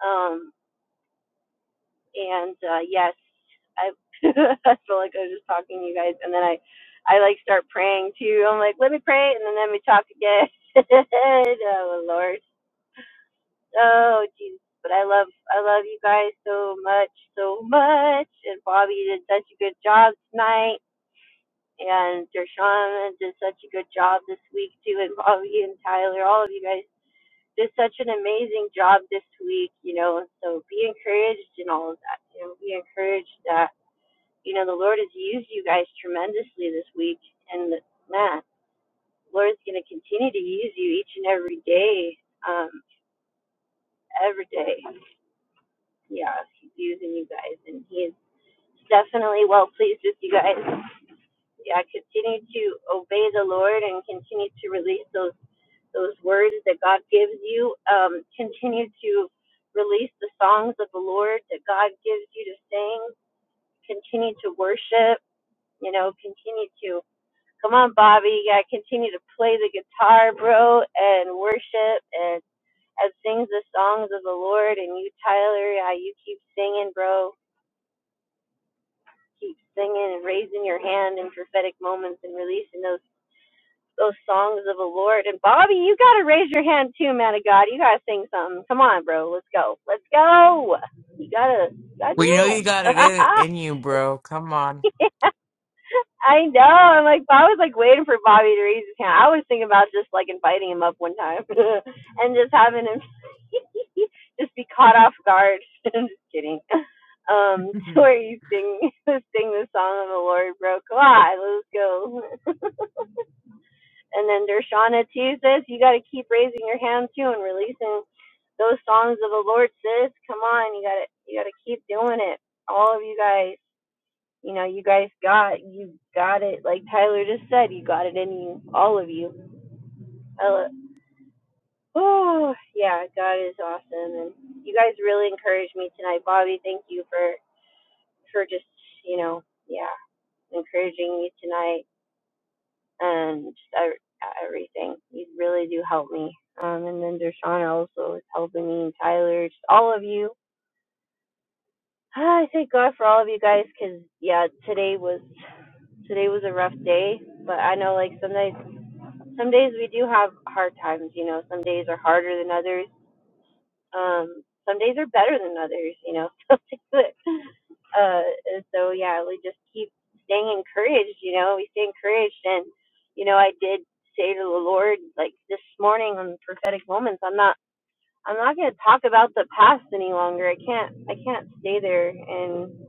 um and uh yes i i feel like i was just talking to you guys and then i i like start praying too i'm like let me pray and then let me talk again oh lord Oh, Jesus. But I love, I love you guys so much, so much. And Bobby did such a good job tonight. And Dershawn did such a good job this week too. And Bobby and Tyler, all of you guys did such an amazing job this week, you know. So be encouraged and all of that. You know, be encouraged that, you know, the Lord has used you guys tremendously this week. And man, the Lord's going to continue to use you each and every day, um, every day. yeah, he's using you guys, and he's definitely well pleased with you guys. Yeah, continue to obey the Lord and continue to release those those words that God gives you. Um, continue to release the songs of the Lord that God gives you to sing. Continue to worship. You know, continue to come on, Bobby. Yeah, continue to play the guitar, bro, and worship and. and sings the songs of the Lord, and you, Tyler, yeah, you keep singing, bro keep singing and raising your hand in prophetic moments and releasing those those songs of the Lord. And Bobby, you gotta raise your hand too, man of God. You gotta sing something. Come on, bro. Let's go. Let's go. You gotta, you gotta do
We know
it.
you got it in, in you, bro. Come on.
I know. I'm like, I was like waiting for Bobby to raise his hand. I was thinking about just like inviting him up one time and just having him just be caught off guard. I'm just kidding. Um, to where you sing, sing the song of the Lord, bro. Come on, let's go. And then Dershana too sis. you got to keep raising your hand too and releasing those songs of the Lord, sis. Come on, you got to you got to keep doing it. All of you guys, you know, you guys got you got it. Like Tyler just said, you got it in you, all of you. I lo- oh yeah, God is awesome, and you guys really encouraged me tonight, Bobby. Thank you for for just you know yeah encouraging me tonight and just ev- everything. You really do help me. Um, and then Dershawn also is helping me, and Tyler, just all of you. Ah, I thank God for all of you guys, cause yeah, today was today was a rough day, but I know like some days some days we do have hard times. You know, some days are harder than others. Um, some days are better than others. You know, but. Uh, and so yeah, we just keep staying encouraged. You know, we stay encouraged, and you know, I did say to the Lord like this morning on prophetic moments, I'm not, I'm not going to talk about the past, and I can't, I can't stay there and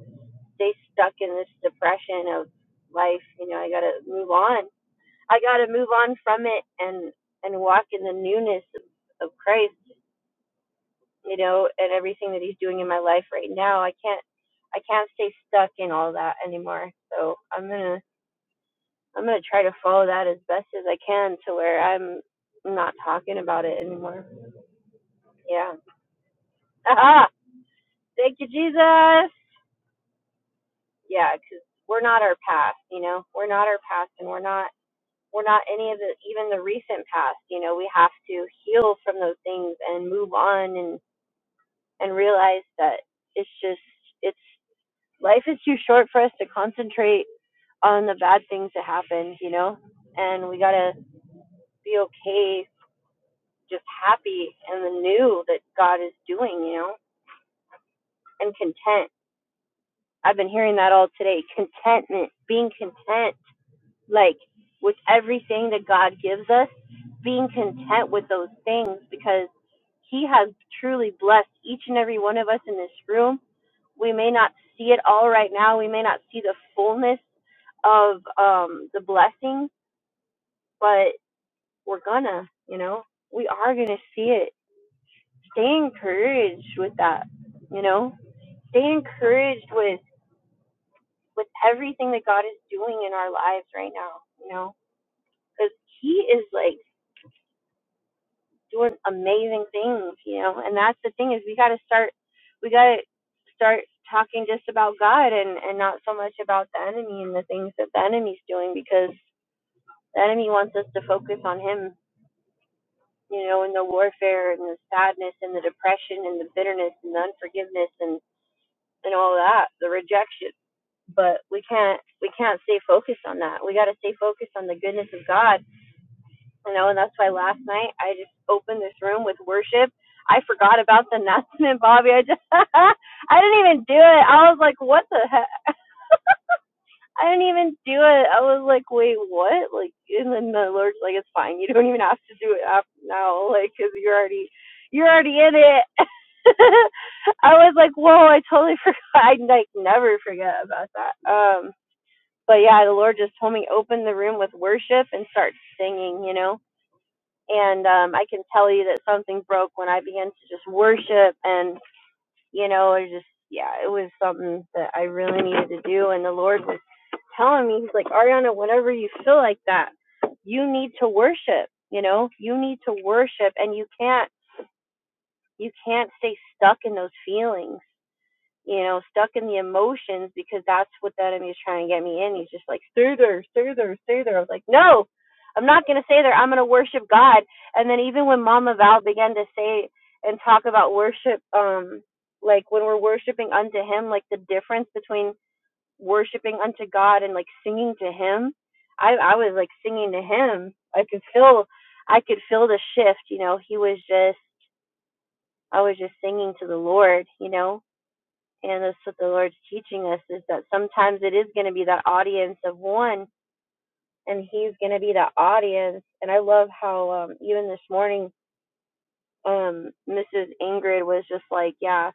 stay stuck in this depression of life. You know, I got to move on. I got to move on from it and and walk in the newness of Christ. You know, and everything that He's doing in my life right now. I can't. I can't stay stuck in all that anymore. So I'm gonna I'm gonna try to follow that as best as I can to where I'm not talking about it anymore. Yeah. Aha! Thank you, Jesus. Yeah, because 'cause we're not our past. You know, we're not our past, and we're not we're not any of the even the recent past. You know, we have to heal from those things and move on and and realize that it's just it's life is too short for us to concentrate on the bad things that happen. You know, and we gotta be okay just happy in the new that God is doing, you know, and content. I've been hearing that all today. Contentment, being content, like with everything that God gives us, being content with those things because He has truly blessed each and every one of us in this room. We may not see it all right now. We may not see the fullness of um, the blessing, but we're gonna, you know, we are gonna see it. Stay encouraged with that, you know stay encouraged with with everything that God is doing in our lives right now, you know, because He is like doing amazing things, you know, and that's the thing is we got to start, we got to start talking just about God and and not so much about the enemy and the things that the enemy's doing because the enemy wants us to focus on him, you know, and the warfare and the sadness and the depression and the bitterness and the unforgiveness and and all that, the rejection but we can't we can't stay focused on that. We got to stay focused on the goodness of God, you know. And that's why last night I just opened this room with worship. I forgot about the announcement, Bobby. I just I didn't even do it. I was like, what the heck? I didn't even do it. I was like, wait, what? Like, and then the Lord's like, it's fine. You don't even have to do it af now, like, cause you're already you're already in it. I was like, whoa, I totally forgot. I like never forget about that. Um. but yeah, the Lord just told me open the room with worship and start singing, you know. And um, I can tell you that something broke when I began to just worship, and you know, it just yeah, it was something that I really needed to do. And the Lord was telling me, He's like, Ariana, whenever you feel like that, you need to worship. You know, you need to worship, and you can't you can't stay stuck in those feelings you know, stuck in the emotions because that's what the enemy is trying to get me in. He's just like, stay there, stay there, stay there. I was like, no, I'm not going to stay there. I'm going to worship God. And then even when Mama Val began to say and talk about worship, um, like when we're worshiping unto Him, like the difference between worshiping unto God and like singing to Him, I, I was like singing to Him. I could feel, I could feel the shift. You know, He was just, I was just singing to the Lord. You know, and that's what the Lord's teaching us is that sometimes it is going to be that audience of one, and He's going to be that audience. And I love how um, even this morning, um, Mrs. Ingrid was just like, "Yeah,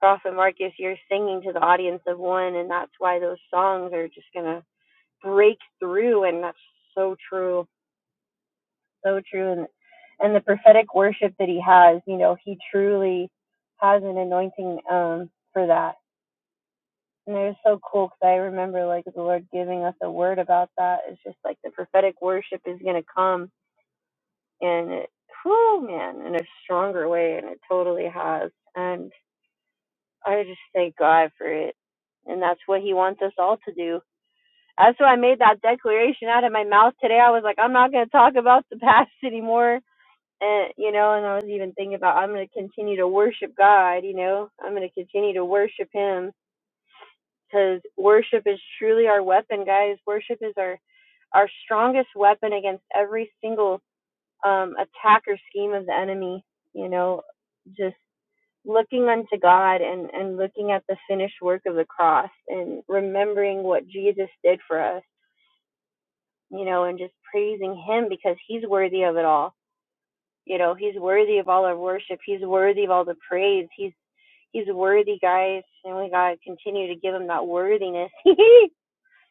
Prophet Marcus, you're singing to the audience of one, and that's why those songs are just going to break through." And that's so true, so true. And and the prophetic worship that He has, you know, He truly has an anointing um, for that And it was so cool because I remember like the Lord giving us a word about that. It's just like the prophetic worship is going to come and it, whew, man, in a strong way and it took us. And I just thank God for it. And that's what he wants us all to do. That's why I made that declaration out of my mouth today. I was like, I'm not going to talk about the past anymore. And, you know, and I was even thinking about I'm going to continue to worship God, you know, I'm going to continue to worship him because worship is truly our weapon, guys. Worship is our our strongest weapon against every single um, attack or scheme of the enemy. You know, just looking unto God and, and looking at the finished work of the cross and remembering what Jesus did for us, you know, and just praising Him because He's worthy of it all. You know, He's worthy of all our worship. He's worthy of all the praise. He's He's worthy, guys, and we gotta continue to give Him that worthiness.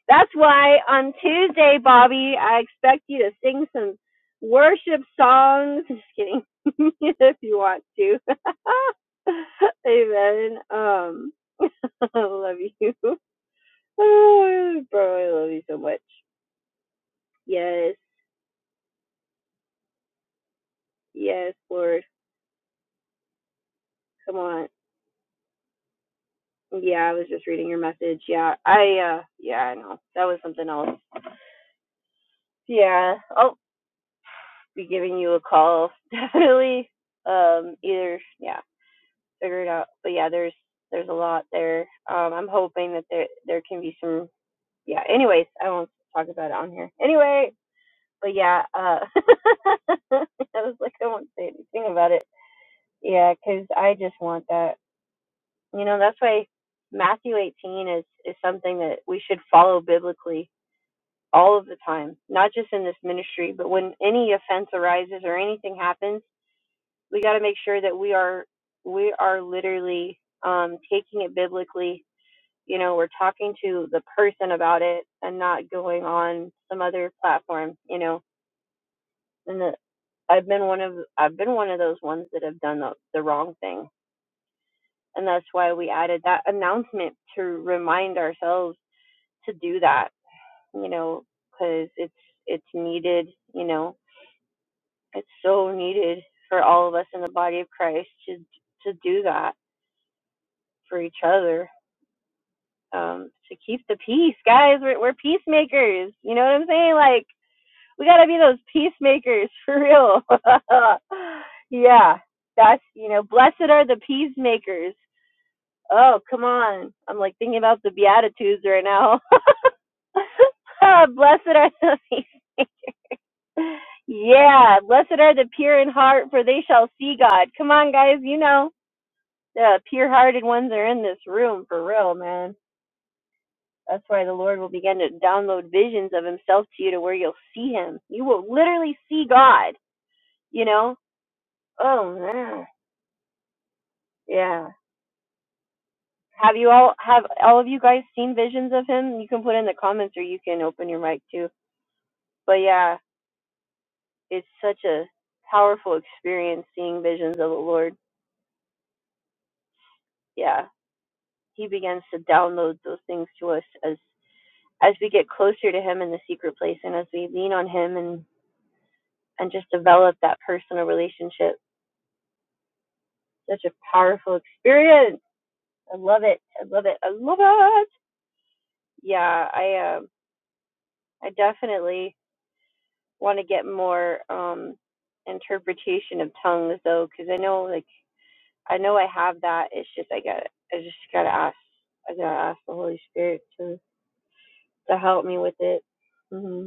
That's why on Tuesday, Bobby, I expect you to sing some worship songs. Just kidding, if you want to. Amen. Um, I love you, oh, bro. I love you so much. Yes, yes, Lord. Come on. Yeah, I was just reading your message. Yeah, I. uh Yeah, I know that was something else. Yeah, I'll be giving you a call definitely. Um, either yeah. Figured out. But yeah, there's there's a lot there. Um, I'm hoping that there there can be some. Yeah. Anyways, I won't talk about it on here. Anyway, but yeah, uh, I was like, I won't say anything about it. Yeah, cause I just want that. You know, that's why Matthew 18 is is something that we should follow biblically all of the time, not just in this ministry, but when any offense arises or anything happens, we got to make sure that we are we are literally um, taking it biblically you know we're talking to the person about it and not going on some other platform you know and the, i've been one of i've been one of those ones that have done the, the wrong thing and that's why we added that announcement to remind ourselves to do that you know because it's it's needed you know it's so needed for all of us in the body of christ to to do that for each other um to keep the peace guys we're, we're peacemakers you know what i'm saying like we gotta be those peacemakers for real. yeah, that's you know, blessed are the peacemakers. Oh, come on. I'm like thinking about the Beatitudes right now. Oh, blessed are the peace. Yeah, blessed are the pure in heart, for they shall see God. Come on, guys, you know the pure-hearted ones are in this room for real, man. That's why the Lord will begin to download visions of Himself to you, to where you'll see Him. You will literally see God. You know. Oh man. Yeah. Have you all have all of you guys seen visions of him? You can put in the comments or you can open your mic too. But yeah, it's such a powerful experience seeing visions of the Lord. Yeah. He begins to download those things to us as as we get closer to him in the secret place and as we lean on him and and just develop that personal relationship. Such a powerful experience. I love it. I love it. I love it. Yeah, I um I definitely want to get more um interpretation of tongues though, because I know like I know I have that. It's just I got I just gotta ask I gotta ask the Holy Spirit to to help me with it, hmm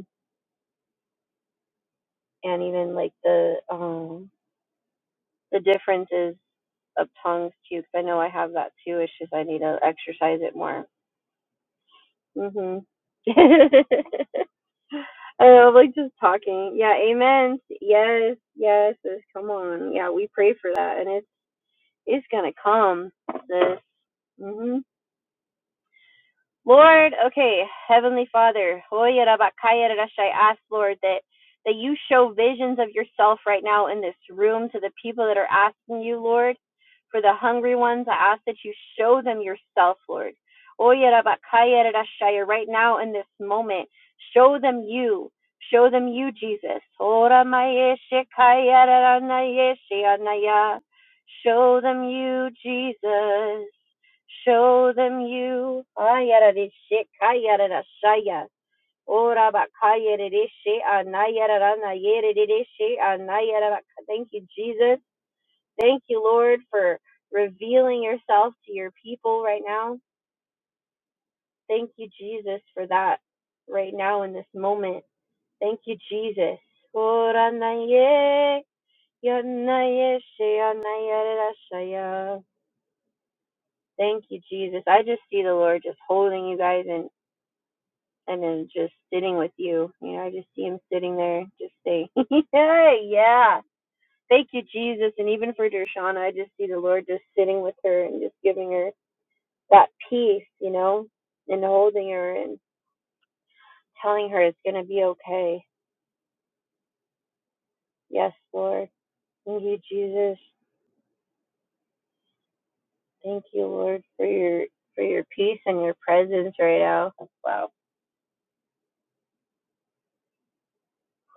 and even like the um the differences of tongues too, because I know I have that too. It's just I need to exercise it more. hmm I know, like just talking. Yeah, amen. Yes, yes, yes. Come on. Yeah, we pray for that, and it's. Is gonna come, sis. hmm Lord, okay, Heavenly Father, hoya ask Lord that that you show visions of yourself right now in this room to the people that are asking you, Lord. For the hungry ones, I ask that you show them yourself, Lord. Hoya Right now in this moment, show them you. Show them you, Jesus. Show them you, Jesus. Show them you. Ayaradishe kayaradashaya. Ora bakayaradishe anayaradanayeradidishi anayarabaka. Thank you, Jesus. Thank you, Lord, for revealing yourself to your people right now. Thank you, Jesus, for that right now in this moment. Thank you, Jesus. Ora naye, yanayeshe anayaradashaya. Thank you, Jesus. I just see the Lord just holding you guys and. and then just sitting with you. You know, I just see him sitting there, just say, "Yeah, yeah, thank you, Jesus." And even for Dershana, I just see the Lord just sitting with her and just giving her that peace, you know, and holding her and telling her it's gonna be okay. Yes, Lord, thank you, Jesus. Thank you, Lord, for your for your peace and your presence right now. Wow.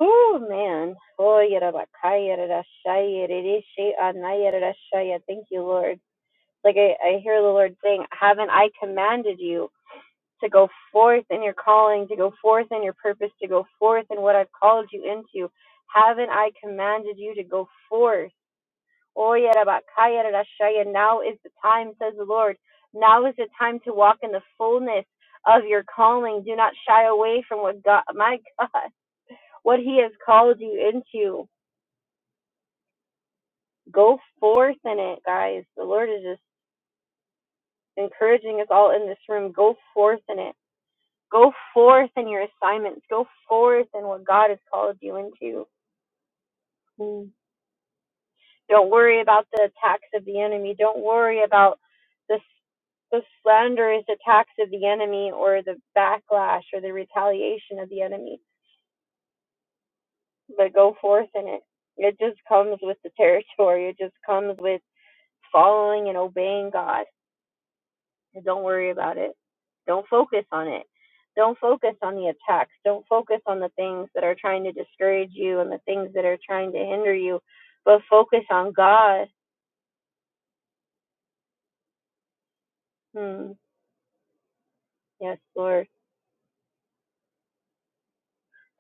Oh man. Oh, yarabakaya, rarashaya, rereshe, anaya, rarashaya. Thank you, Lord. Like I, I hear the Lord saying, Haven't I commanded you to go forth in your calling, to go forth in your purpose, to go forth in what I've called you into? Haven't I commanded you to go forth? Oh, yarabakaya rarashaya. Now is the time, says the Lord. Now is the time to walk in the fullness of your calling. Do not shy away from what God, my God, what He has called you into. Go forth in it, guys. The Lord is just encouraging us all in this room. Go forth in it Go forth in your assignments. Go forth in what God has called you into. Mm. Don't worry about the attacks of the enemy. Don't worry about the, the slanderous attacks of the enemy or the backlash or the retaliation of the enemy, but go forth in it. It just comes with the territory. It just comes with following and obeying God. And Don't worry about it. Don't focus on it. Don't focus on the attacks. Don't focus on the things that are trying to discourage you and the things that are trying to hinder you, but focus on God. Hmm. Yes, Lord.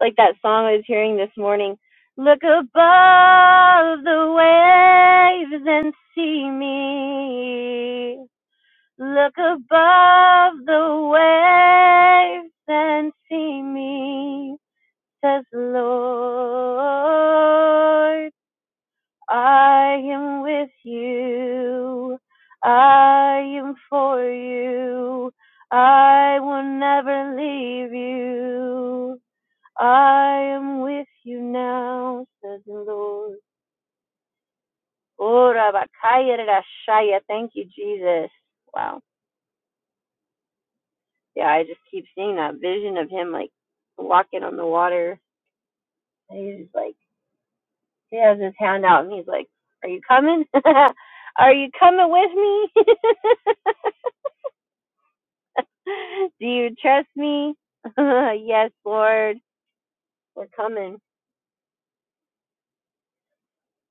Like that song I was hearing this morning. Look above the waves and see me. Look above the waves and see me, says the Lord. I am with you. I am for you. I will never leave you. I am with you now, says the Lord. Oh, Rabakaya Rashaya. Thank you, Jesus. Wow. Yeah, I just keep seeing that vision of him like walking on the water. And he's like, he has his hand out and he's like, Are you coming? Are you coming with me? Do you trust me? yes, Lord. We're coming.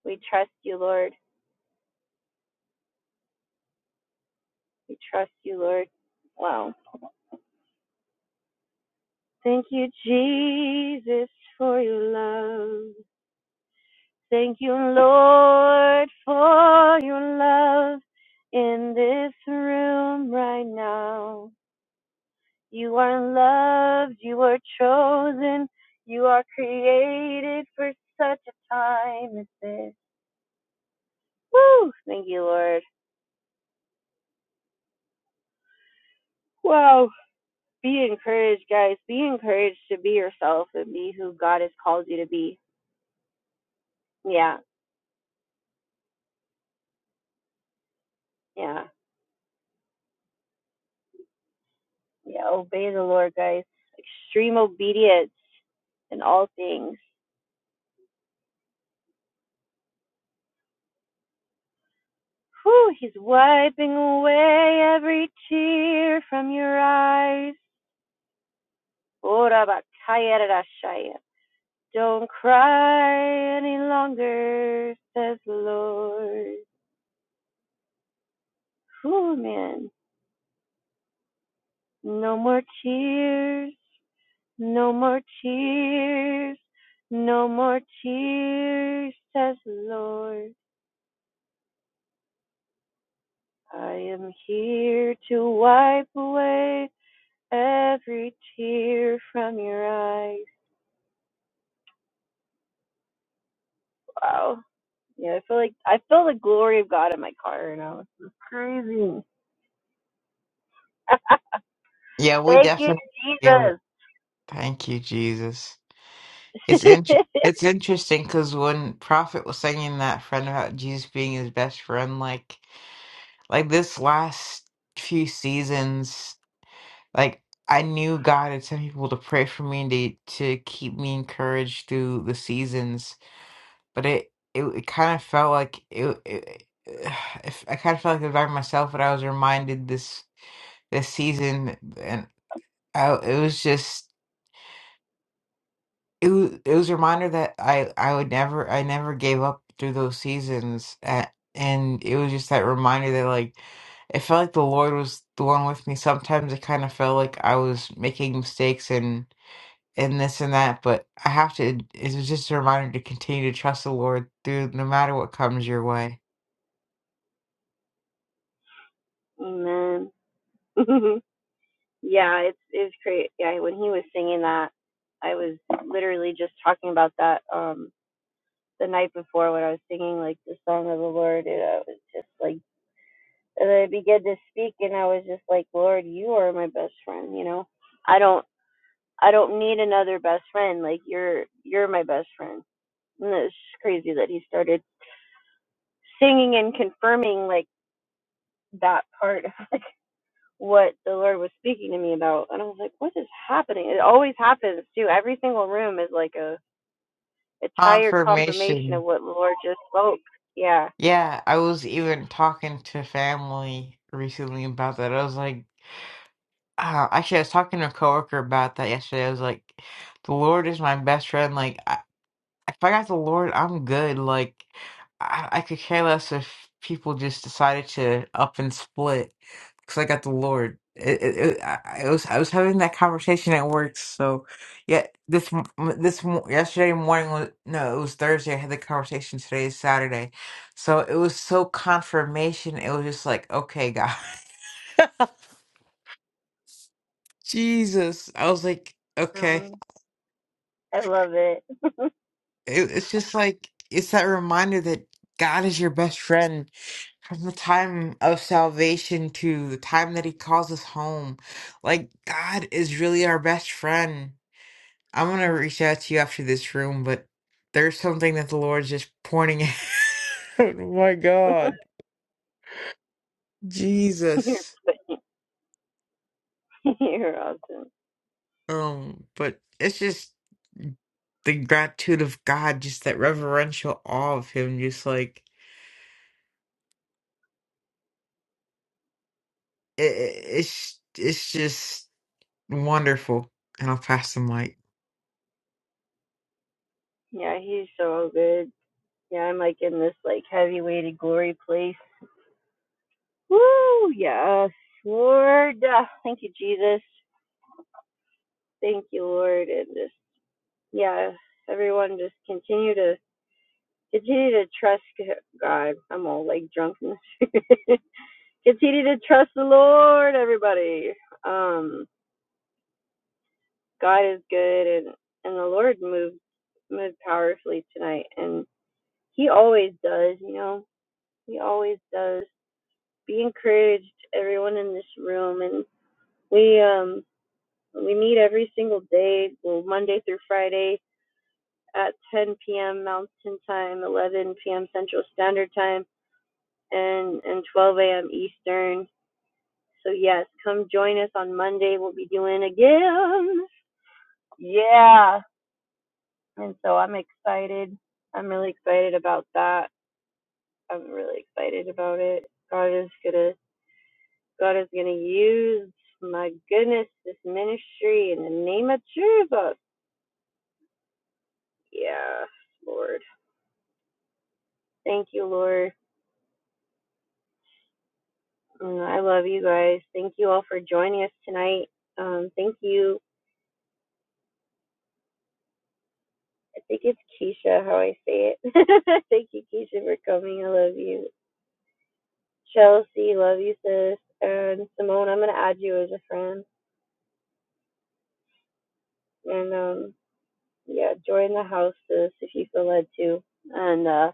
We trust you, Lord. We trust you, Lord. Wow. Thank you, Jesus, for your love. Thank you, Lord, for your love in this room right now. You are loved. You are chosen. You are created for such a time as this. Woo! Thank you, Lord. Wow. be encouraged, guys. Be encouraged to be yourself and be who God has called you to be. Yeah, yeah, yeah. Obey the Lord, guys. Extreme obedience in all things. Whew, he's wiping away every tear from your eyes. Don't cry any longer, says the Lord. Whew, man. No more tears. No more tears. No more tears, says the Lord. I am here to wipe away every tear from your eyes. Wow. Yeah, I feel like I feel the glory of God in my car right now. Mm.
Yeah, we definitely feel it. Thank you, Jesus. It's int- it's interesting because when Prophet was singing that friend about Jesus being his best friend, like like this last few seasons, like I knew God had sent people to pray for me and to, to keep me encouraged through the seasons, but it it, it kind of felt like it, it, it I kind of felt like it was by myself, but I was reminded this this season, and I, it was just. it was, it was a reminder that I I would never I never gave up through those seasons at, and it was just that reminder that like it felt like the Lord was the one with me. Sometimes it kind of felt like I was making mistakes and and this and that, but I have to. It was just a reminder to continue to trust the Lord through no matter what comes your way.
Yes. Amen. yeah, it's great. He was saying that. I was literally just talking about that um the night before when I was singing like this song. I was just like and then to speak, and I was just like, Lord, you are my best friend. You know, I don't. I don't need another best friend. Like you're you're my best friend. And it's just crazy that he started singing and confirming like that part of what the Lord was speaking to me about. And I was like, what is happening? It always happens too. Every single room is like a entire confirmation of
Confirmation.
what the Lord just spoke. Yeah.
Yeah, I was even talking to family recently about that. I was like. Uh, actually, I was talking to a coworker about that yesterday. I was like, "The Lord is my best friend. Like, I, if I got the Lord, I'm good. Like, I, I could care less if people just decided to up and split because I got the Lord." It, it, it, I I was I was having that conversation at work. So, yeah, this m- this m- yesterday morning was no, it was Thursday. I had the conversation. Today is Saturday, so it was so confirmation. It was just like, okay, God, Jesus. I was like, okay.
Um, I love it.
it, it's just like it's that reminder that God is your best friend from the time of salvation to the time that He calls us home. Like God is really our best friend. I'm gonna reach out to you after this room, but there's something that the Lord's just pointing out. oh my God, Jesus.
you're, you're awesome.
Um, but it's just the gratitude of God, just that reverential awe of Him, just like it, it- it's it's just. Wonderful. And I'll pass the mic.
Yeah, he's so good. Yeah, I'm like in this like heavy weighted glory place Woo, yes, Lord. Ah, Thank you, Jesus. Thank you, Lord. And just, yeah, everyone just continue to, continue to trust God. I'm all like drunk. Continue to trust the Lord, everybody. Um, God is good. And the Lord moved, moved powerfully tonight. And he always does, you know, he always does. Be encouraged, everyone in this room. And we, um, we meet every single day, well, Monday through Friday, at 10 p.m. Mountain Time, 11 p.m. Central Standard Time, and and 12 a.m. Eastern. So yes, come join us on Monday. We'll be doing again. Yeah, and so I'm excited. I'm really excited about that. I'm really excited about it. God is gonna God is gonna use my goodness this ministry in the name of Jesus. Yeah, Lord. Thank you, Lord. Uh, I love you guys. Thank you all for joining us tonight. Um, thank you. I think it's Keisha, how I say it. thank you, Keisha, for coming. I love you. Chelsea, love you, sis. And Simone, I'm going to add you as a friend. And um, yeah, join the house, sis, if you feel led to. And uh,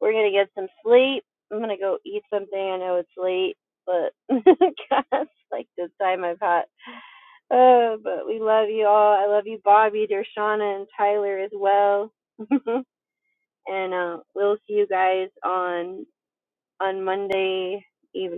we're going to get some sleep. I'm going to go eat something. I know it's late, but God's like my pot. Oh, and uh, guys, on, on Monday evening.